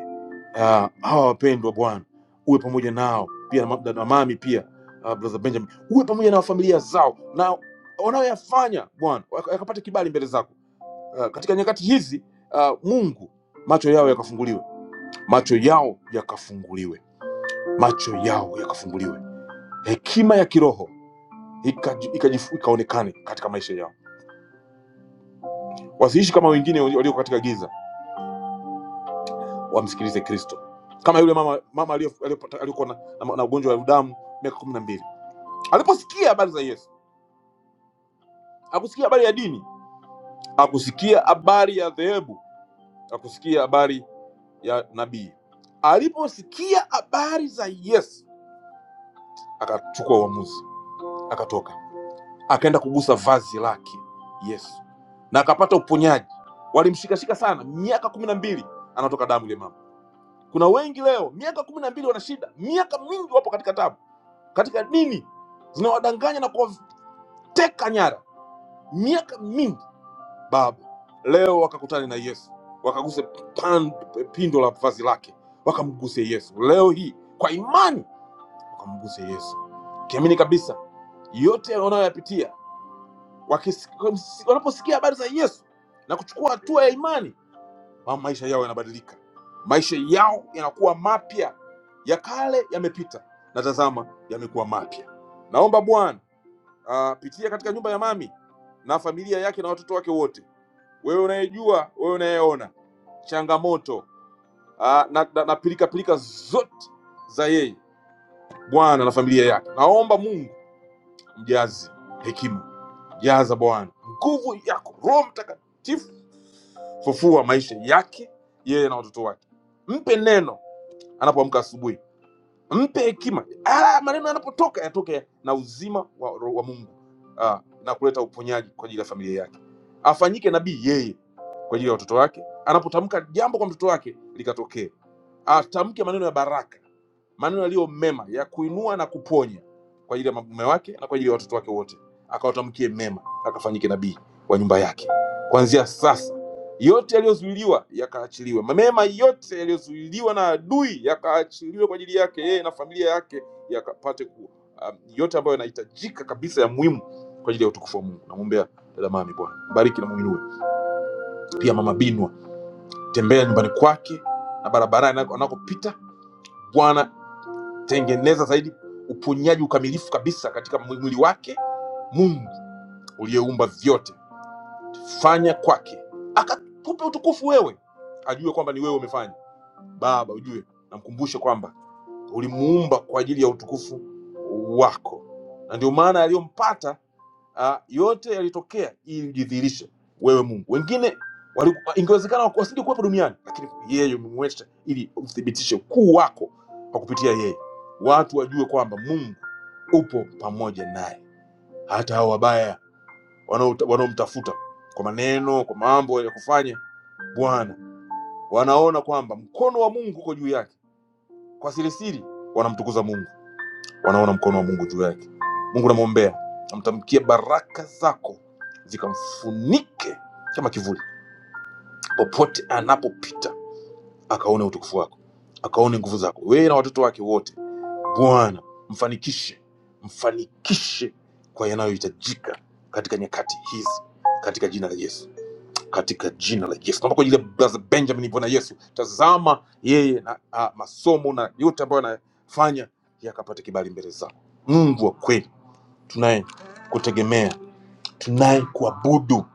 Speaker 2: Ah, hawa wapendwa Bwana, uwe pamoja nao pia na ma- na mami pia ah, brother Benjamin, uwe pamoja na familia zao na wanaoyafanya Bwana, wak- yakapate kibali mbele zako Uh, katika nyakati hizi uh, Mungu macho yao yakafunguliwe, macho yao yakafunguliwe, macho yao yakafunguliwe, hekima ya kiroho ikaji- ikajifu- ikaonekane katika maisha yao, wasiishi kama wengine walioko katika giza, wamsikilize Kristo, kama yule mama mama aliyo- aliyopata- aliyokuwa na, na, na ugonjwa wa damu miaka kumi na mbili aliposikia habari za Yesu, akusikia habari ya dini, akusikia habari ya dhehebu, akusikia habari ya nabii, aliposikia habari za Yesu akachukua uamuzi, akatoka, akaenda kugusa vazi lake Yesu na akapata uponyaji. Walimshikashika sana, miaka kumi na mbili anatoka damu ile mama. Kuna wengi leo miaka kumi na mbili wana shida, miaka mingi wapo katika tabu, katika dini zinawadanganya na kuwateka nyara, miaka mingi. Baba, leo wakakutane na Yesu, wakaguse pan- pindo la vazi lake, wakamguse Yesu leo hii kwa imani, wakamguse Yesu, kiamini kabisa yote wanayoyapitia Wakis- wanaposikia habari za Yesu na kuchukua hatua ya imani, ma- maisha yao yanabadilika, maisha yao yanakuwa mapya, ya kale yamepita na tazama, yamekuwa mapya. Naomba Bwana ah, pitia katika nyumba ya mami na familia yake na watoto wake wote, wewe unayejua, wewe unayeona changamoto ah, na, na, na pilika pilika zote za yeye Bwana na familia yake, naomba Mungu mjazi hekima Jaza Bwana nguvu yako, Roho Mtakatifu, fufua maisha yake yeye na watoto wake. Mpe neno anapoamka asubuhi, mpe hekima, Ah, maneno yanapotoka yatoke na uzima wa, ro- wa Mungu ah, na kuleta uponyaji kwa ajili ya familia yake. Afanyike nabii yeye kwa ajili ya watoto wake, anapotamka jambo kwa mtoto wake likatokee atamke maneno ya baraka, maneno yaliyo mema ya kuinua na kuponya kwa ajili ya mume wake na kwa ajili ya watoto wake wote, akawatamkie mema, akafanyike nabii wa nyumba yake. Kuanzia sasa, yote yaliyozuiliwa yakaachiliwe, mema yote yaliyozuiliwa na adui yakaachiliwe kwa ajili yake yeye na familia yake, yakapate ku um, yote ambayo yanahitajika kabisa ya muhimu kwa ajili ya utukufu wa Mungu. Namwombea dada Mami, Bwana bariki na muinue, pia mama Binwa, tembea nyumbani kwake na barabarani anako- anakopita Bwana tengeneza zaidi uponyaji ukamilifu kabisa katika mwi- mwili wake mungu uliyeumba vyote fanya kwake akakupe utukufu wewe ajue kwamba ni wewe umefanya baba ujue namkumbushe kwamba ulimuumba kwa ajili ya utukufu wako, na ndio maana aliyompata ah, yote yalitokea ili ujidhihirishe wewe Mungu. Wengine wali- ingewezekana wasingekuwepo duniani, lakini yeye umemwesha ili uthibitishe ukuu wako kwa kupitia yeye, watu wajue kwamba Mungu upo pamoja naye. Hata hao wabaya wanaota- wanaomtafuta kwa maneno, kwa mambo ya kufanya Bwana, wanaona kwamba mkono wa Mungu uko juu yake, kwa sirisiri wanamtukuza Mungu wanaona mkono wa mungu juu yake mungu namwombea namtamkia baraka zako zikamfunike kama kivuli popote anapopita akaone utukufu wako akaone nguvu zako wewe na watoto wake wote bwana mfanikishe mfanikishe kwa yanayohitajika katika nyakati hizi katika jina la yesu katika jina la yesu naomba kwa ajili ya brother benjamin bwana yesu tazama yeye na a, masomo na yote ambayo anafanya yakapata kibali mbele zako mungu wa kweli tunaye kutegemea tunaye kuabudu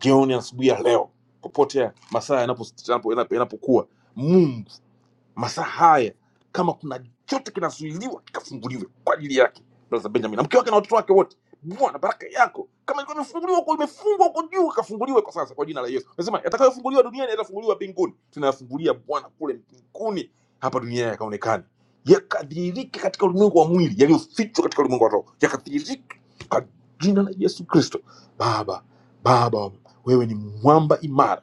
Speaker 2: jioni asubuhi ya leo popote masaa yanapo- yanapo- yanapokuwa mungu masaa haya kama kuna chote kinazuiliwa kikafunguliwe kwa ajili yake ndoa za benjamin na mke wake na watoto wake wote bwana baraka yako kama ilikuwa imefunguliwa huko imefungwa huko juu ikafunguliwe kwa sasa kwa jina la yesu nasema yatakayofunguliwa duniani yatafunguliwa mbinguni tunayafungulia bwana kule mbinguni hapa duniani yakaonekane yakadhihirike katika ulimwengu wa mwili yaliyofichwa katika ulimwengu wa roho yakadhihirike kwa jina la yesu kristo baba baba wewe ni mwamba imara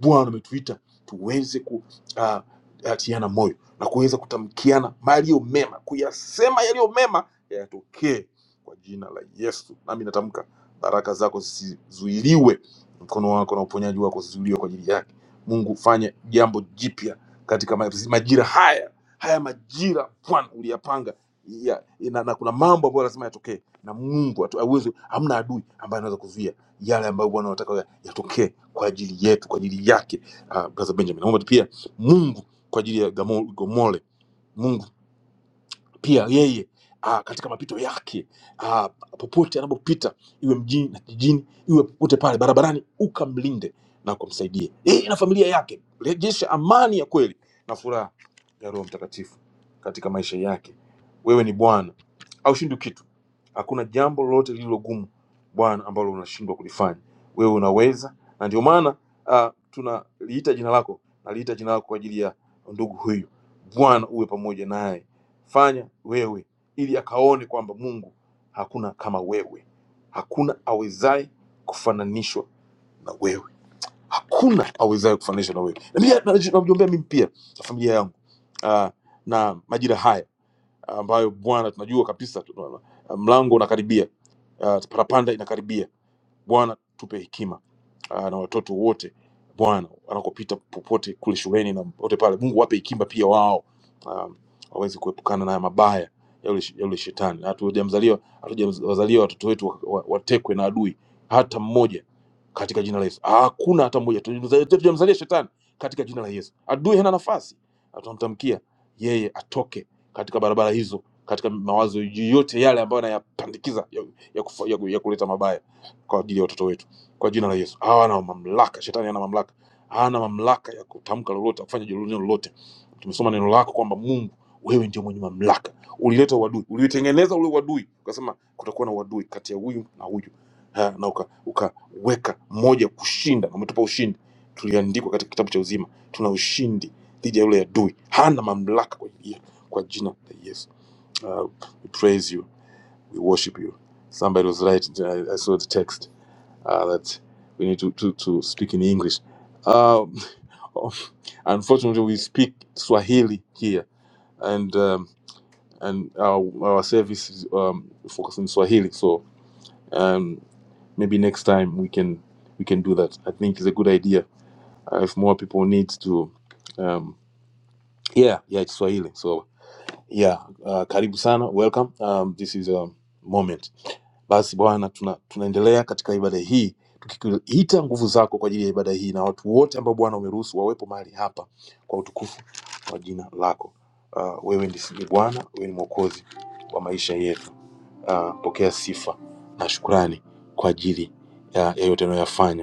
Speaker 2: bwana umetuita tuweze ku, uh, kuatiana moyo na kuweza kutamkiana yaliyo mema, kuyasema yaliyo mema yatokee kwa jina la Yesu. Nami natamka baraka zako zisizuiliwe, mkono wako na uponyaji wako zisizuiliwe kwa ajili yake. Mungu, fanye jambo jipya katika ma- majira haya haya majira Bwana uliyapanga ya, na, na kuna mambo ambayo lazima yatokee, na Mungu hatu- hawezi, hamna adui ambaye anaweza kuzuia yale ambayo Bwana anataka yatokee kwa ajili yetu, kwa ajili yake. Uh, Brother Benjamin, naomba tu pia Mungu kwa ajili ya Gamo- Gomole. Mungu pia yeye ah, katika mapito yake ah, popote anapopita iwe mjini na kijijini iwe popote pale barabarani ukamlinde na ukamsaidie yeye na familia yake rejesha amani ya kweli na furaha ya roho mtakatifu katika maisha yake wewe ni bwana aushindwi kitu hakuna jambo lolote lililogumu bwana ambalo unashindwa kulifanya wewe unaweza na ndio maana ah, tunaliita jina lako naliita jina lako kwa ajili ya ndugu huyu bwana uwe pamoja naye fanya wewe ili akaone kwamba mungu hakuna kama wewe hakuna awezaye kufananishwa na wewe hakuna awezaye kufananishwa na wewe na pia na- namjombea mimi pia na familia yangu ah, na majira haya ambayo bwana tunajua kabisa tuna- mlango unakaribia uh, parapanda inakaribia Bwana tupe hekima ah, na watoto wote Bwana wanakopita popote kule shuleni na popote pale, Mungu wape hekima pia wao um, waweze kuepukana na haya mabaya ya yule ya yule shetani. Hatujamzaliwa hatujawazaliwa watoto wetu wa- wa- watekwe na adui hata mmoja katika jina la Yesu. Ah, Hakuna hata mmoja, Hatujamzalia- hatujamzalia shetani katika jina la Yesu. Adui hana nafasi, Na tunamtamkia yeye atoke katika barabara hizo, katika mawazo yoyote yale ambayo anayapandikiza ya, ya, kufa- ya, ku- ya kuleta mabaya kwa ajili ya watoto wetu kwa jina la Yesu. Hawana mamlaka, shetani hana mamlaka, hana mamlaka ya kutamka lolote, ya kufanya neno lolote. Tumesoma neno lako kwamba Mungu wewe ndio mwenye mamlaka, ulileta uadui, ulitengeneza ule uadui, ukasema kutakuwa na uadui kati ya huyu na huyu ha, na uka- ukaweka moja kushinda, na umetupa ushindi. Tuliandikwa katika kitabu cha uzima, tuna ushindi dhidi ya yule adui, hana mamlaka kwa ajili yetu, kwa jina la Yesu. Uh, we praise you, we worship you. Somebody was right, I I saw the text uh, that we need to, to, to speak in English. Um, unfortunately, we speak Swahili here, and um, and our, our service is um, focused on Swahili. So um, maybe next time we can we can do that. I think it's a good idea uh, if more people need to. Um, yeah, yeah, it's Swahili. So. yeah uh, karibu sana welcome um, this is a moment basi bwana tuna, tunaendelea katika ibada hii tukiita nguvu zako kwa ajili ya ibada hii na watu wote ambao bwana umeruhusu wawepo mahali hapa kwa utukufu wa jina lako uh, wewe ndi- ni bwana wewe ni mwokozi wa maisha yetu uh, pokea sifa na shukrani kwa ajili ya, ya yote unayoyafanya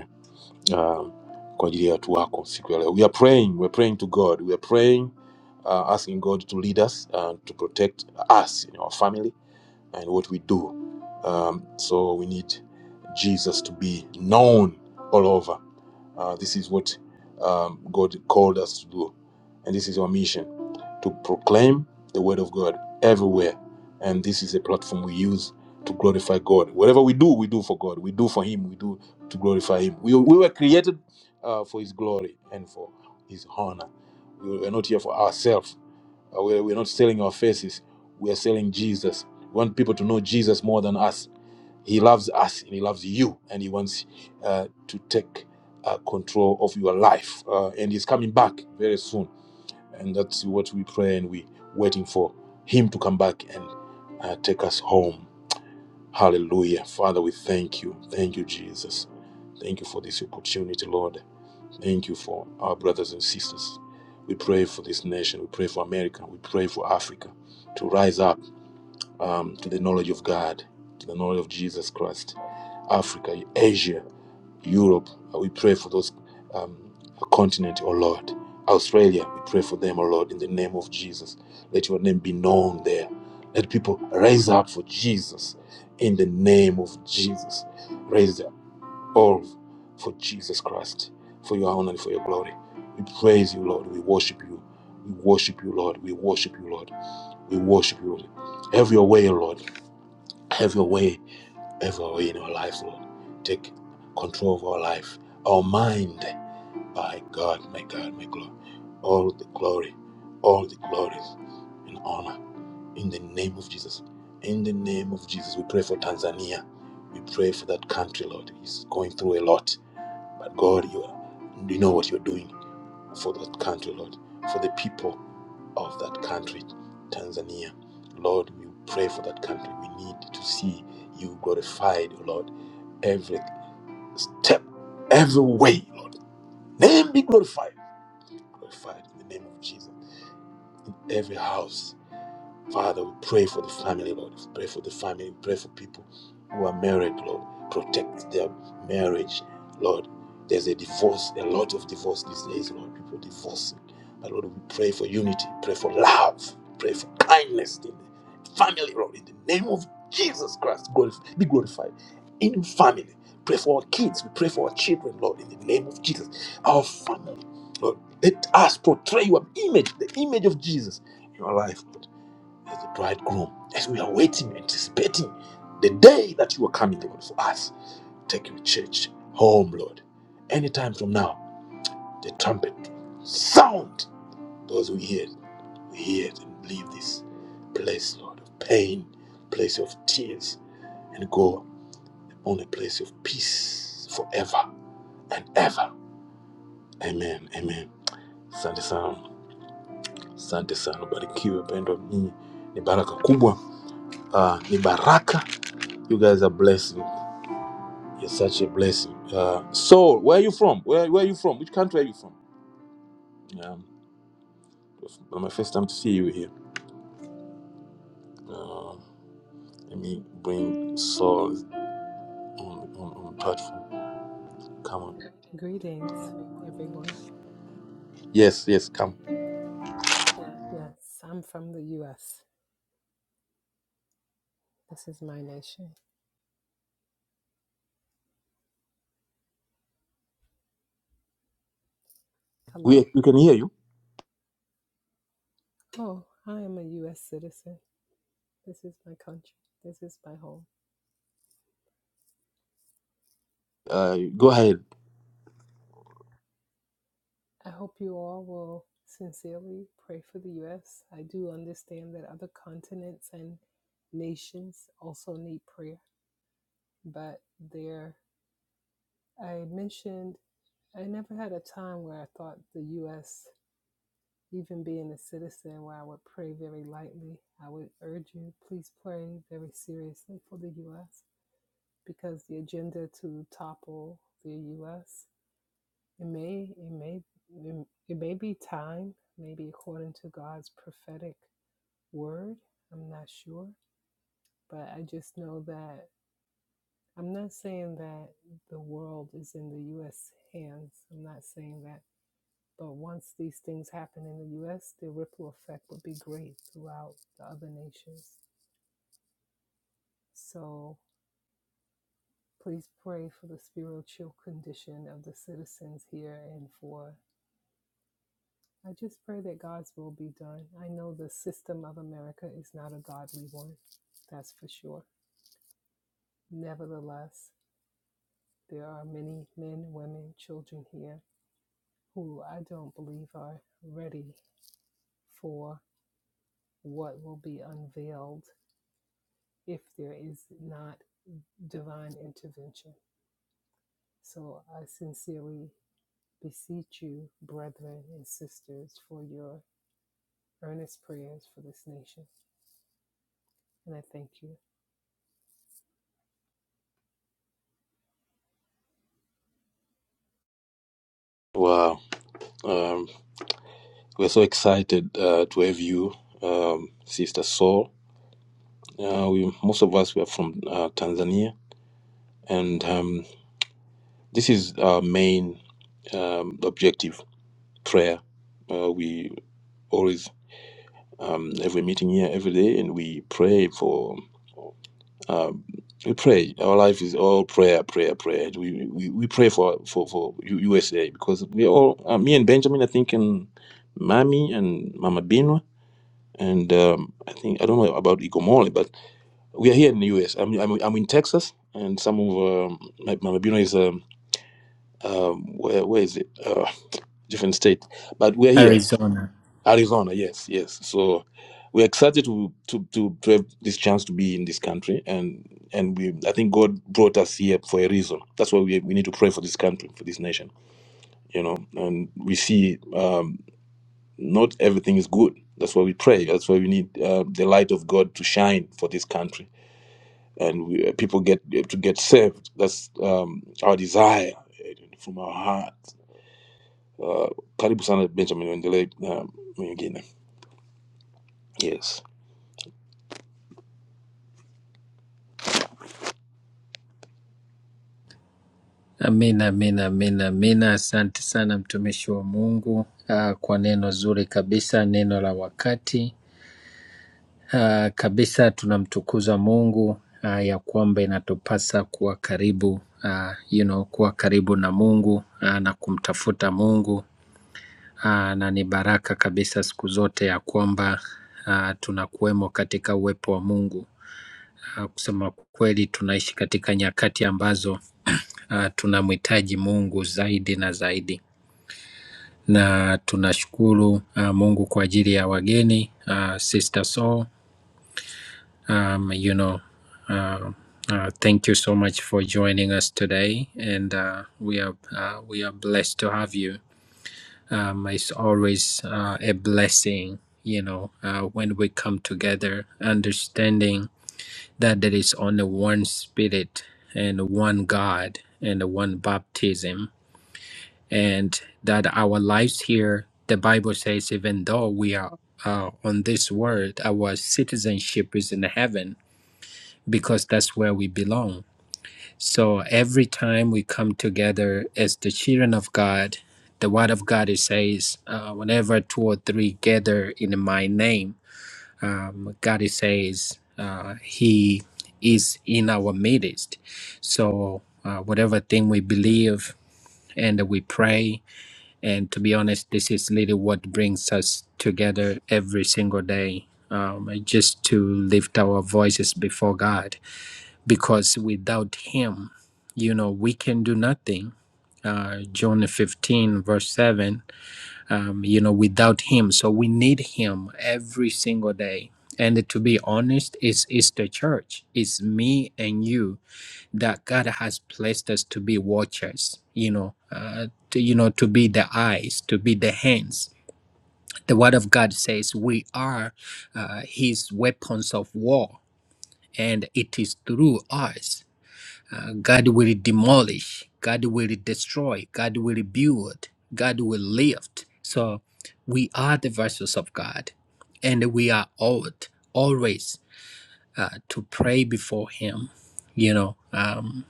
Speaker 2: uh, kwa ajili ya watu wako siku ya leo. We are praying, we are praying to God. We are praying uh, asking God to lead us and to protect us and our family and what we do. Um, so we need Jesus to be known all over. Uh, this is what um, God called us to do. And this is our mission to proclaim the word of God everywhere. And this is a platform we use to glorify God. Whatever we do, we do for God. We do for Him. We do to glorify Him. We, we were created uh, for His glory and for His honor. We were not here for ourselves uh, We're, we're not selling our faces, we are selling Jesus. We want people to know Jesus more than us. He loves us and He loves you, and He wants uh, to take uh, control of your life. Uh, and He's coming back very soon. And that's what we pray and we waiting for Him to come back and uh, take us home. Hallelujah. Father, we thank you. Thank you, Jesus. Thank you for this opportunity, Lord. Thank you for our brothers and sisters. We pray for this nation. We pray for America. We pray for Africa to rise up um, to the knowledge of God, to the knowledge of Jesus Christ. Africa, Asia, Europe. uh, We pray for those um, continent, oh Lord. Australia, we pray for them, oh Lord, in the name of Jesus. Let your name be known there. Let people rise up for Jesus in the name of Jesus. raise all for Jesus Christ, for your honor and for your glory. We praise you, Lord. We worship you. We worship you, Lord. We worship you, Lord. We worship you, Lord. Have your way, Lord. Have your way, have your way in our lives, Lord. Take control of our life, our mind. My God, my God, my God. All the glory, all the glories and honor in the name of Jesus. In the name of Jesus, we pray for Tanzania. We pray for that country, Lord. It's going through a lot but God, you, are, you know what you're doing for that country, Lord, for the people of that country, Tanzania. Lord, we pray for that country. We need to see you glorified, Lord, every step, every way, Lord. Name be glorified. Glorified in the name of Jesus. Every house Father, we pray for the family, Lord. We Pray for the family. We Pray for people who are married, Lord. Protect their marriage, Lord. There's a divorce, a lot of divorce these days, Lord. People divorcing. But Lord, we pray for unity. Pray for love. Pray for kindness in the family, Lord. In the name of Jesus Christ, glorif- be glorified. In family. Pray for our kids. We pray for our children, Lord. In the name of Jesus. Our family. Lord, let us portray your image, the image of Jesus in our life as the bridegroom, as we are waiting, anticipating the day that you are coming, Lord, for us. Take your church home, Lord. Anytime from now, the trumpet sound. Those who hear, it, we hear it and leave this place, Lord, of pain, place of tears, and go on a place of peace forever and ever. Amen, amen. Asante sana, asante sana, barikiwe pendwa. Nyinyi ni baraka kubwa, Ah, ni baraka. You guys are blessed. You're such a blessing. Uh, so, where are you from? Where Where are you from? Which country are you from? Yeah, it's my first time to see you here. Uh, let me bring Saul on on, on platform. Come on.
Speaker 3: Greetings, everyone.
Speaker 2: Yes, yes, come.
Speaker 3: Yes, I'm from the U.S. This is my nation.
Speaker 2: We
Speaker 3: Hello?
Speaker 2: we can hear you.
Speaker 3: Oh, I am a U.S. citizen. This is my country. This is my home.
Speaker 2: Uh, go ahead.
Speaker 3: I hope you all will sincerely pray for the U.S. I do understand that other continents and nations also need prayer, but there, I mentioned I never had a time where I thought the U.S. Even being a citizen where I would pray very lightly, I would urge you please pray very seriously for the U.S. because the agenda to topple the U.S. it may it may it may be time, maybe according to God's prophetic word. I'm not sure, but I just know that I'm not saying that the world is in the U.S. hands. I'm not saying that But once these things happen in the US, the ripple effect would be great throughout the other nations. So please pray for the spiritual condition of the citizens here and for. I just pray that God's will be done. I know the system of America is not a godly one, that's for sure. Nevertheless, there are many men, women, children here who I don't believe are ready for what will be unveiled if there is not divine intervention. So I sincerely beseech you, brethren and sisters, for your earnest prayers for this nation. And I thank you.
Speaker 2: Wow. Um, we're so excited uh, to have you, um, Sister Saul. Uh, we most of us were from uh, Tanzania, and um, this is our main um, objective: prayer. Uh, we always um, every meeting here every day and we pray for um, we pray our life is all prayer prayer prayer we we, we pray for for for usa because we all uh, me and benjamin i think and Mami and mama binwa and um, i think i don't know about igomole but we are here in the us i'm i'm, I'm in texas and some of um, my mama binwa is um, um where where is it uh different state but we're here Arizona, yes, yes. So we're excited to to to, to have this chance to be in this country, and and we I think God brought us here for a reason. That's why we we need to pray for this country, for this nation, you know. And we see um, not everything is good. That's why we pray. That's why we need uh, the light of God to shine for this country, and we, uh, people get uh, to get saved. That's um, our desire eh, from our heart. Uh, Karibu sana Benjamin Wendele uh, mwingine. Yes.
Speaker 1: Amina, amina, amina, amina. Asante sana mtumishi wa Mungu ah, kwa neno zuri kabisa, neno la wakati ah, kabisa. Tunamtukuza Mungu ah, ya kwamba inatupasa kuwa karibu ah, you know, kuwa karibu na Mungu ah, na kumtafuta Mungu ah, na ni baraka kabisa siku zote ya kwamba ah, tunakuwemo katika uwepo wa Mungu. Ah, Kusema kweli, tunaishi katika nyakati ambazo ah, tunamhitaji Mungu zaidi na zaidi, na tunashukuru ah, Mungu kwa ajili ya wageni ah, Sister Soul, um, you know uh, uh, thank you so much for joining us today and uh, we are uh, we are blessed to have you um, it's always uh, a blessing, you know, uh, when we come together, understanding that there is only one Spirit and one God and one baptism, and that our lives here, the Bible says, even though we are uh, on this world, our citizenship is in heaven because that's where we belong so every time we come together as the children of God, the Word of God it says, uh, whenever two or three gather in my name, um, God it says uh, He is in our midst. So uh, whatever thing we believe and we pray, and to be honest, this is really what brings us together every single day, um, just to lift our voices before God because without him you know we can do nothing uh, john 15 verse 7 um, you know without him so we need him every single day and to be honest it's, it's the church it's me and you that god has placed us to be watchers you know uh, to, you know to be the eyes to be the hands the word of god says we are uh, his weapons of war and it is through us God will demolish, God will destroy, God will build, God will lift. So we are the vessels of God, and we are ought always uh, to pray before Him, you know, um,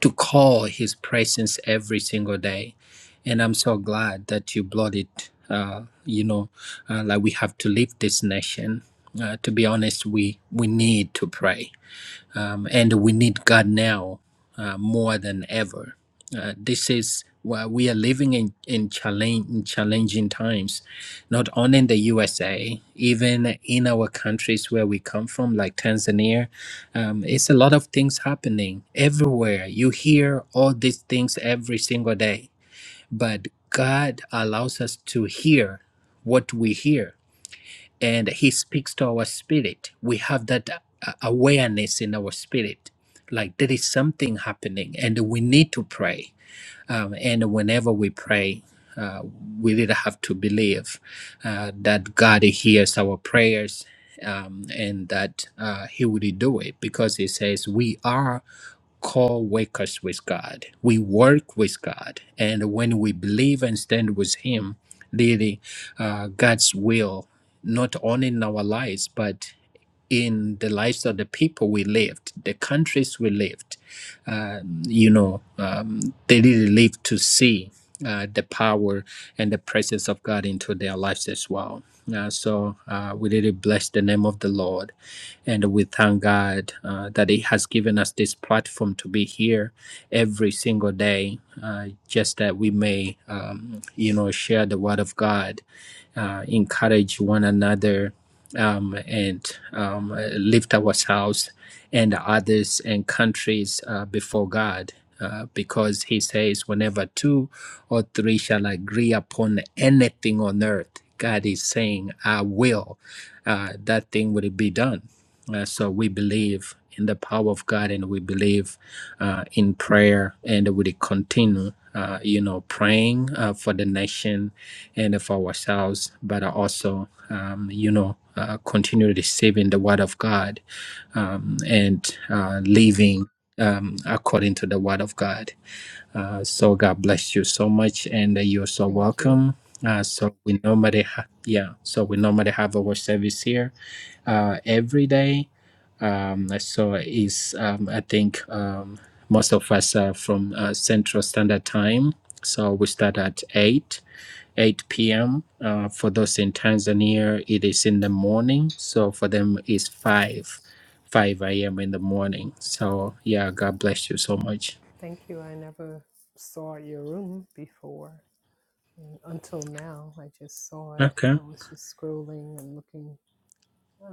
Speaker 1: to call His presence every single day. And I'm so glad that you brought it, uh, you know, uh, like we have to leave this nation. Uh, to be honest, we, we need to pray um, and we need God now uh, more than ever. Uh, this is why we are living in in, challenge, in challenging times, not only in the USA, even in our countries where we come from, like Tanzania. Um, it's a lot of things happening everywhere. You hear all these things every single day, but God allows us to hear what we hear and he speaks to our spirit we have that uh, awareness in our spirit like there is something happening and we need to pray um, and whenever we pray, uh, we really have to believe uh, that God hears our prayers um, and that uh, He would do it because He says we are co workers with God. We work with God. And when we believe and stand with Him, really, uh, God's will, not only in our lives, but in the lives of the people we lived, the countries we lived uh, you know, um, they really live to see uh, the power and the presence of God into their lives as well. Uh, so uh, we really bless the name of the Lord, and we thank God uh, that He has given us this platform to be here every single day, uh, just that we may, um, you know, share the Word of God uh, encourage one another um, and um, lift ourselves and others and countries uh, before God. Uh, because he says, whenever two or three shall agree upon anything on earth, God is saying, I will, uh, that thing will be done. Uh, so we believe in the power of God, and we believe uh, in prayer, and we continue, uh, you know, praying uh, for the nation and for ourselves, but also, um, you know, uh, continue receiving the word of God um, and uh, living um, according to the word of God. Uh, so God bless you so much, and uh, you're so
Speaker 3: Thank you.
Speaker 1: welcome. Uh, so we normally, ha- yeah, so we normally have our service here uh, every day um, so is um, I think um, most of us are from uh, Central Standard Time. So we start at eight, eight p.m. Uh, for those in Tanzania, it is in the morning. So for them, it's five, five a.m. in the morning. So yeah, God bless you so much.
Speaker 3: Thank you. I never saw your room before. And until now, I just saw it. I
Speaker 1: Okay.
Speaker 3: was just scrolling and looking. uh,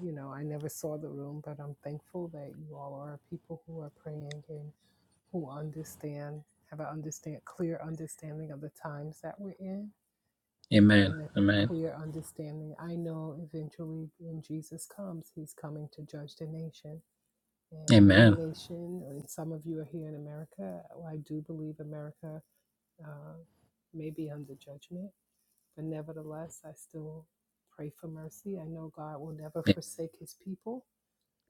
Speaker 3: You know, I never saw the room, but I'm thankful that you all are people who are praying and who understand, have an understand clear understanding of the times that we're in
Speaker 1: Amen.
Speaker 3: and a
Speaker 1: Amen.
Speaker 3: clear understanding. I know eventually when Jesus comes, he's coming to judge the nation. And my
Speaker 1: Amen.
Speaker 3: nation, and some of you are here in America, well, I do believe America uh, may be under judgment, but nevertheless, I still pray for mercy. I know God will never
Speaker 1: A-
Speaker 3: forsake his people.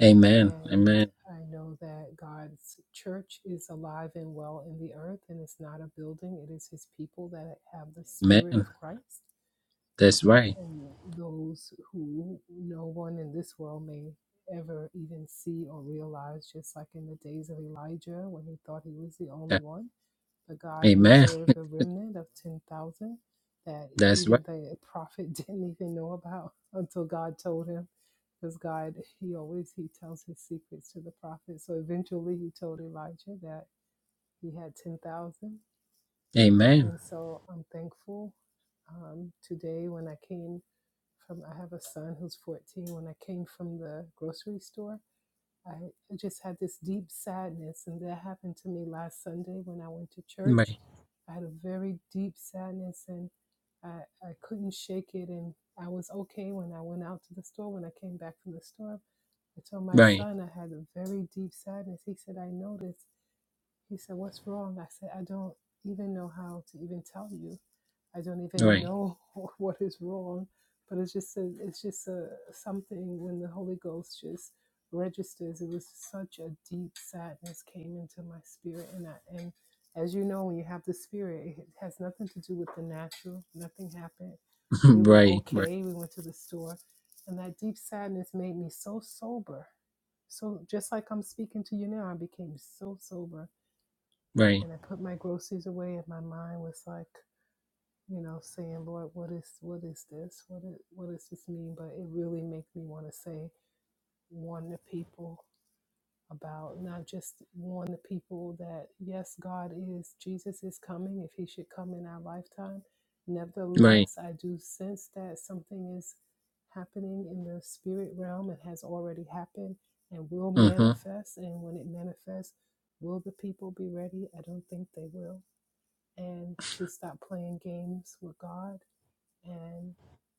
Speaker 1: Amen.
Speaker 3: And
Speaker 1: Amen.
Speaker 3: I know that God's church is alive and well in the earth, and it's not a building. It is his people that have the spirit
Speaker 1: Amen.
Speaker 3: of Christ
Speaker 1: That's right.
Speaker 3: and those who no one in this world may ever even see or realize, just like in the days of Elijah when he thought he was the only
Speaker 1: That-
Speaker 3: one. But God
Speaker 1: Amen.
Speaker 3: reserved a remnant of 10,000 that
Speaker 1: That's right.
Speaker 3: even the prophet didn't even know about until God told him. Because God, he always, he tells his secrets to the prophet. So eventually he told Elijah that he had 10,000.
Speaker 1: Amen.
Speaker 3: And so I'm thankful um, today when I came from I have a son who's 14. When I came from the grocery store, I just had this deep sadness, and that happened to me last Sunday when I went to church.
Speaker 1: Right.
Speaker 3: I had a very deep sadness, and I I couldn't shake it. And I was okay when I went out to the store. When I came back from the store, I told my
Speaker 1: Right.
Speaker 3: son I had a very deep sadness. He said, "I noticed." He said, "What's wrong?" I said, "I don't even know how to even tell you." I don't even
Speaker 1: Right.
Speaker 3: know what is wrong, but it's just a, it's just a something when the Holy Ghost just registers. It was such a deep sadness came into my spirit, and I, and as you know, when you have the spirit, it has nothing to do with the natural. Nothing happened. We were
Speaker 1: Right. Right.
Speaker 3: okay. We went to the store, and that deep sadness made me so sober. So just like I'm speaking to you now, I became so sober,
Speaker 1: Right.
Speaker 3: and I put my groceries away, and my mind was like you know, saying, Lord, what is what is this? What is, what does this mean? But it really makes me want to say, warn the people about not just warn the people that yes, God is Jesus is coming if He should come in our lifetime.
Speaker 1: Right.
Speaker 3: Nevertheless, I do sense that something is happening in the spirit realm and has already happened and will
Speaker 1: Uh-huh.
Speaker 3: manifest. And when it manifests, will the people be ready? I don't think they will. And to stop playing games with God and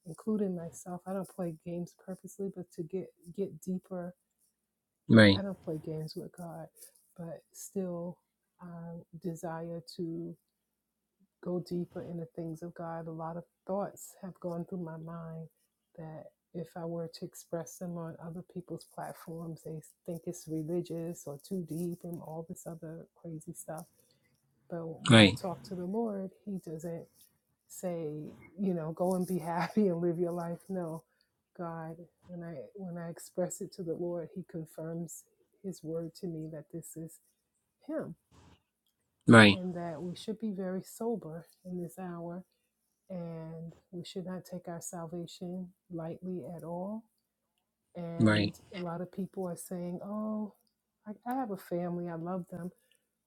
Speaker 3: including myself i don't play games purposely but to get get deeper
Speaker 1: Right.
Speaker 3: i don't play games with god but still um, desire to go deeper in the things of god a lot of thoughts have gone through my mind that if i were to express them on other people's platforms they think it's religious or too deep and all this other crazy stuff but when i
Speaker 1: Right.
Speaker 3: talk to the lord he doesn't say, you know, go and be happy and live your life. No, God, when I when I express it to the Lord, He confirms His word to me that this is Him
Speaker 1: Right.
Speaker 3: and that we should be very sober in this hour and we should not take our salvation lightly at all. And a lot of people are saying, "Oh, I, I have a family. I love them."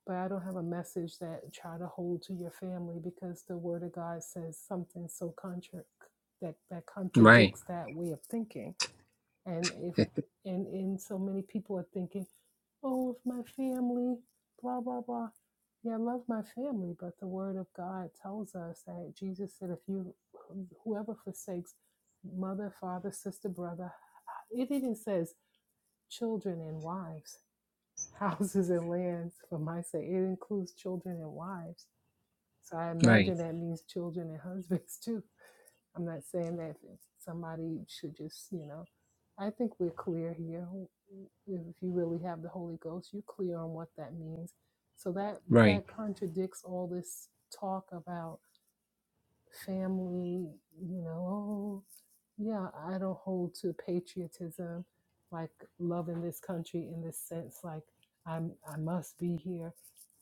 Speaker 3: but I don't have a message that try to hold to your family because the Word of God says something so contra- that that
Speaker 1: Right. Right.
Speaker 3: contradicts that way of thinking. And if and and so many people are thinking, oh, if my family, blah blah blah. Yeah, I love my family, but the Word of God tells us that Jesus said, if you whoever forsakes mother, father, sister, brother, it even says children and wives houses and lands for my sake. It includes children and wives. So I
Speaker 1: Right.
Speaker 3: imagine that means children and husbands too. I'm not saying that somebody should just, you know, I think we're clear here. If you really have the Holy Ghost, you're clear on what that means. So that
Speaker 1: Right.
Speaker 3: that contradicts all this talk about family, you know, oh, yeah, I don't hold to patriotism, like loving this country in this sense, like I'm I must be here.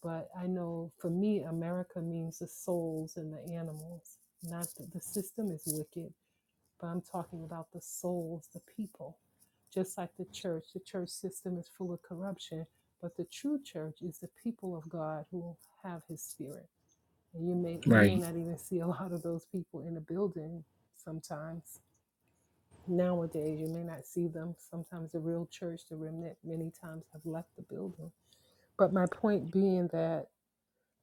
Speaker 3: But I know for me, America means the souls and the animals. Not that the system is wicked, but I'm talking about the souls, the people. Just like the church, the church system is full of corruption, but the true church is the people of God who have His Spirit and you may you may
Speaker 1: Right.
Speaker 3: not even see a lot of those people in a building sometimes. Nowadays you may not see them. Sometimes the real church, the remnant, many times have left the building. But my point being that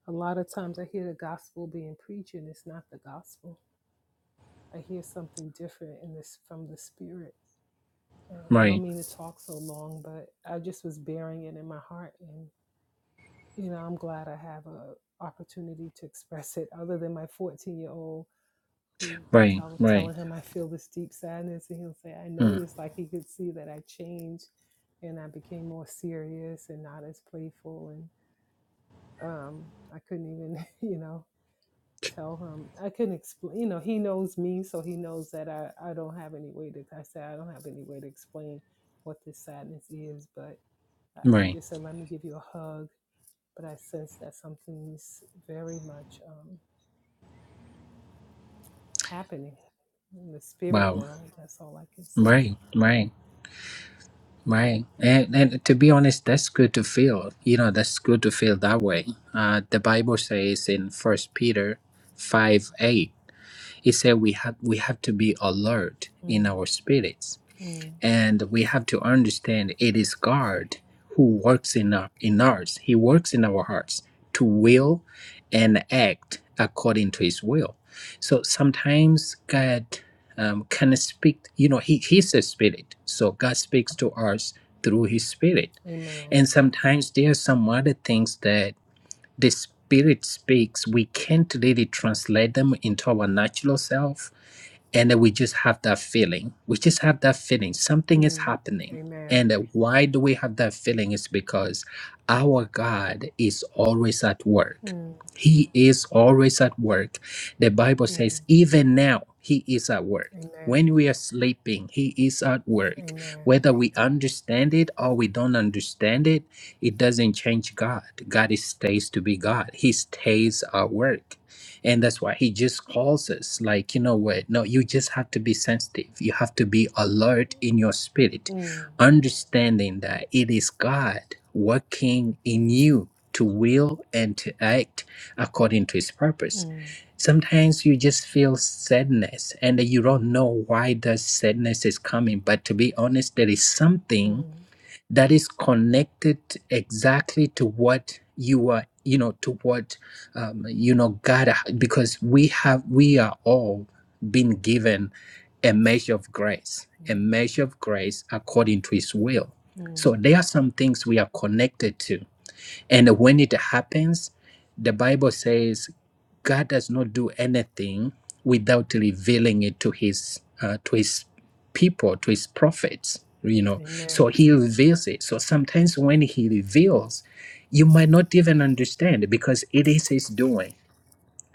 Speaker 3: a lot of times I hear the gospel being preached and it's not the gospel. I hear something different in this from the spirit. And I don't
Speaker 1: Right.
Speaker 3: mean to talk so long, but I just was bearing it in my heart and you know, I'm glad I have a opportunity to express it other than my 14 year old who
Speaker 1: Right.
Speaker 3: tell
Speaker 1: Right.
Speaker 3: telling him I feel this deep sadness, and he'll say, "I
Speaker 1: Mm.
Speaker 3: noticed." Like he could see that I changed, and I became more serious and not as playful. And um, I couldn't even, you know, tell him. I couldn't explain. You know, he knows me, so he knows that I I don't have any way to. like I said I don't have any way to explain what this sadness is, but I, I
Speaker 1: Right.
Speaker 3: just said, "Let me give you a hug." But I sense that something's very much um, happening in the spirit
Speaker 1: Wow.
Speaker 3: world. That's all I can say.
Speaker 1: Right. Right. Right. And, and to be honest, that's good to feel. You know, that's good to feel that way. Uh, the Bible says in First Peter 5 8, it said we have, we have to be alert in
Speaker 3: Mm.
Speaker 1: our spirits
Speaker 3: Mm.
Speaker 1: and we have to understand it is God who works in our, in ours. He works in our hearts to will and act according to His will. So sometimes God um, can speak. You know, He He's a spirit, so God speaks to us through His spirit,
Speaker 3: Amen.
Speaker 1: and sometimes there are some other things that the spirit speaks. We can't really translate them into our natural self and then we just have that feeling we just have that feeling something is
Speaker 3: Mm.
Speaker 1: happening and
Speaker 3: Amen.
Speaker 1: uh, why do we have that feeling is because our god is always at work
Speaker 3: Mm.
Speaker 1: he is always at work the bible
Speaker 3: Mm.
Speaker 1: says even now he is at work when
Speaker 3: Amen.
Speaker 1: we are sleeping he is at work
Speaker 3: Amen.
Speaker 1: whether we understand it or we don't understand it it doesn't change god god is stays to be god he stays at work and that's why he just calls us like you know what no you just have to be sensitive you have to be alert in your spirit
Speaker 3: Mm.
Speaker 1: understanding that it is god working in you to will and to act according to his purpose
Speaker 3: Mm.
Speaker 1: sometimes you just feel sadness and you don't know why the sadness is coming but to be honest there is something
Speaker 3: Mm.
Speaker 1: that is connected exactly to what you are you know to what um, you know god because we have we are all been given a measure of grace a measure of grace according to his will
Speaker 3: Mm. Mm.
Speaker 1: so there are some things we are connected to and when it happens, the Bible says God does not do anything without revealing it to his uh, to his people, to his prophets. You know,
Speaker 3: Amen.
Speaker 1: so he reveals it. So sometimes when he reveals, you might not even understand because it is his doing.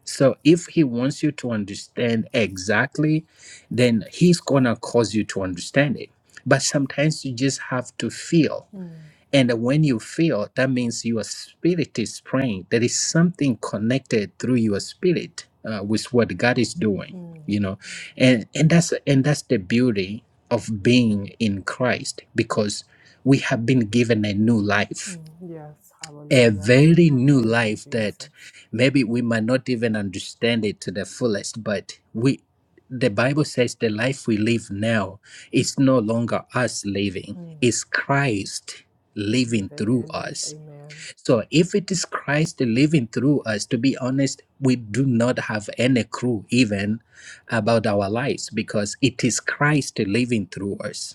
Speaker 1: So if he wants you to understand exactly, then he's gonna cause you to understand it. But sometimes you just have to feel
Speaker 3: Mm.
Speaker 1: and when you feel, that means your spirit is praying. There is something connected through your spirit uh, with what God is doing,
Speaker 3: Mm.
Speaker 1: you know. And and that's and that's the beauty of being in Christ because we have been given a new life
Speaker 3: Mm. Yes.
Speaker 1: a
Speaker 3: Hallelujah.
Speaker 1: very new
Speaker 3: Thank you,
Speaker 1: life that
Speaker 3: Jesus.
Speaker 1: maybe we might not even understand it to the fullest but we the bible says the life we live now is no longer us living
Speaker 3: Mm.
Speaker 1: it's christ living
Speaker 3: Living
Speaker 1: through
Speaker 3: in us.
Speaker 1: us
Speaker 3: Amen.
Speaker 1: so if it is christ living through us to be honest we do not have any clue even about our lives because it is christ living through us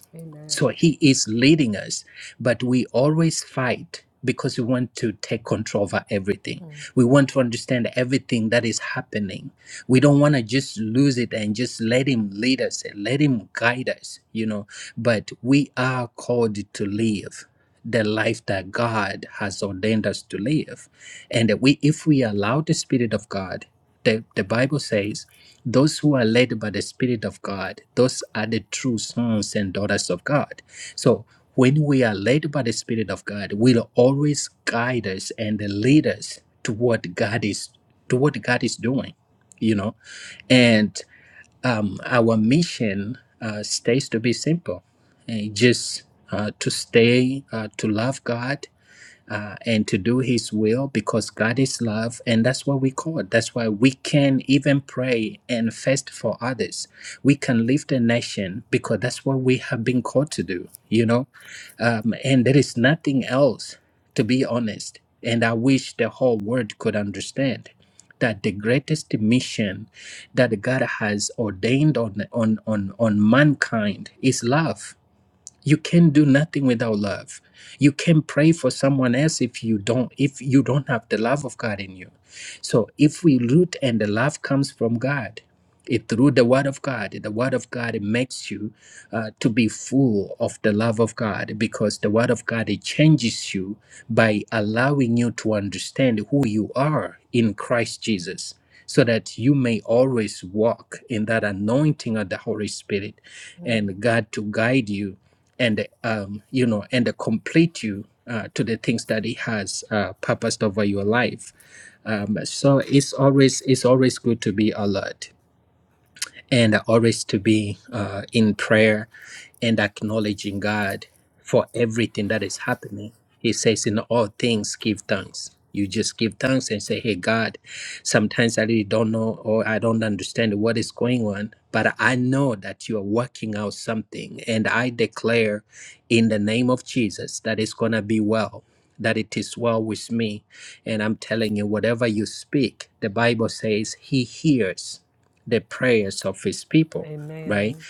Speaker 1: so
Speaker 3: Amen.
Speaker 1: he is leading us, but we always fight because we want to take control over everything.
Speaker 3: Mm.
Speaker 1: We want to understand everything that is happening. We don't want to just lose it and just let him lead us and let him guide us, you know. But we are called to live the life that God has ordained us to live. And we if we allow the spirit of God the, the Bible says, those who are led by the Spirit of God, those are the true sons and daughters of God. So when we are led by the Spirit of God, will always guide us and lead us to what God is to what God is doing, you know. And um, our mission uh, stays to be simple, and just uh, to stay uh, to love God uh, and to do His will because God is love, and that's what we call it. That's why we can even pray and fast for others. We can lift a nation because that's what we have been called to do, you know, um, and there is nothing else, to be honest. And I wish the whole world could understand that the greatest mission that God has ordained on, on, on, on mankind is love you can do nothing without love you can pray for someone else if you don't if you don't have the love of god in you so if we root and the love comes from god it through the Word of God. The Word of God makes you uh, to be full of the love of God because the Word of God it changes you by allowing you to understand who you are in Christ Jesus, so that you may always walk in that anointing of the Holy Spirit,
Speaker 3: Mm.
Speaker 1: and God to guide you, and um, you know, and complete you. Uh, to the things that he has uh, purposed over your life um, so it's always it's always good to be alert and always to be uh, in prayer and acknowledging God for everything that is happening. He says, In all things, give thanks. You just give thanks and say, Hey, God, sometimes I really don't know or I don't understand what is going on, but I know that you are working out something. And I declare in the name of Jesus that it's going to be well, that it is well with me. And I'm telling you, whatever you speak, the Bible says, He hears the prayers of his people, right?
Speaker 3: Amen.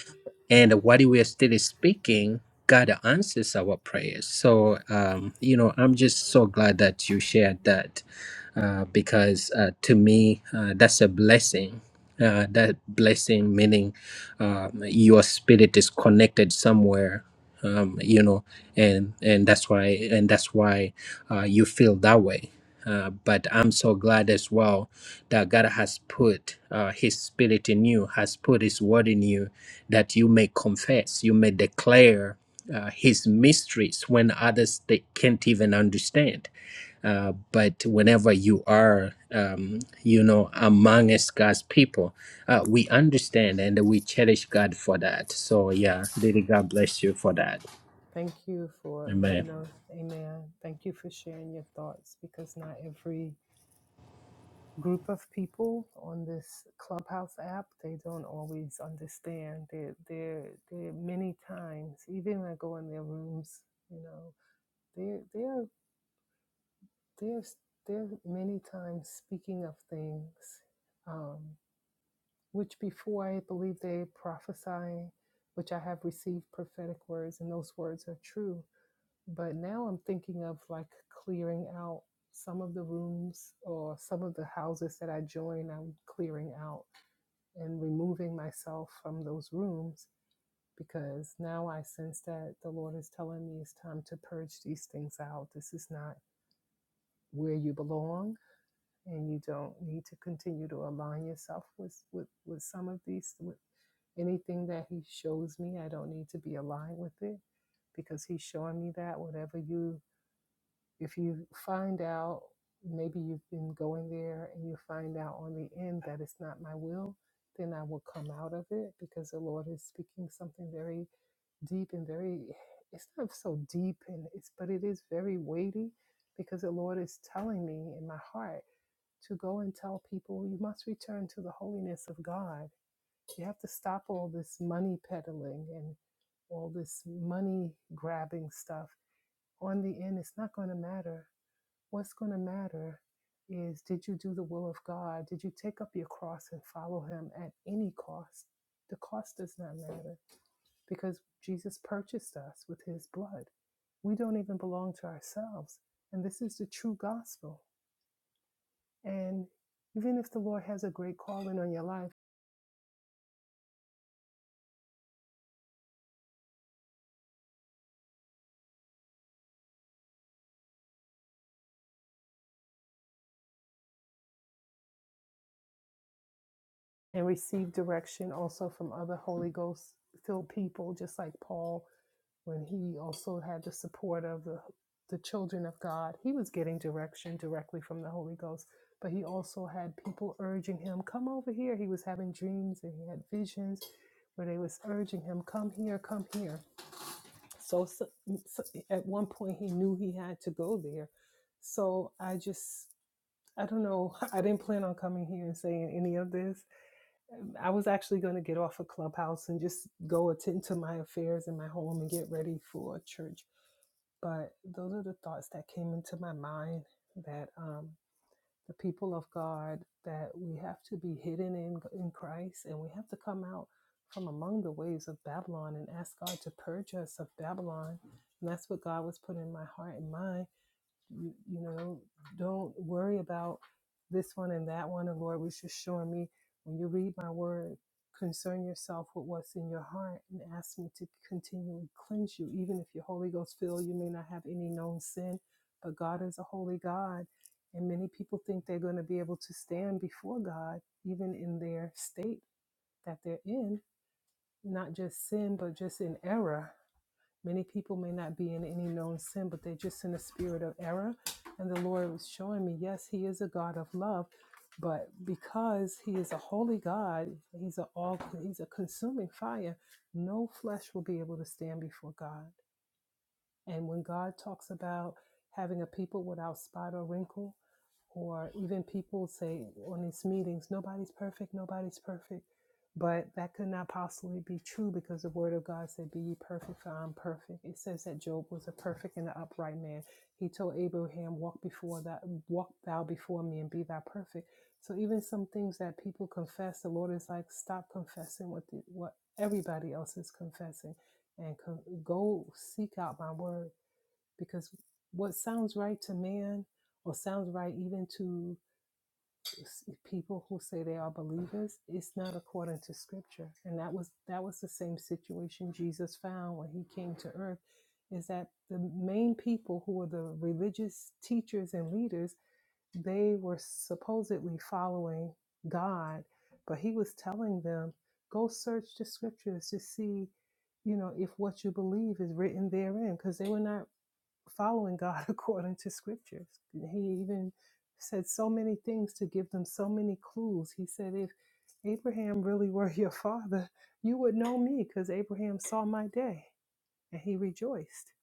Speaker 1: And while we are still speaking, God answers our prayers. So, um, you know, I'm just so glad that you shared that uh, because uh, to me uh, that's a blessing. Uh, that blessing meaning um, your spirit is connected somewhere, um, you know, and and that's why and that's why uh, you feel that way. Uh, but I'm so glad as well that God has put uh, His Spirit in you, has put His Word in you, that you may confess, you may declare uh, His mysteries when others they can't even understand uh, but whenever you are, um, you know, amongst God's people, uh, we understand and we cherish God for that. So, yeah, really, God bless you for that.
Speaker 3: Thank you for, you
Speaker 1: Amen.
Speaker 3: know, amen. Thank you for sharing your thoughts because not every group of people on this clubhouse app they don't always understand they're, they're, they're many times even when i go in their rooms you know they're they're they're, they're many times speaking of things um, which before i believe they prophesy which i have received prophetic words and those words are true but now i'm thinking of like clearing out some of the rooms or some of the houses that i join i'm clearing out and removing myself from those rooms because now I sense that the Lord is telling me it's time to purge these things out. This is not where you belong, and you don't need to continue to align yourself with with, with some of these. With anything that He shows me, I don't need to be aligned with it because He's showing me that whatever you if you find out maybe you've been going there and you find out on the end that it's not my will then i will come out of it because the lord is speaking something very deep and very it's not so deep and it's but it is very weighty because the lord is telling me in my heart to go and tell people you must return to the holiness of god you have to stop all this money peddling and all this money grabbing stuff on the end it's not going to matter What's going to matter is did you do the will of God? Did you take up your cross and follow Him at any cost? The cost does not matter because Jesus purchased us with His blood. We don't even belong to ourselves. And this is the true gospel. And even if the Lord has a great calling on your life and receive direction also from other Holy Ghost filled people, just like Paul when he also had the support of the the children of God. He was getting direction directly from the Holy Ghost, but he also had people urging him, "Come over here." He was having dreams and he had visions where they was urging him, "Come here, come here." So, so, so at one point he knew he had to go there. So I just I don't know. I didn't plan on coming here and saying any of this. I was actually going to get off a clubhouse and just go attend to my affairs in my home and get ready for church but those are the thoughts that came into my mind that um, the people of God, that we have to be hidden in, in Christ and we have to come out from among the waves of Babylon and ask God to purge us of Babylon. And that's what God was putting in my heart and mind you, you know, don't worry about this one and that one. And Lord was just showing me when you read my word, concern yourself with what's in your heart and ask me to continually cleanse you. Even if you're Holy Ghost filled, you may not have any known sin, but God is a holy God. And many people think they're going to be able to stand before God, even in their state that they're in, not just sin, but just in error. Many people may not be in any known sin, but they're just in a spirit of error. And the Lord was showing me, yes, He is a God of love, but because He is a holy God, He's a all He's a consuming fire. No flesh will be able to stand before God. And when God talks about having a people without spot or wrinkle, or even people say on these meetings, nobody's perfect, nobody's perfect. But that could not possibly be true because the word of God said, Be ye perfect, for I'm perfect. It says that Job was a perfect and an upright man. He told Abraham, Walk before that walk thou before me and be thou perfect. So even some things that people confess, the Lord is like, stop confessing what the, what everybody else is confessing and co- go seek out my word because what sounds right to man or sounds right even to s- people who say they are believers it's not according to scripture and that was that was the same situation jesus found when he came to earth is that the main people who were the religious teachers and leaders they were supposedly following god but he was telling them go search the scriptures to see you know if what you believe is written therein because they were not following God according to scriptures. He even said so many things to give them so many clues. He said, if Abraham really were your father, you would know me because Abraham saw my day and he rejoiced.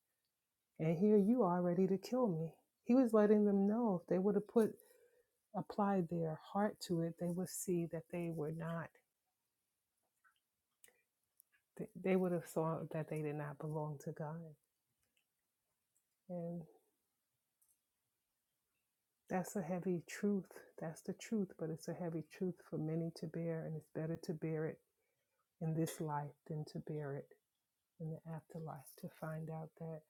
Speaker 3: And here you are ready to kill me. He was letting them know if they would have put applied their heart to it, they would see that they were not, they they would have saw that they did not belong to God. And That's a heavy truth. That's the truth, but it's a heavy truth for many to bear, and it's better to bear it in this life than to bear it in the afterlife to find out that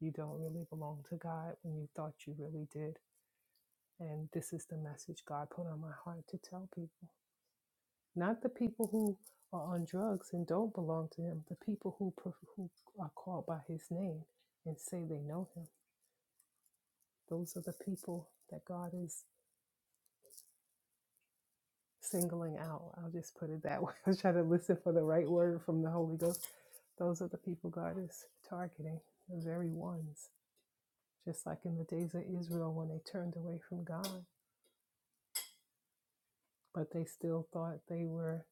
Speaker 3: you don't really belong to God when you thought you really did. And this is the message God put on my heart to tell people. Not the people who are on drugs and don't belong to Him, the people who, pro- who are called by His name and say they know Him. Those are the people that God is. singling out. I'll just put it that way. I was trying to listen for the right word from the Holy Ghost. Those are the people God is targeting, the very ones. Just like in the days of Israel when they turned away from God, but they still thought they were,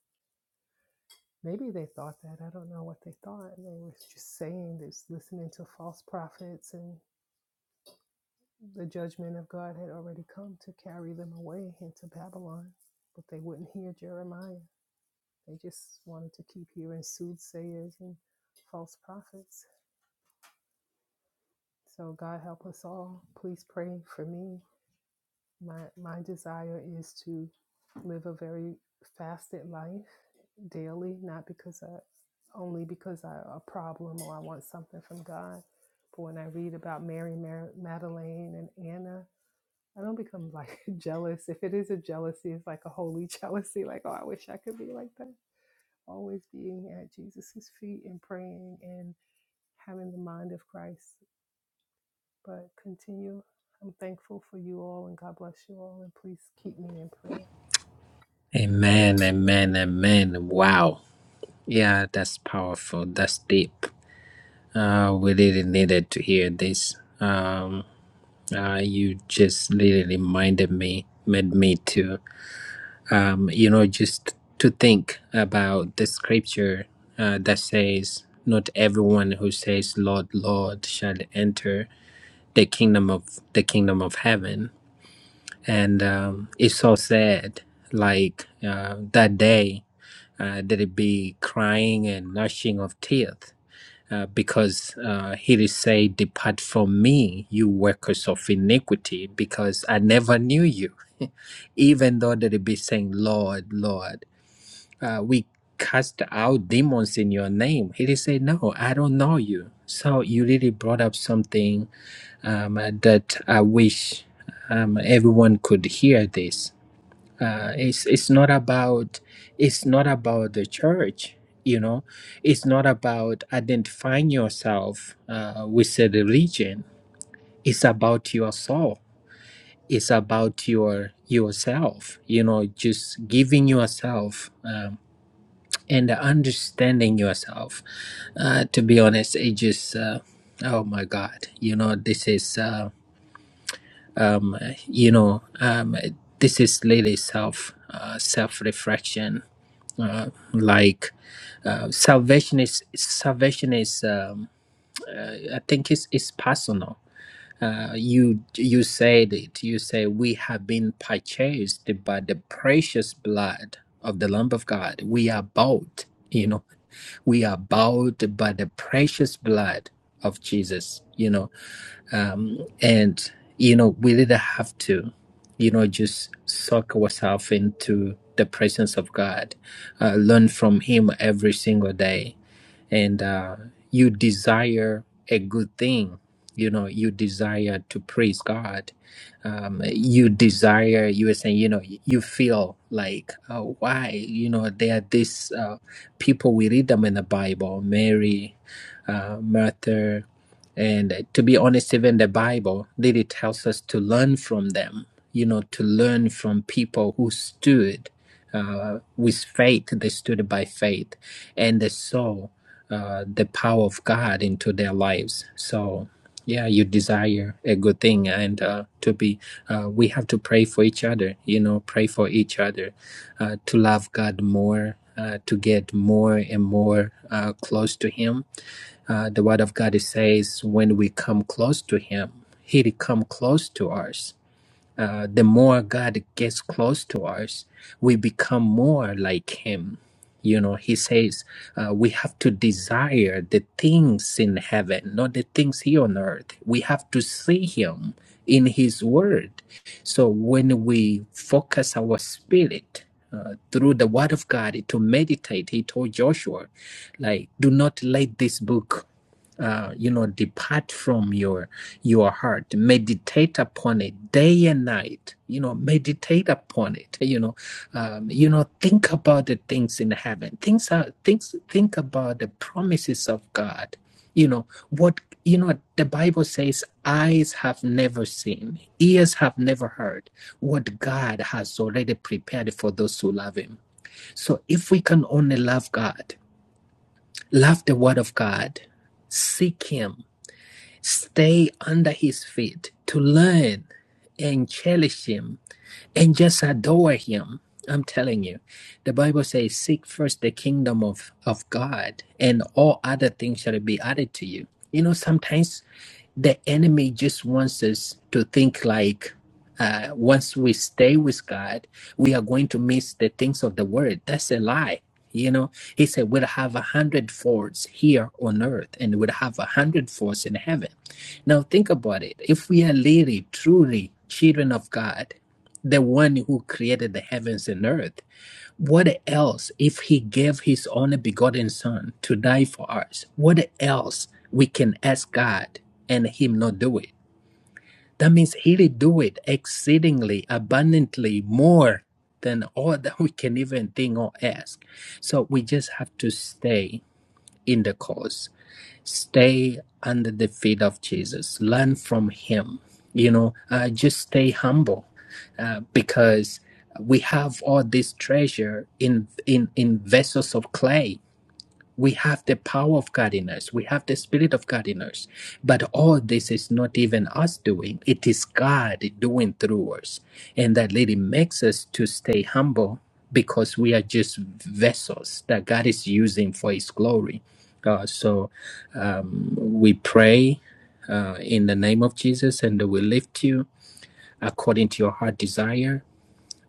Speaker 3: maybe they thought that. I don't know what they thought. They were just saying this, listening to false prophets, and the judgment of God had already come to carry them away into Babylon, but they wouldn't hear Jeremiah. They just wanted to keep hearing soothsayers and false prophets. So God help us all. Please pray for me. My my desire is to live a very fasted life daily, not because I only because I a problem or I want something from God. But when I read about Mary, Mar- Magdalene, and Anna, I don't become like jealous. If it is a jealousy, it's like a holy jealousy, like oh, I wish I could be like that always being at Jesus' feet and praying and having the mind of Christ. But continue. I'm thankful for you all and God bless you all. And please keep me in prayer.
Speaker 1: Amen. Amen. Amen. Wow. Yeah, that's powerful. That's deep. Uh, we really needed to hear this. Um, uh, you just really reminded me, made me to. um, you know, just to think about the scripture uh, that says, "Not everyone who says, 'Lord, Lord, shall enter the kingdom of the kingdom of heaven." And um, it's so sad. Like uh, that day, uh, there will be crying and gnashing of teeth. Uh, because uh, he did say, Depart from me, you workers of iniquity, because I never knew you even though they'd be saying, Lord, Lord uh, we cast out demons in your name. He said, no, I don't know you. So you really brought up something um, that I wish um, everyone could hear this. Uh, it's it's not about it's not about the church, you know. It's not about identifying yourself uh, with a religion. It's about your soul. It's about your yourself. You know, just giving yourself. um, and understanding yourself. Uh, to be honest, it just uh, oh my god, you know this is uh, um, you know um, this is really self uh, self reflection. Uh, like uh, salvation is salvation is um, I think it's it's personal. Uh, you you said it. You say we have been purchased by the precious blood of the Lamb of God. We are bought. You know we are bowed by the precious blood of Jesus, you know, um, and, you know, we didn't have to, you know, just soak ourselves into the presence of God, uh, learn from Him every single day. And uh, you desire a good thing, you know, you desire to praise God um, you desire you are saying you know you feel like uh, why you know there are these uh, people we read them in the bible mary uh, martha and to be honest even the bible really tells us to learn from them you know to learn from people who stood uh, with faith they stood by faith and they saw uh, the power of God into their lives. So, yeah, you desire a good thing, and uh, to be, uh, we have to pray for each other. You know, pray for each other uh, to love God more. Uh, to get more and more uh, close to Him, uh, the Word of God says, "When we come close to Him, He come close to us." uh, the more God gets close to us, we become more like Him. You know, He says uh, we have to desire the things in heaven, not the things here on earth. We have to see Him in His Word. So when we focus our spirit, uh, through the word of God to meditate, he told Joshua, like, do not let this book uh, you know depart from your your heart meditate upon it day and night you know meditate upon it you know um, you know think about the things in heaven things are things think about the promises of god you know what you know the bible says eyes have never seen ears have never heard what god has already prepared for those who love him so if we can only love god love the word of god seek him stay under his feet to learn and cherish him and just adore him i'm telling you the bible says seek first the kingdom of, of god and all other things shall be added to you you know sometimes the enemy just wants us to think like uh, once we stay with God, we are going to miss the things of the word. That's a lie. You know, he said, We'll have a hundred folds here on earth and we'll have a hundred folds in heaven. Now, think about it. If we are really, truly children of God, the one who created the heavens and earth, what else if he gave his only begotten son to die for us? What else we can ask God and him not do it? That means he'll do it exceedingly abundantly more than all that we can even think or ask. So we just have to stay in the course stay under the feet of Jesus, learn from him, you know, uh, just stay humble uh, because we have all this treasure in, in, in vessels of clay. We have the power of God in us. We have the spirit of God in us. But all this is not even us doing. It is God doing through us. And that really makes us to stay humble because we are just vessels that God is using for his glory. Uh, so we pray uh, in the name of Jesus and we lift you according to your heart desire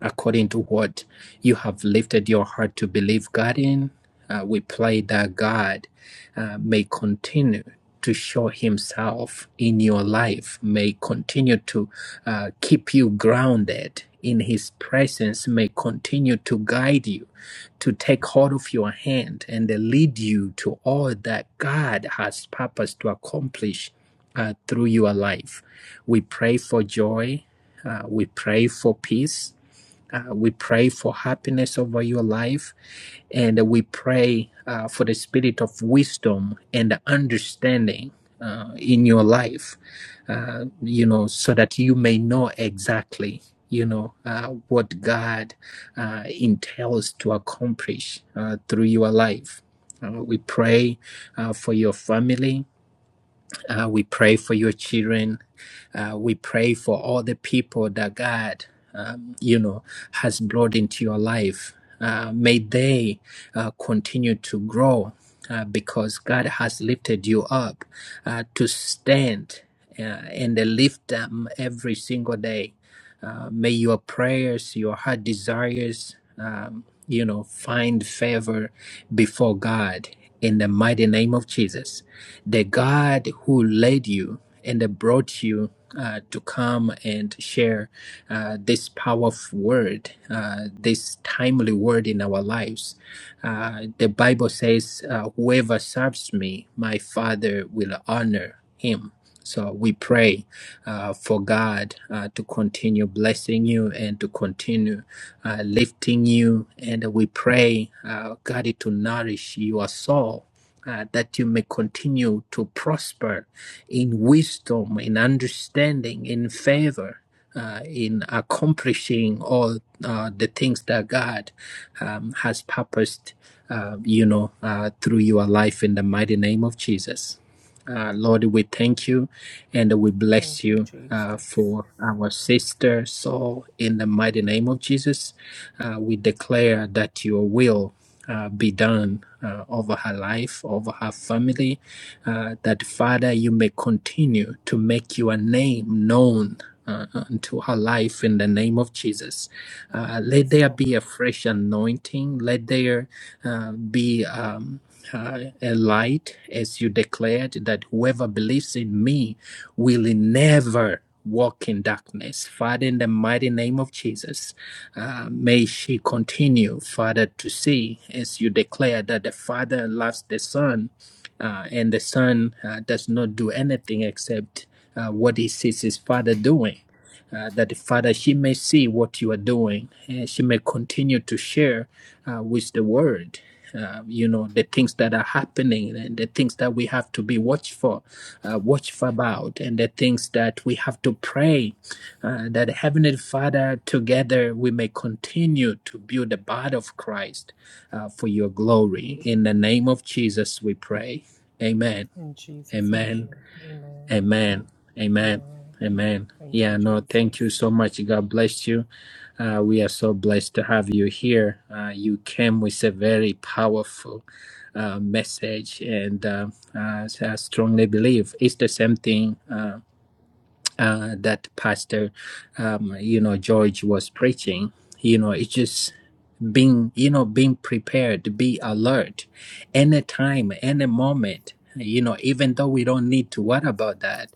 Speaker 1: according to what you have lifted your heart to believe God in. Uh, we pray that God uh, may continue to show Himself in your life, may continue to uh, keep you grounded in His presence, may continue to guide you, to take hold of your hand and lead you to all that God has purposed to accomplish uh, through your life. We pray for joy. Uh, we pray for peace. Uh, we pray for happiness over your life. And we pray uh, for the spirit of wisdom and understanding uh, in your life, uh, you know, so that you may know exactly, you know, uh, what God uh, entails to accomplish uh, through your life. Uh, we pray uh, for your family. Uh, we pray for your children. Uh, we pray for all the people that God, um, you know, has brought into your life. Uh, may they uh, continue to grow uh, because God has lifted you up uh, to stand uh, and lift them every single day uh, may your prayers, your heart desires, um, you know, find favor before God in the mighty name of Jesus. The God who led you and brought you uh, to come and share uh, this powerful word, uh, this timely word in our lives. Uh, the Bible says, uh, Whoever serves me, my Father will honor him. So we pray uh, for God uh, to continue blessing you and to continue uh, lifting you. And we pray, uh, God, to nourish your soul. Uh, that you may continue to prosper in wisdom, in understanding, in favor, uh, in accomplishing all uh, the things that God um, has purposed, uh, you know, uh, through your life in the mighty name of Jesus. Uh, Lord, we thank you and we
Speaker 3: Thank
Speaker 1: bless
Speaker 3: you,
Speaker 1: you uh,
Speaker 3: Jesus.
Speaker 1: for our sister Saul in the mighty name of Jesus. Uh, we declare that your will uh, be done uh, over her life, over her family, uh, that Father, you may continue to make your name known. Uh, unto her life in the name of Jesus. Uh, let
Speaker 3: Yes,
Speaker 1: there
Speaker 3: Lord.
Speaker 1: be a fresh anointing. Let there uh, be. Um, uh, a light, as you declared, that whoever believes in me will never walk in darkness. Father, in the mighty name of Jesus, uh, may she continue, Father, to see, as you declare, that the Father loves the Son, uh, and the Son uh, does not do anything except uh, what he sees his Father doing uh, that Father, she may see what you are doing and she may continue to share uh, with the world. Uh, you know the things that are happening and the things that we have to be watchful, uh, watchful about, and the things that we have to pray uh, that Heavenly Father, together we may continue to build the body of Christ uh, for Your glory. In the name of Jesus, we pray. Amen.
Speaker 3: In Jesus' mighty
Speaker 1: Amen.
Speaker 3: name. Amen.
Speaker 1: Amen. Amen.
Speaker 3: Amen.
Speaker 1: Amen.
Speaker 3: Thank you,
Speaker 1: Yeah, no, thank you
Speaker 3: Jesus.
Speaker 1: so much. God bless you. Uh, we are so blessed to have you here. Uh, you came with a very powerful uh, message, and uh, uh, I strongly believe it's the same thing uh, uh, that Pastor, um, you know, George was preaching. You know, it's just being you know being prepared be alert any time, any moment you know even though we don't need to worry about that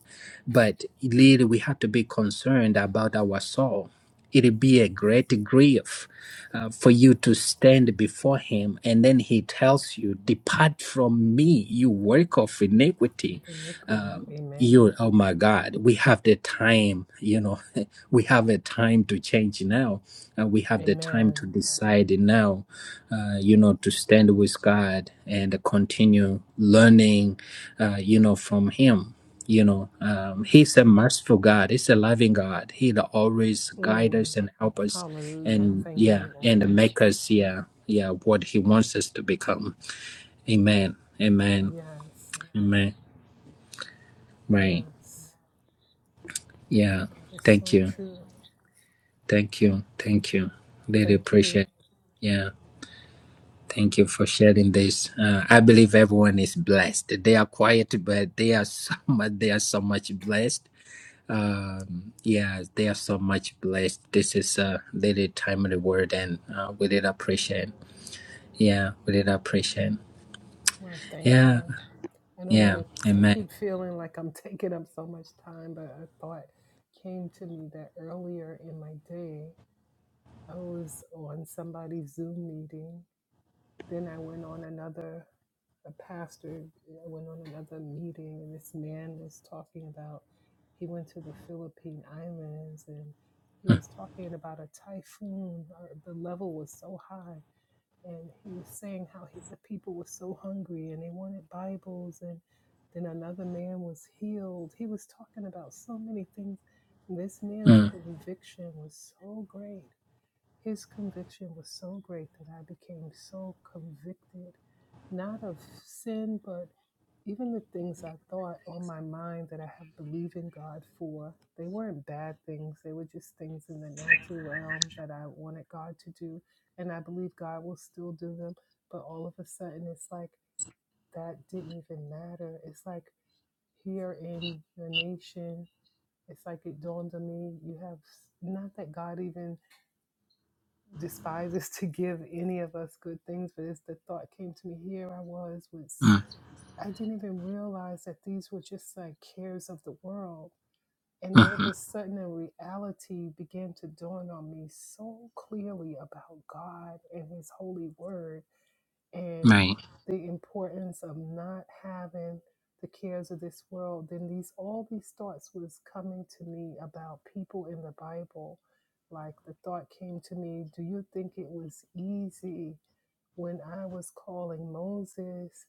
Speaker 1: but really we have to be concerned about our soul it'll be a great grief uh, for you to stand before him and then he tells you depart from me you work of iniquity
Speaker 3: And for iniquity.
Speaker 1: you
Speaker 3: Amen.
Speaker 1: oh my god we have the time you know we have a time to change now and we have the time to
Speaker 3: Amen.
Speaker 1: decide now uh, you know to stand with god and continue learning uh, you know from him you know um, he's a merciful god he's a loving god he will always guide
Speaker 3: Mm.
Speaker 1: us and help us
Speaker 3: Hallelujah.
Speaker 1: and
Speaker 3: Thank
Speaker 1: yeah
Speaker 3: you,
Speaker 1: and
Speaker 3: Lord.
Speaker 1: make us yeah yeah what he wants us to become amen amen
Speaker 3: Yes.
Speaker 1: amen right
Speaker 3: Yes.
Speaker 1: Yeah.
Speaker 3: That is
Speaker 1: Thank
Speaker 3: so
Speaker 1: you.
Speaker 3: true.
Speaker 1: Thank you. Thank you. Really
Speaker 3: Thank you.
Speaker 1: appreciate. Yeah. Thank you for sharing this. Uh, I believe everyone is blessed. They are quiet, but they are so much. They are so much blessed. Um, yeah, they are so much blessed. This is a really timely word, and uh, we did appreciate. Yeah, we did appreciate.
Speaker 3: I want to thank
Speaker 1: Yeah,
Speaker 3: God. I don't want
Speaker 1: yeah.
Speaker 3: to. I
Speaker 1: Amen.
Speaker 3: keep feeling like I'm taking up so much time, but a thought came to me that earlier in my day, I was on somebody's Zoom meeting. Then I went on another, a pastor, I went on another meeting, and this man was talking about he went to the Philippine Islands and he was talking about a typhoon. uh, The level was so high and he was saying how he, the people were so hungry and they wanted Bibles, and then another man was healed. He was talking about so many things. This man's
Speaker 1: Mm,
Speaker 3: conviction was so great. His conviction was so great that I became so convicted, not of sin, but even the things I thought on my mind that I have believed in God for, they weren't bad things. They were just things in the natural realm that I wanted God to do. And I believe God will still do them. But all of a sudden, it's like that didn't even matter. It's like here in your nation, it's like it dawned on me you have s- not that God even despises to give any of us good things, but as the thought came to me, here I was with
Speaker 1: mm,
Speaker 3: I I didn't even realize that these were just like cares of the world. And all
Speaker 1: mm-hmm.
Speaker 3: of a sudden, a reality began to dawn on me so clearly about God and His holy word and
Speaker 1: Right.
Speaker 3: the importance of not having the cares of this world, then these all these thoughts was coming to me about people in the Bible. Like the thought came to me, do you think it was easy when I was calling Moses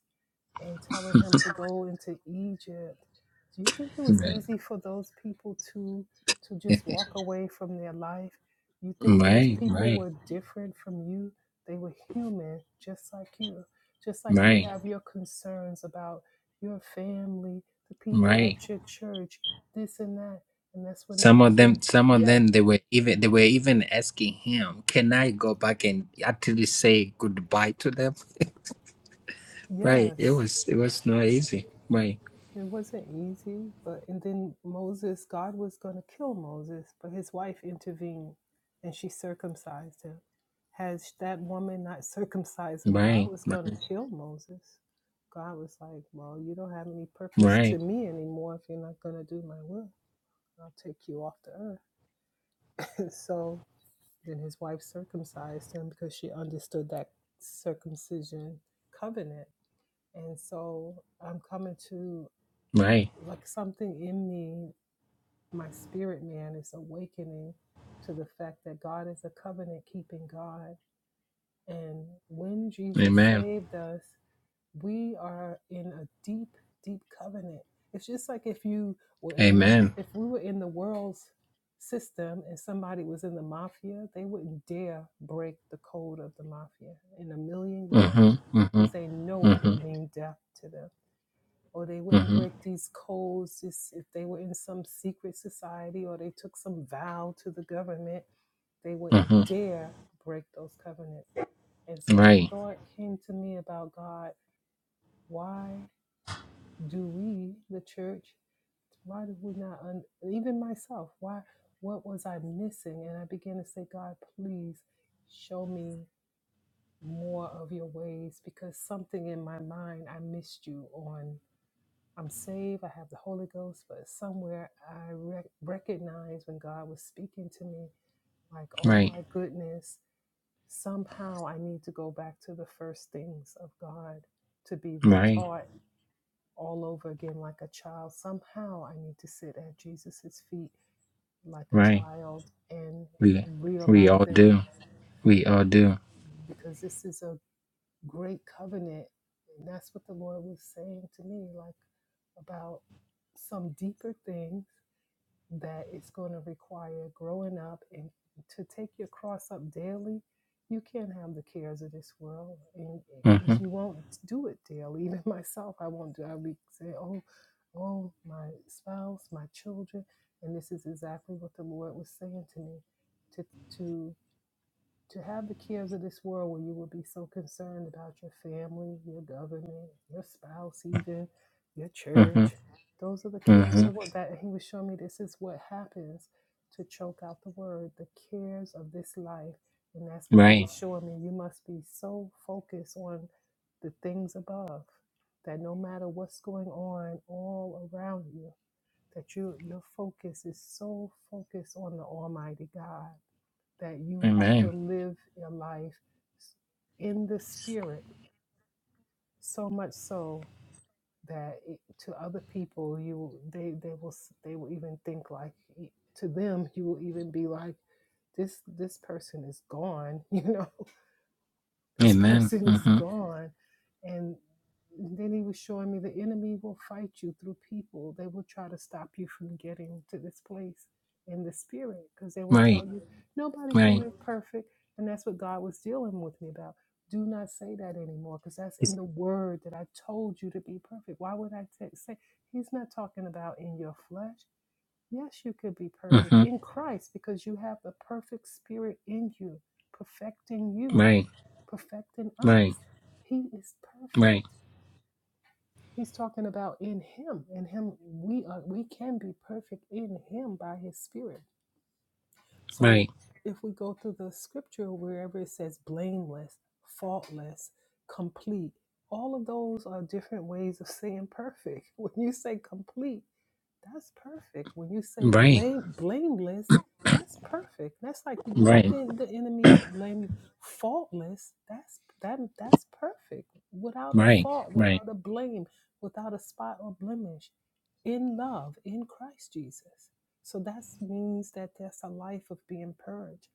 Speaker 3: and telling him to go into Egypt, do you think it was easy
Speaker 1: Right.
Speaker 3: for those people to to just walk away from their life? You think those
Speaker 1: right.
Speaker 3: people
Speaker 1: Right.
Speaker 3: were different from you? They were human, just like you. Just like you
Speaker 1: Right.
Speaker 3: have your concerns about your family, the people
Speaker 1: Right.
Speaker 3: at your church, this and that. And that's when
Speaker 1: Some
Speaker 3: it
Speaker 1: of
Speaker 3: began.
Speaker 1: them, some of
Speaker 3: Yeah,
Speaker 1: them, they were even they were even asking him, "Can I go back and actually say goodbye to them?" right. It
Speaker 3: yes.
Speaker 1: was it was not easy. Right.
Speaker 3: It wasn't easy, but and then Moses, God was going to kill Moses, but his wife intervened and she circumcised him. Had that woman not circumcised him, God
Speaker 1: Right.
Speaker 3: was going
Speaker 1: Right.
Speaker 3: to kill Moses. God was like, Well, you don't have any purpose
Speaker 1: Right.
Speaker 3: to me anymore if you're not going to do my will. I'll take you off the earth. And so then his wife circumcised him because she understood that circumcision covenant. And so I'm coming to
Speaker 1: Right.
Speaker 3: like something in me, my spirit man is awakening to the fact that God is a covenant keeping God. And when Jesus
Speaker 1: Amen.
Speaker 3: saved us, we are in a deep, deep covenant. It's just like if you were in,
Speaker 1: Amen.
Speaker 3: if we were in the world's system and somebody was in the mafia, they wouldn't dare break the code of the mafia in a million years
Speaker 1: Mhm. Mhm.
Speaker 3: because they know it would
Speaker 1: Mhm.
Speaker 3: mean death to them. Or they wouldn't
Speaker 1: Mhm.
Speaker 3: break these codes just if they were in some secret society or they took some vow to the government, they wouldn't
Speaker 1: Mhm.
Speaker 3: dare break those covenants. And so the
Speaker 1: Right.
Speaker 3: thought came to me about God, why? do we, the church, why did we not, un- even myself, why, what was I missing? And I began to say, God, please show me more of your ways because something in my mind, I missed you on. I'm saved, I have the Holy Ghost, but somewhere I rec- recognized when God was speaking to me, like, oh
Speaker 1: Right.
Speaker 3: my goodness, somehow I need to go back to the first things of God to be
Speaker 1: Right.
Speaker 3: retaught all over again like a child. Somehow I need to sit at Jesus's feet like a
Speaker 1: Right.
Speaker 3: child and
Speaker 1: We we
Speaker 3: realize
Speaker 1: all
Speaker 3: it
Speaker 1: do. We all do.
Speaker 3: because this is a great covenant. And that's what the Lord was saying to me, like about some deeper things that it's going to require growing up and to take your cross up daily. You can't have the cares of this world, and because
Speaker 1: Mhm.
Speaker 3: you won't do it daily. Even myself, I won't do. I'll be saying, "Oh, oh, my spouse, my children," and this is exactly what the Lord was saying to me, to to to have the cares of this world where you would be so concerned about your family, your government, your spouse, even your
Speaker 1: Mhm.
Speaker 3: church. Those are the cares of the
Speaker 1: Mhm.
Speaker 3: world. That he was showing me this is what happens to choke out the word, the cares of this life. And that's what he
Speaker 1: Right.
Speaker 3: was showing me. You must be so focused on the things above that no matter what's going on all around you, that you, your focus is so focused on the Almighty God that you have to
Speaker 1: Amen.
Speaker 3: live your life in the spirit so much so that it, to other people you they they will s- they will even think like y- to them you will even be like this this person is gone you know this
Speaker 1: Amen.
Speaker 3: person is
Speaker 1: Mhm.
Speaker 3: gone. And then he was showing me the enemy will fight you through people. They will try to stop you from getting to this place in the spirit because they will
Speaker 1: Right.
Speaker 3: tell you nobody can live
Speaker 1: Right
Speaker 3: perfect. And that's what God was dealing with me about. Do not say that anymore because that's in the word that I told you to be perfect. Why would I t- say? He's not talking about in your flesh. Yes, you could be perfect
Speaker 1: Mm-hmm.
Speaker 3: in Christ because you have the perfect spirit in you, perfecting you
Speaker 1: Right,
Speaker 3: perfecting
Speaker 1: right,
Speaker 3: us. He is perfect.
Speaker 1: right,
Speaker 3: He's talking about in him. In him we are we can be perfect in him by his spirit. So
Speaker 1: right,
Speaker 3: if we go through the scripture, wherever it says blameless, faultless, complete, all of those are different ways of saying perfect. When you say complete, that's perfect. When you say
Speaker 1: right,
Speaker 3: blame, blameless, that's perfect. That's like you-
Speaker 1: right,
Speaker 3: nothing the enemy could blame you. Faultless, that's that that's perfect. Without a
Speaker 1: right,
Speaker 3: fault,
Speaker 1: right.
Speaker 3: without a blame, without a spot or blemish. In love, in Christ Jesus. So that means that that's a life of being purged.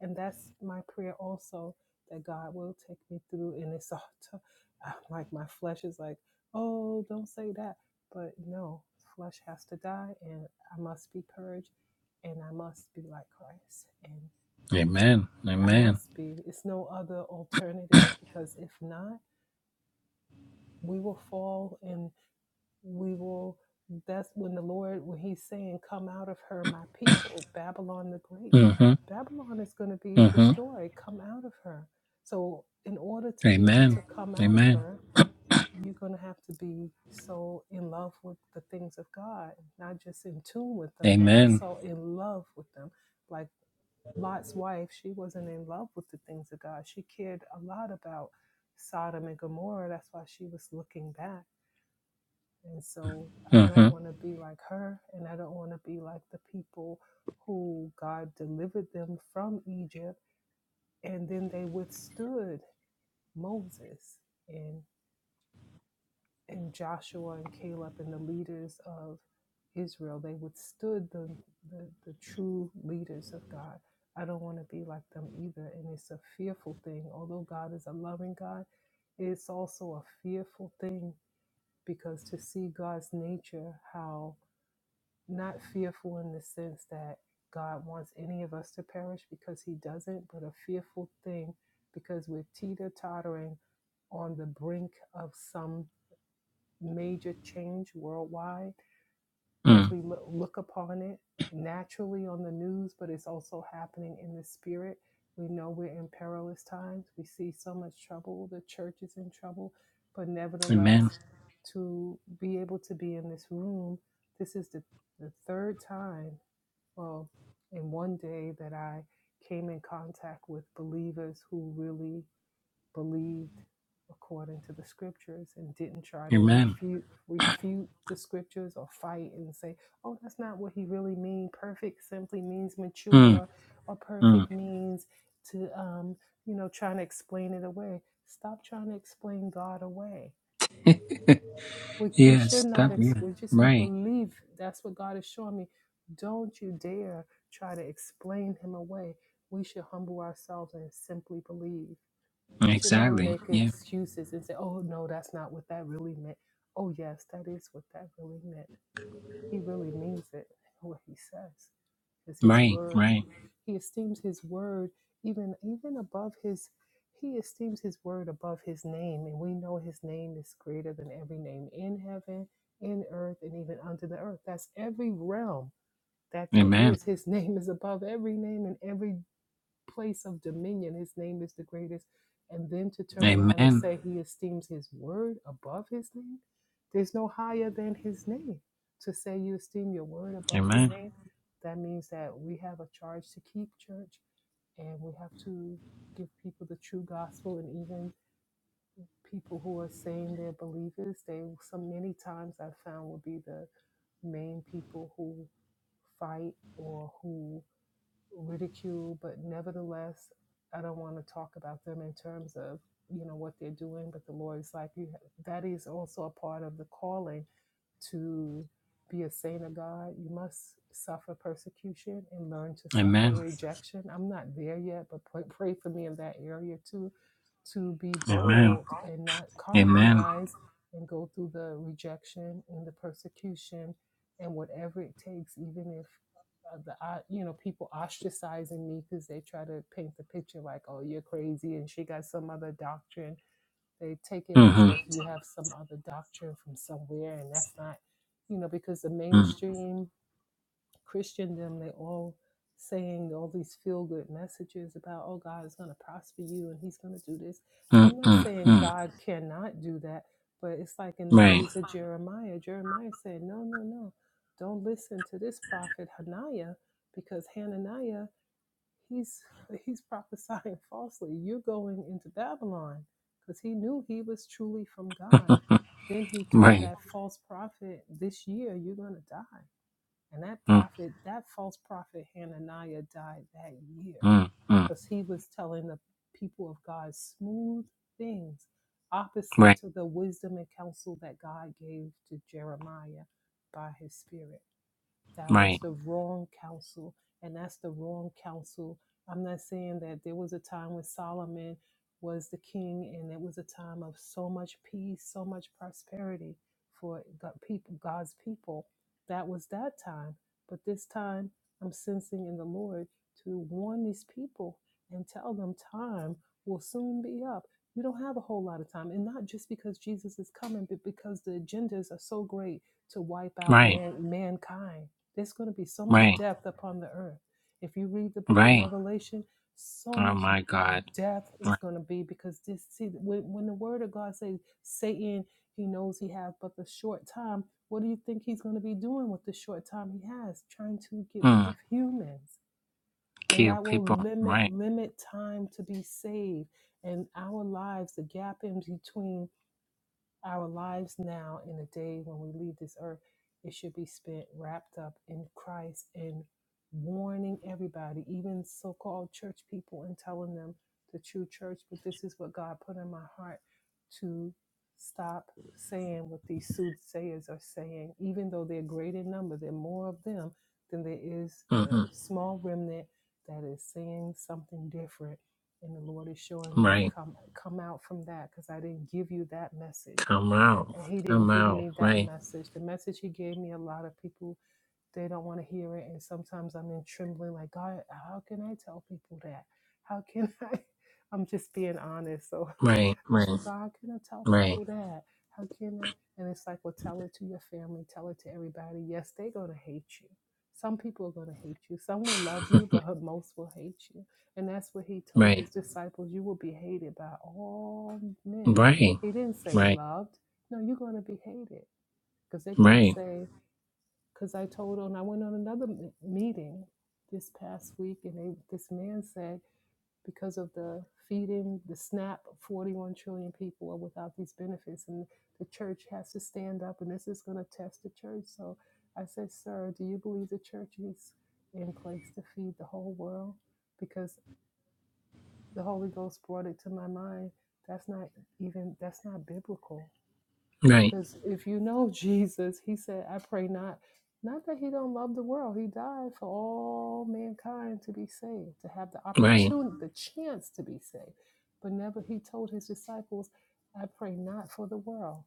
Speaker 3: And that's my prayer also that God will take me through. And it's all t- I'm like my flesh is like, oh, don't say that. But no, flesh has to die, and I must be purged, and I must be like Christ. And
Speaker 1: Amen.
Speaker 3: I
Speaker 1: Amen.
Speaker 3: must be. It's no other alternative because if not, we will fall. in we will that's when the lord when he's saying come out of her my people babylon the great
Speaker 1: Mm-hmm.
Speaker 3: babylon is going to be
Speaker 1: Mm-hmm.
Speaker 3: destroyed come out of her so in order to be able
Speaker 1: Amen.
Speaker 3: to come out of
Speaker 1: Amen.
Speaker 3: her you're going to have to be so in love with the things of god not just in tune with them but
Speaker 1: Amen.
Speaker 3: also in love with them like lot's wife she wasn't in love with the things of god she cared a lot about sodom and gomorrah that's why she was looking back and so I don't
Speaker 1: Mm-hmm.
Speaker 3: want to be like her, and I don't want to be like the people who God delivered them from Egypt, and then they withstood Moses and and Joshua and Caleb and the leaders of Israel. They withstood the the, the true leaders of God. I don't want to be like them either, and it's a fearful thing. Although God is a loving God, it's also a fearful thing because to see God's nature, how not fearful in the sense that God wants any of us to perish because he doesn't, but a fearful thing because we're teeter tottering on the brink of some major change worldwide as
Speaker 1: Mm.
Speaker 3: we lo- look upon it naturally on the news, but it's also happening in the spirit. We know we're in perilous times. We see so much trouble. The church is in trouble. But
Speaker 1: Amen.
Speaker 3: nevertheless, to be able to be in this room, this is the the third time well, in one day that I came in contact with believers who really believed according to the scriptures and didn't try to
Speaker 1: Amen.
Speaker 3: refute refute the scriptures or fight and say, "Oh, that's not what he really mean. Perfect simply means
Speaker 1: Mm.
Speaker 3: mature, or
Speaker 1: Mm.
Speaker 3: perfect means to um, you know, trying to explain it away. Stop trying to explain God away. We, we
Speaker 1: Yeah,
Speaker 3: should not,
Speaker 1: stop.
Speaker 3: ex-
Speaker 1: Yeah.
Speaker 3: we just
Speaker 1: Right.
Speaker 3: believe that's what God is showing me. Don't you dare try to explain him away. We should humble ourselves and simply believe. We should not
Speaker 1: Exactly.
Speaker 3: make
Speaker 1: Yeah.
Speaker 3: excuses and say, oh, no, that's not what that really meant. Oh, yes, that is what that really meant he really means it, what he says. Because his
Speaker 1: Right.
Speaker 3: word,
Speaker 1: Right.
Speaker 3: he esteems his word even even above his, he esteems his word above his name. And we know his name is greater than every name in heaven, in earth, and even under the earth. That's every realm that there
Speaker 1: Amen.
Speaker 3: is. His name is above every name and every place of dominion. His name is the greatest. And then to turn around and
Speaker 1: Amen.
Speaker 3: say he esteems his word above his name. There's no higher than his name. To say you esteem your word above your
Speaker 1: Amen.
Speaker 3: name, that means that we have a charge to keep, church, and we have to give people the true gospel and even people who are saying they're believers they so many times i've found will be the main people who fight or who ridicule, but nevertheless, I don't want to talk about them in terms of you know what they're doing. But the Lord is like, you have, that is also a part of the calling to be a saint of God, you must suffer persecution and learn to suffer
Speaker 1: Amen.
Speaker 3: rejection. I'm not there yet, but pray, pray for me in that area too, to be
Speaker 1: Amen.
Speaker 3: bold and not
Speaker 1: Amen.
Speaker 3: compromise and go through the rejection and the persecution and whatever it takes, even if uh, the o- you know people ostracizing me because they try to paint the picture like, oh, you're crazy and she got some other doctrine they take it as
Speaker 1: Mm-hmm.
Speaker 3: if you have some other doctrine from somewhere, and that's not, you know, because the
Speaker 1: Mm.
Speaker 3: mainstream Christendom, they all saying all these feel good messages about, oh, God is going to prosper you and he's going to do this.
Speaker 1: Mm.
Speaker 3: I'm not
Speaker 1: Mm.
Speaker 3: saying
Speaker 1: Mm.
Speaker 3: God cannot do that, but it's like in the
Speaker 1: Right.
Speaker 3: days of Jeremiah, Jeremiah said, no, no, no, don't listen to this prophet Hananiah because Hananiah He's he's prophesying falsely. You're going into Babylon because he knew he was truly from God. Then he told
Speaker 1: Right.
Speaker 3: that false prophet, "This year you're going to die." And that
Speaker 1: Mm.
Speaker 3: prophet, that false prophet Hananiah, died that year
Speaker 1: Mm, mm.
Speaker 3: because he was telling the people of God smooth things opposite
Speaker 1: Right,
Speaker 3: to the wisdom and counsel that God gave to Jeremiah by his spirit. That
Speaker 1: right,
Speaker 3: was the wrong counsel, and that's the wrong counsel. I'm not saying that there was a time when Solomon was the king, and it was a time of so much peace, so much prosperity for God, people, God's people. That was that time, but this time I'm sensing in the Lord to warn these people and tell them time will soon be up You don't have a whole lot of time and not just because jesus is coming but because the agendas are so great to wipe out
Speaker 1: right,
Speaker 3: man mankind there's going to be so much
Speaker 1: right,
Speaker 3: depth upon the earth. If you read the book of
Speaker 1: right.
Speaker 3: Revelation, so
Speaker 1: Oh
Speaker 3: much
Speaker 1: my God.
Speaker 3: death is
Speaker 1: Right.
Speaker 3: going to be because this see when, when the word of god says satan he knows he has but the short time what do you think he's going to be doing with the short time he has trying to get rid of
Speaker 1: Mm.
Speaker 3: humans and
Speaker 1: Kill
Speaker 3: that will
Speaker 1: people.
Speaker 3: limit
Speaker 1: Right.
Speaker 3: limit time to be saved and our lives the gap in between our lives now, in the day when we leave this earth, it should be spent wrapped up in Christ and warning everybody, even so called church people, and telling them the true church. But this is what God put in my heart to stop saying what these soothsayers are saying, even though they're great in number, there are more of them than there is the
Speaker 1: Mm-hmm.
Speaker 3: small remnant that is saying something different. And the Lord is showing me,
Speaker 1: Right.
Speaker 3: come come out from that because I didn't give you that message
Speaker 1: Come out.
Speaker 3: he
Speaker 1: Come
Speaker 3: didn't give
Speaker 1: out.
Speaker 3: me that
Speaker 1: Right.
Speaker 3: message. The message he gave me, a lot of people they don't want to hear it, and sometimes I'm in trembling, like God, how can I tell people that? How can I? I'm just being honest. So
Speaker 1: Right.
Speaker 3: I
Speaker 1: Right.
Speaker 3: said, God, how can I tell
Speaker 1: Right.
Speaker 3: people that? How can I? And it's like, well, tell it to your family, tell it to everybody. Yes, they're going to hate you. Some people are going to hate you. Some will love you, but most will hate you. And that's what he told
Speaker 1: Right.
Speaker 3: his disciples you will be hated by all
Speaker 1: Right.
Speaker 3: men.
Speaker 1: Right.
Speaker 3: He didn't say loved. No, you're going to be hated because they're going to
Speaker 1: Right.
Speaker 3: say, because I told on, I went on another m- meeting this past week, and they, this man said, because of the feeding, the SNAP, 41 trillion people are without these benefits, and the church has to stand up, and this is going to test the church. So I said, Sir, do you believe the church is in place to feed the whole world? Because the Holy Ghost brought it to my mind. That's not even, that's not biblical.
Speaker 1: Right.
Speaker 3: Because if you know Jesus, he said, I pray not, not that he don't love the world. He died for all mankind to be saved, to have the
Speaker 1: Right.
Speaker 3: opportunity, the chance to be saved. But never he told his disciples, I pray not for the world.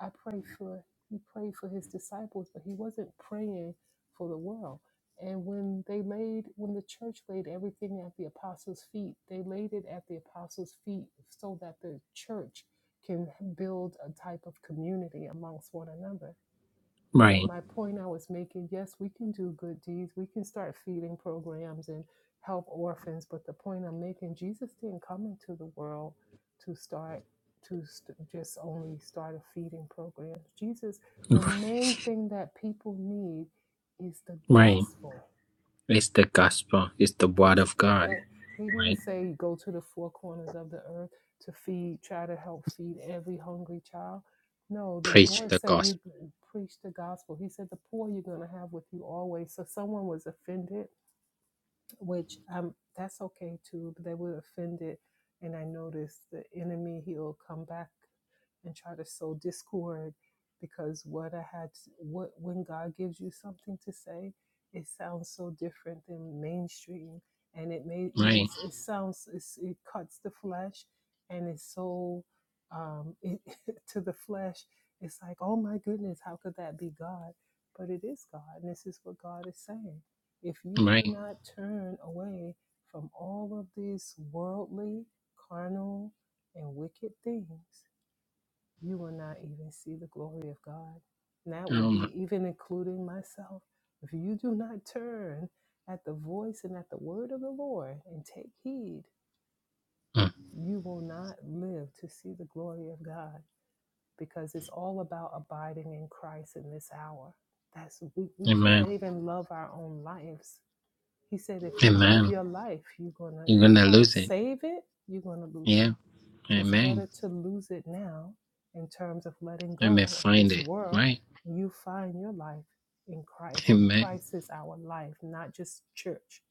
Speaker 3: I pray for he prayed for his disciples, but he wasn't praying for the world. And when they laid when the church laid everything at the apostles' feet, they laid it at the apostles' feet so that the church can build a type of community amongst one another. But my
Speaker 1: Right.
Speaker 3: point I was making yes, we can do good deeds. We can start feeding programs and help orphans. But the point I'm making, Jesus didn't come into the world to start to st- just only start a feeding program. Jesus, the main thing that people need is the
Speaker 1: Right.
Speaker 3: gospel
Speaker 1: It's the gospel. It's the word
Speaker 3: it's
Speaker 1: of God.
Speaker 3: that he didn't
Speaker 1: Right.
Speaker 3: say go to the four corners of the earth to feed, try to help feed every hungry child. No, the
Speaker 1: Preach
Speaker 3: Lord
Speaker 1: the
Speaker 3: said you
Speaker 1: gospel.
Speaker 3: preach the gospel. He said the poor you're going to have with you always. So someone was offended, which um that's okay too. But they were offended, and I noticed the enemy he'll come back and try to sow discord because what I had, what when God gives you something to say, it sounds so different than mainstream, and it may even
Speaker 1: Right.
Speaker 3: it sounds it's, it cuts the flesh, and it's so um, it, to the flesh. It's like, oh my goodness, how could that be God? But it is God, and this is what God is saying. If you do
Speaker 1: Right.
Speaker 3: not turn away from all of these worldly, carnal, and wicked things, you will not even see the glory of God. And that will
Speaker 1: Oh my.
Speaker 3: be even including myself. If you do not turn at the voice and at the word of the Lord and take heed,
Speaker 1: Mm.
Speaker 3: you will not live to see the glory of God because it's all about abiding in Christ in this hour. That's we, we
Speaker 1: Amen.
Speaker 3: can't even love our own lives. He said if you love
Speaker 1: Amen.
Speaker 3: your life, you're gonna
Speaker 1: You're
Speaker 3: if you
Speaker 1: gonna
Speaker 3: try to
Speaker 1: lose it.
Speaker 3: save it, you're gonna lose it
Speaker 1: Yeah.
Speaker 3: so it's
Speaker 1: Amen.
Speaker 3: better to lose it now in terms of letting
Speaker 1: I may
Speaker 3: go of
Speaker 1: find
Speaker 3: this
Speaker 1: it.
Speaker 3: world.
Speaker 1: Right.
Speaker 3: You find your life in Christ, and
Speaker 1: Amen.
Speaker 3: Christ is our life, not just church.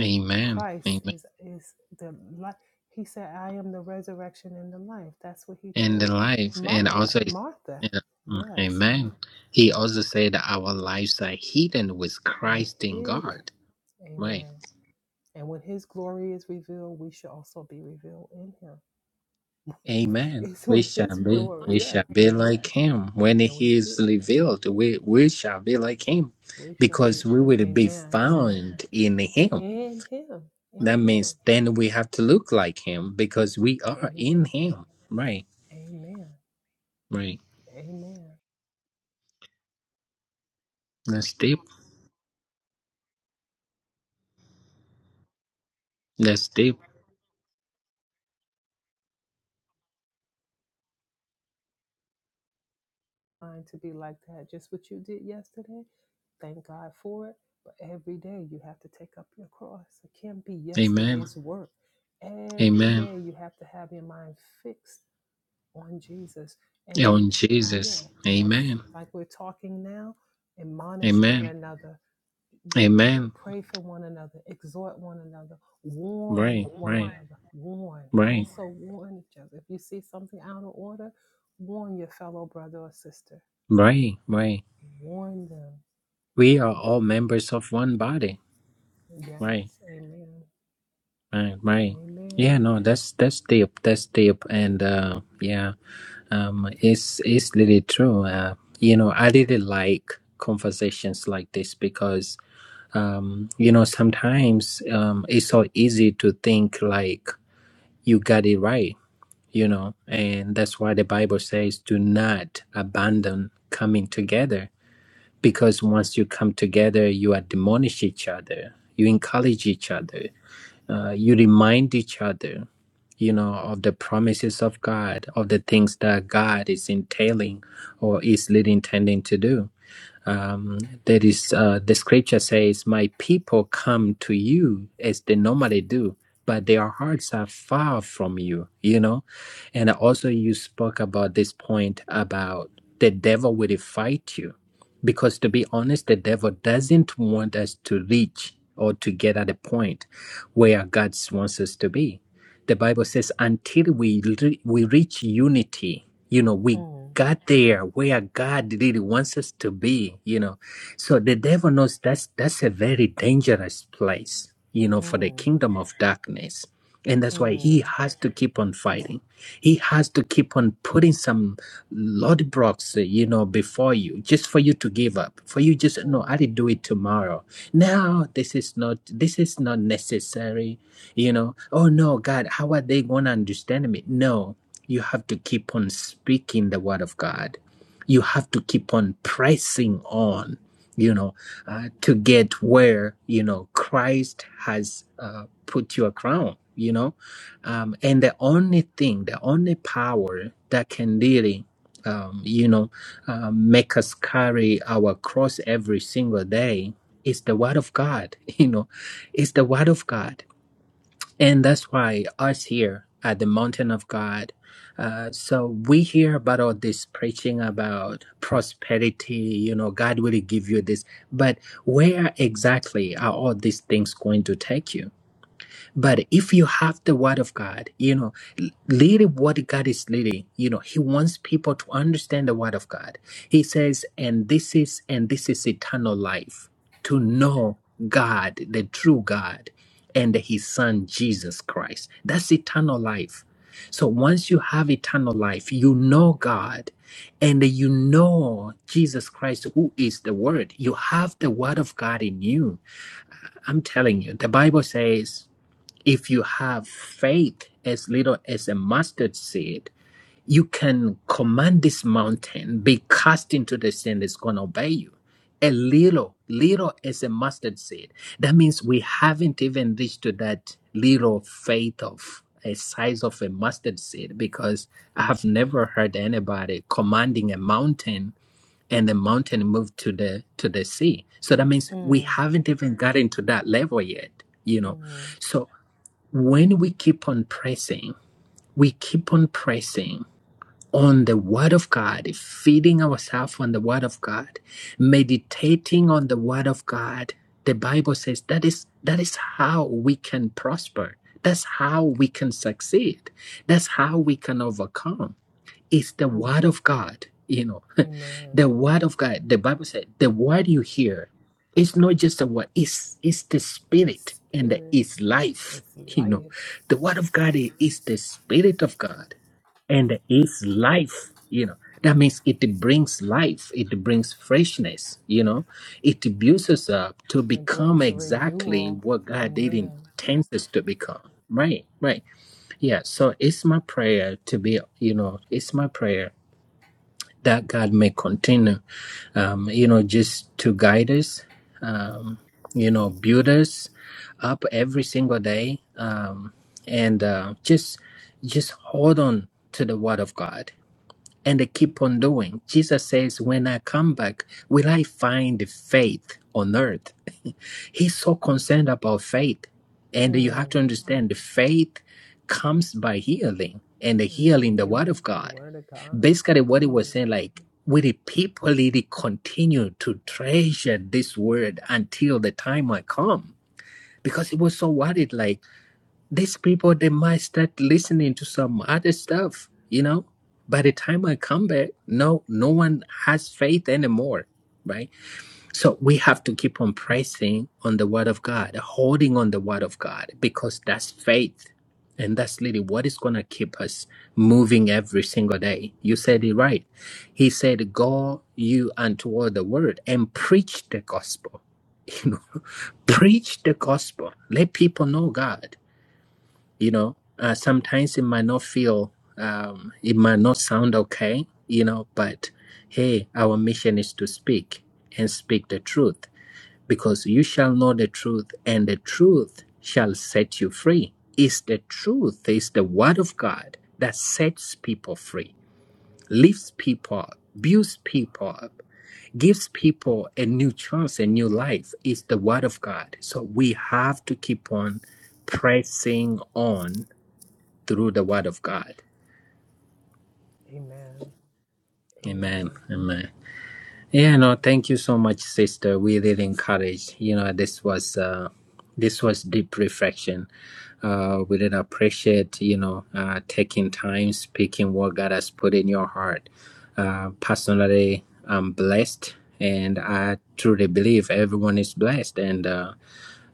Speaker 1: Amen.
Speaker 3: Christ
Speaker 1: Amen.
Speaker 3: is is the life. He said, "I am the resurrection and the life." That's what he
Speaker 1: And the
Speaker 3: told
Speaker 1: life. And
Speaker 3: Martha.
Speaker 1: also,
Speaker 3: Martha,
Speaker 1: yeah. Mm,
Speaker 3: yes,
Speaker 1: Amen. He also said that our lives are hidden with
Speaker 3: and
Speaker 1: Christ in
Speaker 3: hid it.
Speaker 1: God. Right.
Speaker 3: Amen. And when His glory is revealed, we should also be revealed in Him.
Speaker 1: Amen.
Speaker 3: It's
Speaker 1: We
Speaker 3: when
Speaker 1: shall
Speaker 3: His
Speaker 1: be.
Speaker 3: glory,
Speaker 1: We
Speaker 3: yeah,
Speaker 1: shall be like Him when
Speaker 3: and we
Speaker 1: He is
Speaker 3: should
Speaker 1: revealed. We we shall be like Him,
Speaker 3: we shall
Speaker 1: because
Speaker 3: be.
Speaker 1: we will be
Speaker 3: Amen.
Speaker 1: found in
Speaker 3: A-
Speaker 1: Him.
Speaker 3: and him
Speaker 1: That
Speaker 3: and him
Speaker 1: means then we have to look like Him because we are
Speaker 3: amen
Speaker 1: in Him. Right.
Speaker 3: amen
Speaker 1: Right.
Speaker 3: amen
Speaker 1: That's deep. That's deep.
Speaker 3: trying to be like that just what you did yesterday thank god for it but every day you have to take up your cross it can't be
Speaker 1: Amen.
Speaker 3: yesterday's work every
Speaker 1: Amen.
Speaker 3: day you have to have your mind fixed on jesus and we
Speaker 1: On
Speaker 3: yeah
Speaker 1: Jesus.
Speaker 3: and it's
Speaker 1: Amen.
Speaker 3: like we're talking now admonish one
Speaker 1: Amen.
Speaker 3: another
Speaker 1: Amen.
Speaker 3: pray for one another, exhort one another, warn
Speaker 1: Right.
Speaker 3: one
Speaker 1: Right.
Speaker 3: another, warn.
Speaker 1: Right.
Speaker 3: Also, warn each other. If you see something out of order, warn your fellow brother or sister.
Speaker 1: Right. Right.
Speaker 3: Warn them.
Speaker 1: We are all members of one body.
Speaker 3: Yes,
Speaker 1: Right.
Speaker 3: amen.
Speaker 1: Right. Right. Yeah.
Speaker 3: Amen.
Speaker 1: No. That's that's deep. That's deep. And uh, yeah. Um. It's it's really true. Uh. You know. I really like conversations like this because um. You know. Sometimes um. It's so easy to think like you got it right, you know, and that's why the Bible says, do not abandon coming together because once you come together, you admonish each other, you encourage each other, uh, you remind each other, you know, of the promises of God, of the things that God is entailing or is leading, intending to do um, there is uh, the scripture says my people come to you as they normally do but their hearts are far from you you know and also you spoke about this point about the devil will fight you because to be honest the devil doesn't want us to reach or to get at a point where god wants us to be the Bible says, until we re- we reach unity, you know, we
Speaker 3: Mm,
Speaker 1: got there where God really wants us to be, you know. So the devil knows that's that's a very dangerous place, you know, for the
Speaker 3: mm,
Speaker 1: kingdom of darkness, and that's why
Speaker 3: mm,
Speaker 1: he has to keep on fighting. He has to keep on putting some roadblocks, uh, you know, before you, just for you to give up. For you, just no, I'll
Speaker 3: mm,
Speaker 1: do it tomorrow. Now this is not this is not necessary, you know. Oh no, God, how are they going to understand me? No, you have to keep on speaking the word of God. You have to keep on pressing on, you know, uh, to get where you know Christ has uh, put your crown. You know um, and the only thing, the only power that can really, um, you know, uh, make us carry our cross every single day is the Word of God. You know, it's the Word of God, and that's why us here at the Mountain of God. Uh, so we hear about all this preaching about prosperity. You know, God will give you this, but where exactly are all these things going to take you? But if you have the word of God, you know, l- lead what God is leading. You know, He wants people to understand the word of God. He says, and this is, and this is eternal life to know God, the true God, and His Son, Jesus Christ. That's eternal life. So once you have eternal life, you know God and you know Jesus Christ, who is the Word. You have the Word of God in you. I'm telling you, the Bible says if you have faith as little as a mustard seed, you can command this mountain, be cast into the sea, and it's going to obey you. A little, little as a mustard seed. That means we haven't even reached to that little faith of a size of a mustard seed because I have never heard anybody commanding a mountain and the mountain moved to the to the sea. So that means we
Speaker 3: mm,
Speaker 1: haven't even gotten to that level yet, you know.
Speaker 3: mm,
Speaker 1: So when we keep on pressing, we keep on pressing on the Word of God, feeding ourselves on the Word of God, meditating on the Word of God. The Bible says that is that is how we can prosper. That's how we can succeed. That's how we can overcome. It's the
Speaker 3: mm.
Speaker 1: word of God. You know,
Speaker 3: Amen.
Speaker 1: the word of God. The Bible said the word you hear it's not just a word. It's it's the spirit
Speaker 3: It's
Speaker 1: and the,
Speaker 3: spirit,
Speaker 1: it's life.
Speaker 3: it's
Speaker 1: You
Speaker 3: life.
Speaker 1: know, the word of God i- is the spirit of God and it's life. You know, that means it brings life. It brings freshness. You know, it builds us up to
Speaker 3: It
Speaker 1: become
Speaker 3: brings
Speaker 1: exactly
Speaker 3: renewal.
Speaker 1: what God did
Speaker 3: Amen.
Speaker 1: intends us to become. Right, right. Yeah, so it's my prayer to be, you know, it's my prayer that God may continue, um, you know, just to guide us, um, you know, build us up every single day, um, and uh, just just hold on to the Word of God and they keep on doing. Jesus says, When I come back, will I find faith on earth? He's so concerned about faith. And you have
Speaker 3: Mm.
Speaker 1: to understand the faith comes by healing and the
Speaker 3: Mm,
Speaker 1: healing the word
Speaker 3: hearing
Speaker 1: of
Speaker 3: the
Speaker 1: God.
Speaker 3: word of God.
Speaker 1: Basically, what he was
Speaker 3: Mm,
Speaker 1: saying, like, will the people really continue to treasure this word until the time I come? Because he was so worried, like, these people they might start listening to some other stuff you know by the time i come back no no one has faith anymore right so we have to keep on pressing on the word of god holding on the word of god because that's faith and that's really what is going to keep us moving every single day you said it right he said go you untoward the world and preach the gospel you know preach the gospel let people know god you know uh, sometimes it might not feel um, it might not sound okay you know but hey our mission is to speak and speak the truth because you shall know the truth and the truth shall set you free is the truth is the word of god that sets people free lifts people up builds people up gives people a new chance a new life is the word of god so we have to keep on pressing on through the word of God.
Speaker 3: amen.
Speaker 1: Amen.
Speaker 3: Amen.
Speaker 1: Amen. Yeah, no,
Speaker 3: Amen.
Speaker 1: thank you so much, sister. We really encouraged. You know, this was uh this was deep reflection. Uh we really appreciate, you know, uh taking time, speaking what God has put in your heart. Uh personally I'm blessed and I truly believe everyone is blessed and uh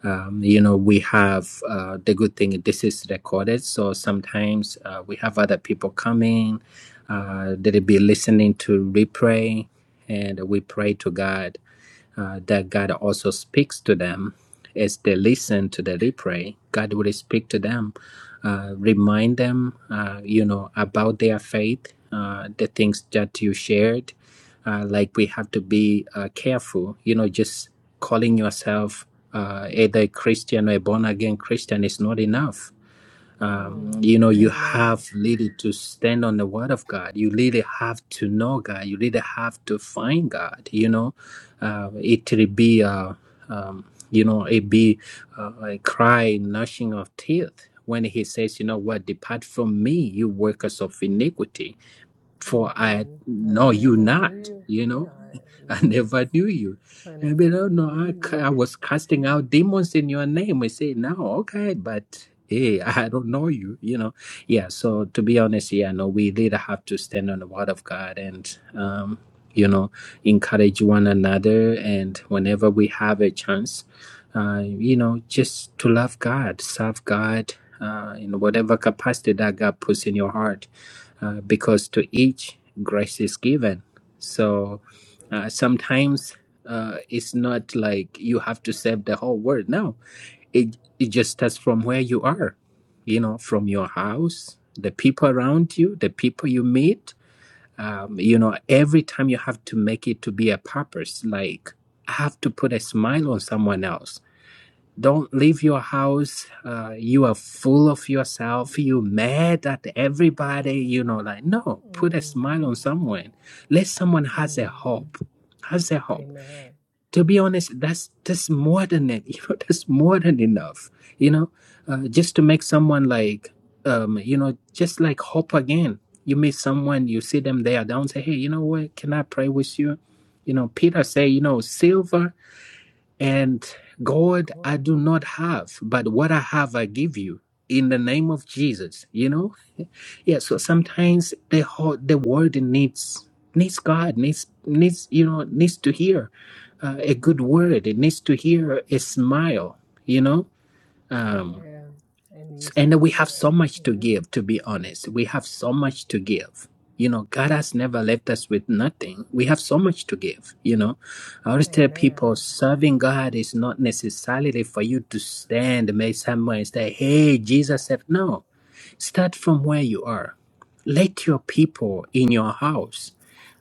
Speaker 1: um, you know we have uh, the good thing this is recorded so sometimes uh, we have other people coming uh, they'll be listening to replay and we pray to god uh, that God also speaks to them as they listen to the replay. God will speak to them, uh, remind them, uh, you know, about their faith, uh, the things that you shared. Uh, like we have to be uh, careful, you know, just calling yourself uh, either a Christian or a born again Christian is not enough um,
Speaker 3: Mm,
Speaker 1: you know you
Speaker 3: amen.
Speaker 1: have really to stand on the word of god you really have to know god you really have to find god you know uh, it will be uh, um, you know it be uh, a cry gnashing of teeth when he says you know what depart from me you workers of iniquity for i
Speaker 3: hmm I
Speaker 1: know you
Speaker 3: never knew
Speaker 1: not
Speaker 3: you.
Speaker 1: you know
Speaker 3: Yeah. I-
Speaker 1: I
Speaker 3: Yes.
Speaker 1: never knew you.
Speaker 3: I
Speaker 1: And
Speaker 3: never
Speaker 1: be oh no,
Speaker 3: even knew
Speaker 1: I,
Speaker 3: you.
Speaker 1: I was casting out demons in your name. I say, no, okay, but hey, I don't know you, you know. Yeah, so to be honest, yeah, no, we really have to stand on the word of God and, um, you know, encourage one another. And whenever we have a chance, uh, you know, just to love God, serve God uh, in whatever capacity that God puts in your heart uh, because to each grace is given. So uh, sometimes uh, it's not like you have to save the whole world. No, it it just starts from where you are, you know, from your house, the people around you, the people you meet. Um, you know, every time you have to make it to be a purpose. Like I have to put a smile on someone else don't leave your house uh, you are full of yourself you mad at everybody you know like no put a
Speaker 3: Mm,
Speaker 1: smile on someone let someone has a
Speaker 3: mm,
Speaker 1: hope has a hope
Speaker 3: amen.
Speaker 1: to be honest that's that's more than it you know that's more than enough you know uh, just to make someone like um, you know just like hope again you meet someone you see them they are down say hey you know what can i pray with you you know peter say you know silver and God,
Speaker 3: Cool.
Speaker 1: I do not have, but what I have, I give you in the name of Jesus. You know, yeah. So sometimes the whole, the world needs needs God needs needs you know needs to hear uh, a good word. It needs to hear a smile. You know, Um
Speaker 3: Amen. I need to
Speaker 1: and we have so
Speaker 3: hear.
Speaker 1: much to
Speaker 3: Mhm.
Speaker 1: give, to be honest. We have so much to give. You know, God has never left us with nothing. We have so much to give, you know. I always tell people
Speaker 3: Amen.
Speaker 1: serving God is not necessarily for you to stand maybe somewhere and say, Hey, Jesus said no. Start from where you are. Let your people in your house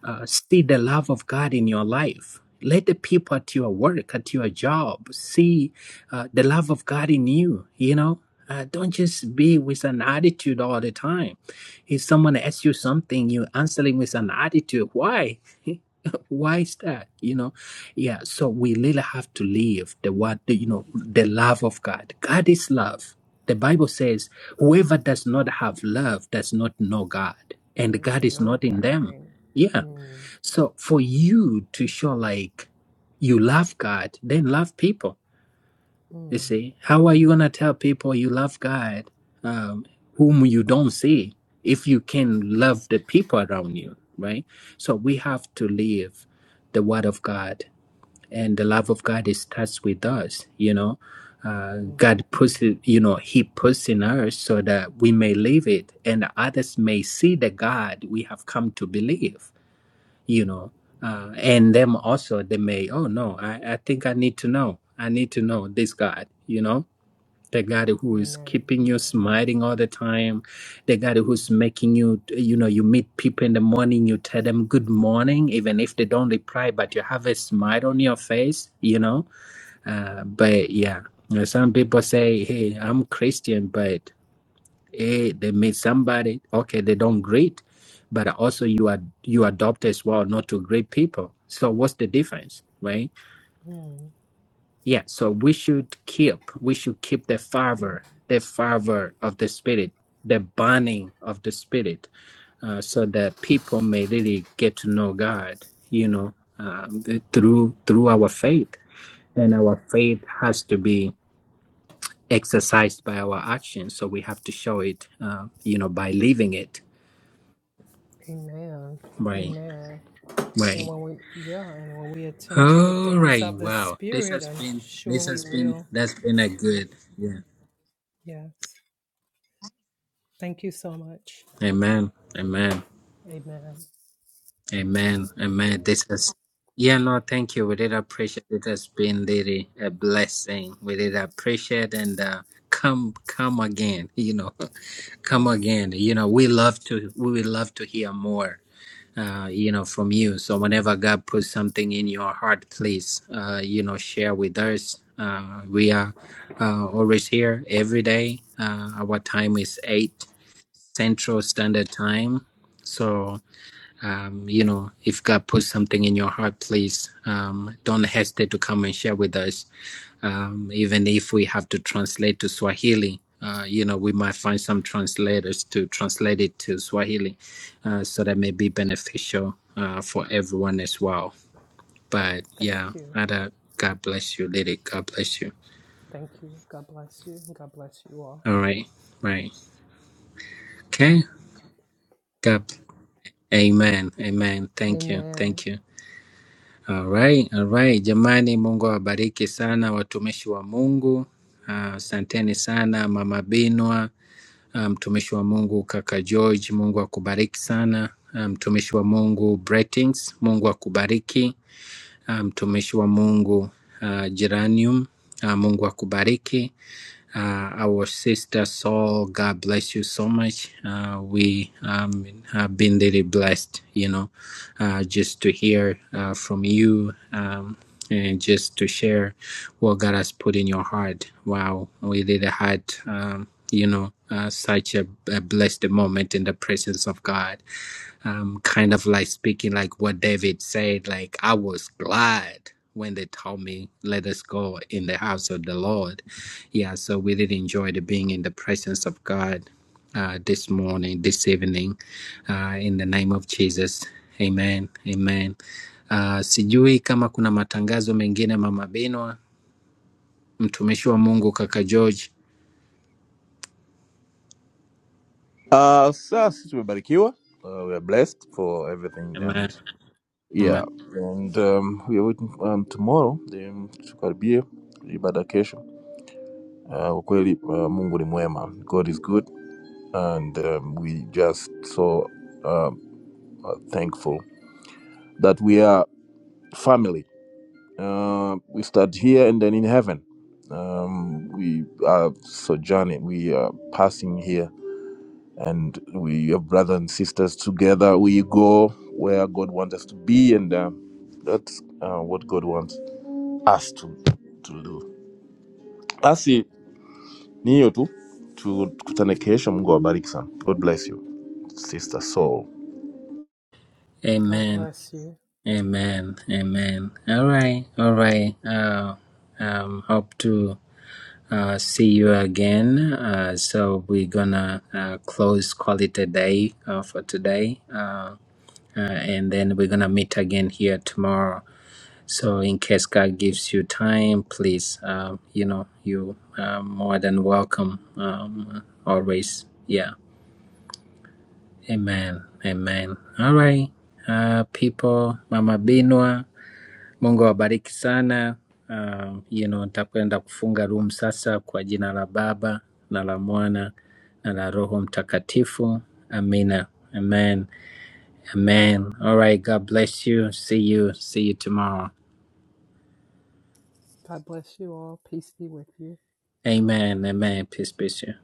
Speaker 1: uh, see the love of God in your life. Let the people at your work, at your job, see uh, the love of God in you. You know, uh, don't just be with an attitude all the time. If someone asks you something, you answering with an attitude. Why? Why is that? You know, yeah. So we really have to live the what the, you know the love of God. God is love. The Bible says, "Whoever does not have love does not know God, and
Speaker 3: There's
Speaker 1: God
Speaker 3: a
Speaker 1: is
Speaker 3: no
Speaker 1: not in them."
Speaker 3: guy.
Speaker 1: Yeah
Speaker 3: Mm,
Speaker 1: so for you to show like you love God, then love people. You
Speaker 3: mm,
Speaker 1: see, how are you gonna tell people you love God, um, whom you don't see, if you can love the people around you, right? So we have to live the Word of God, and the love of God it starts with us. You know, uh,
Speaker 3: mm,
Speaker 1: God puts it, you know, He puts in us so that we may live it, and others may see the God we have come to believe you
Speaker 3: mm.
Speaker 1: know uh, and them also they may oh no I, I think i need to know i need to know this god you know the god who is
Speaker 3: Amen.
Speaker 1: keeping you smiling all the time the god who's making you you know you meet people in the morning you tell them good morning even if they don't reply but you have a smile on your face you know uh, but yeah you know, some people say hey i'm christian but eh, they meet somebody okay they don't greet but also you are you adopt as well not to greet people so what's the difference right
Speaker 3: Mm,
Speaker 1: yeah so we should keep we should keep the fervor the fervor of the spirit the burning of the spirit uh, so that people may really get to know god you know um, th- through through our faith and our faith has to be exercised by our actions so we have to show it uh, you know by living it
Speaker 3: amen.
Speaker 1: right
Speaker 3: Amen. And
Speaker 1: Right.
Speaker 3: when we, yeah, and when we attend to the
Speaker 1: All
Speaker 3: things
Speaker 1: right.
Speaker 3: of the
Speaker 1: Wow. This
Speaker 3: Spirit,
Speaker 1: has
Speaker 3: I'm
Speaker 1: been
Speaker 3: sure
Speaker 1: this
Speaker 3: we
Speaker 1: has been
Speaker 3: will.
Speaker 1: that's been a good yeah.
Speaker 3: Yes. Thank you so much.
Speaker 1: Amen. Amen.
Speaker 3: Amen.
Speaker 1: Amen. Amen. This has yeah, Lord, thank you. We did appreciate it has been really a blessing. We did appreciate and uh come come again, you know. Come
Speaker 3: Yes.
Speaker 1: again. You know, we love to we would love to hear more. uh, you know, from you. So whenever God puts something in your heart, please, uh, you know, share with us. Uh, we are uh, always here every day. Uh, our time is eight Central Standard Time. So um, you know, if God puts something in your heart, please um, don't hesitate to come and share with us. Um, even if we have to translate to Swahili, uh, you know, we might find some translators to translate it to Swahili, uh, so that may be beneficial uh, for everyone as well. But yeah,
Speaker 3: Thank you.
Speaker 1: Ada, God bless you, Lily. God bless you.
Speaker 3: Thank you. God bless you. God bless you all.
Speaker 1: All right, right. Okay. God. Amen. Amen. Thank you.
Speaker 3: Amen.
Speaker 1: Thank you. All right, all right. Jamani, Mungu awabariki sana watumishi wa Mungu. Ah, Asanteni sana Mama Binwa ah, mtumishi um, wa Mungu kaka George, Mungu akubariki sana. Ah, Mtumishi um, wa Mungu Bretings, Mungu akubariki. Ah, Mtumishi um, wa Mungu ah, Geranium, ah, Mungu akubariki uh, our sister Saul. God bless you so much. Uh, we um, have been really blessed, you know, uh, just to hear uh, from you um, and just to share what God has put in your heart. Wow, we really had, um, you know, uh, such a, a blessed moment in the presence of God um, kind of like speaking like what David said, like I was glad when they told me, let us go in the house of the Lord. Yeah, so we did enjoy the being in the presence of God uh, this morning, this evening, uh, in the name of Jesus. Amen. Amen. Uh, sijui kama kuna matangazo mengine mama Binwa, mtumishi wa Mungu kaka George.
Speaker 2: Uh, sasa sisi tumebarikiwa. Uh, we are blessed for everything and
Speaker 1: Amen.
Speaker 2: yeah
Speaker 1: Amen.
Speaker 2: and um, we are waiting um, tomorrow um, tukaribie ibada kesho. Uh, kwa kweli uh, Mungu ni mwema. God is good and um, we just so um, are thankful that we are family. Uh, we start here and then in heaven. Um, we are sojourning. We are passing here and we are brothers and sisters together. We go where God wants us to be, and uh, that's uh, what God wants us to, to do. Basi ni hiyo tu, tukutane kesho. Mungu awabariki sana. God bless you sister Soul.
Speaker 3: God
Speaker 1: Amen.
Speaker 3: bless you.
Speaker 1: Amen. Amen. All right. All right. Uh, um, hope to uh, see you again. Uh, so we're gonna uh, close call it a day uh, for today, uh, uh, and then we're gonna meet again here tomorrow. So in case God gives you time, please, uh, you know, you are more than welcome. Um, always. Yeah. Amen. Amen. All right. Uh, people, Mama Binwa. Mungu awabariki sana. Uh, you know, nitakwenda kufunga room sasa kwa jina la Baba na la Mwana na la Roho Mtakatifu. Amina. Amen. Amen. All right, God bless you. See you. See you tomorrow.
Speaker 3: God bless you all. Peace be with you.
Speaker 1: Amen. Amen. Peace be to you.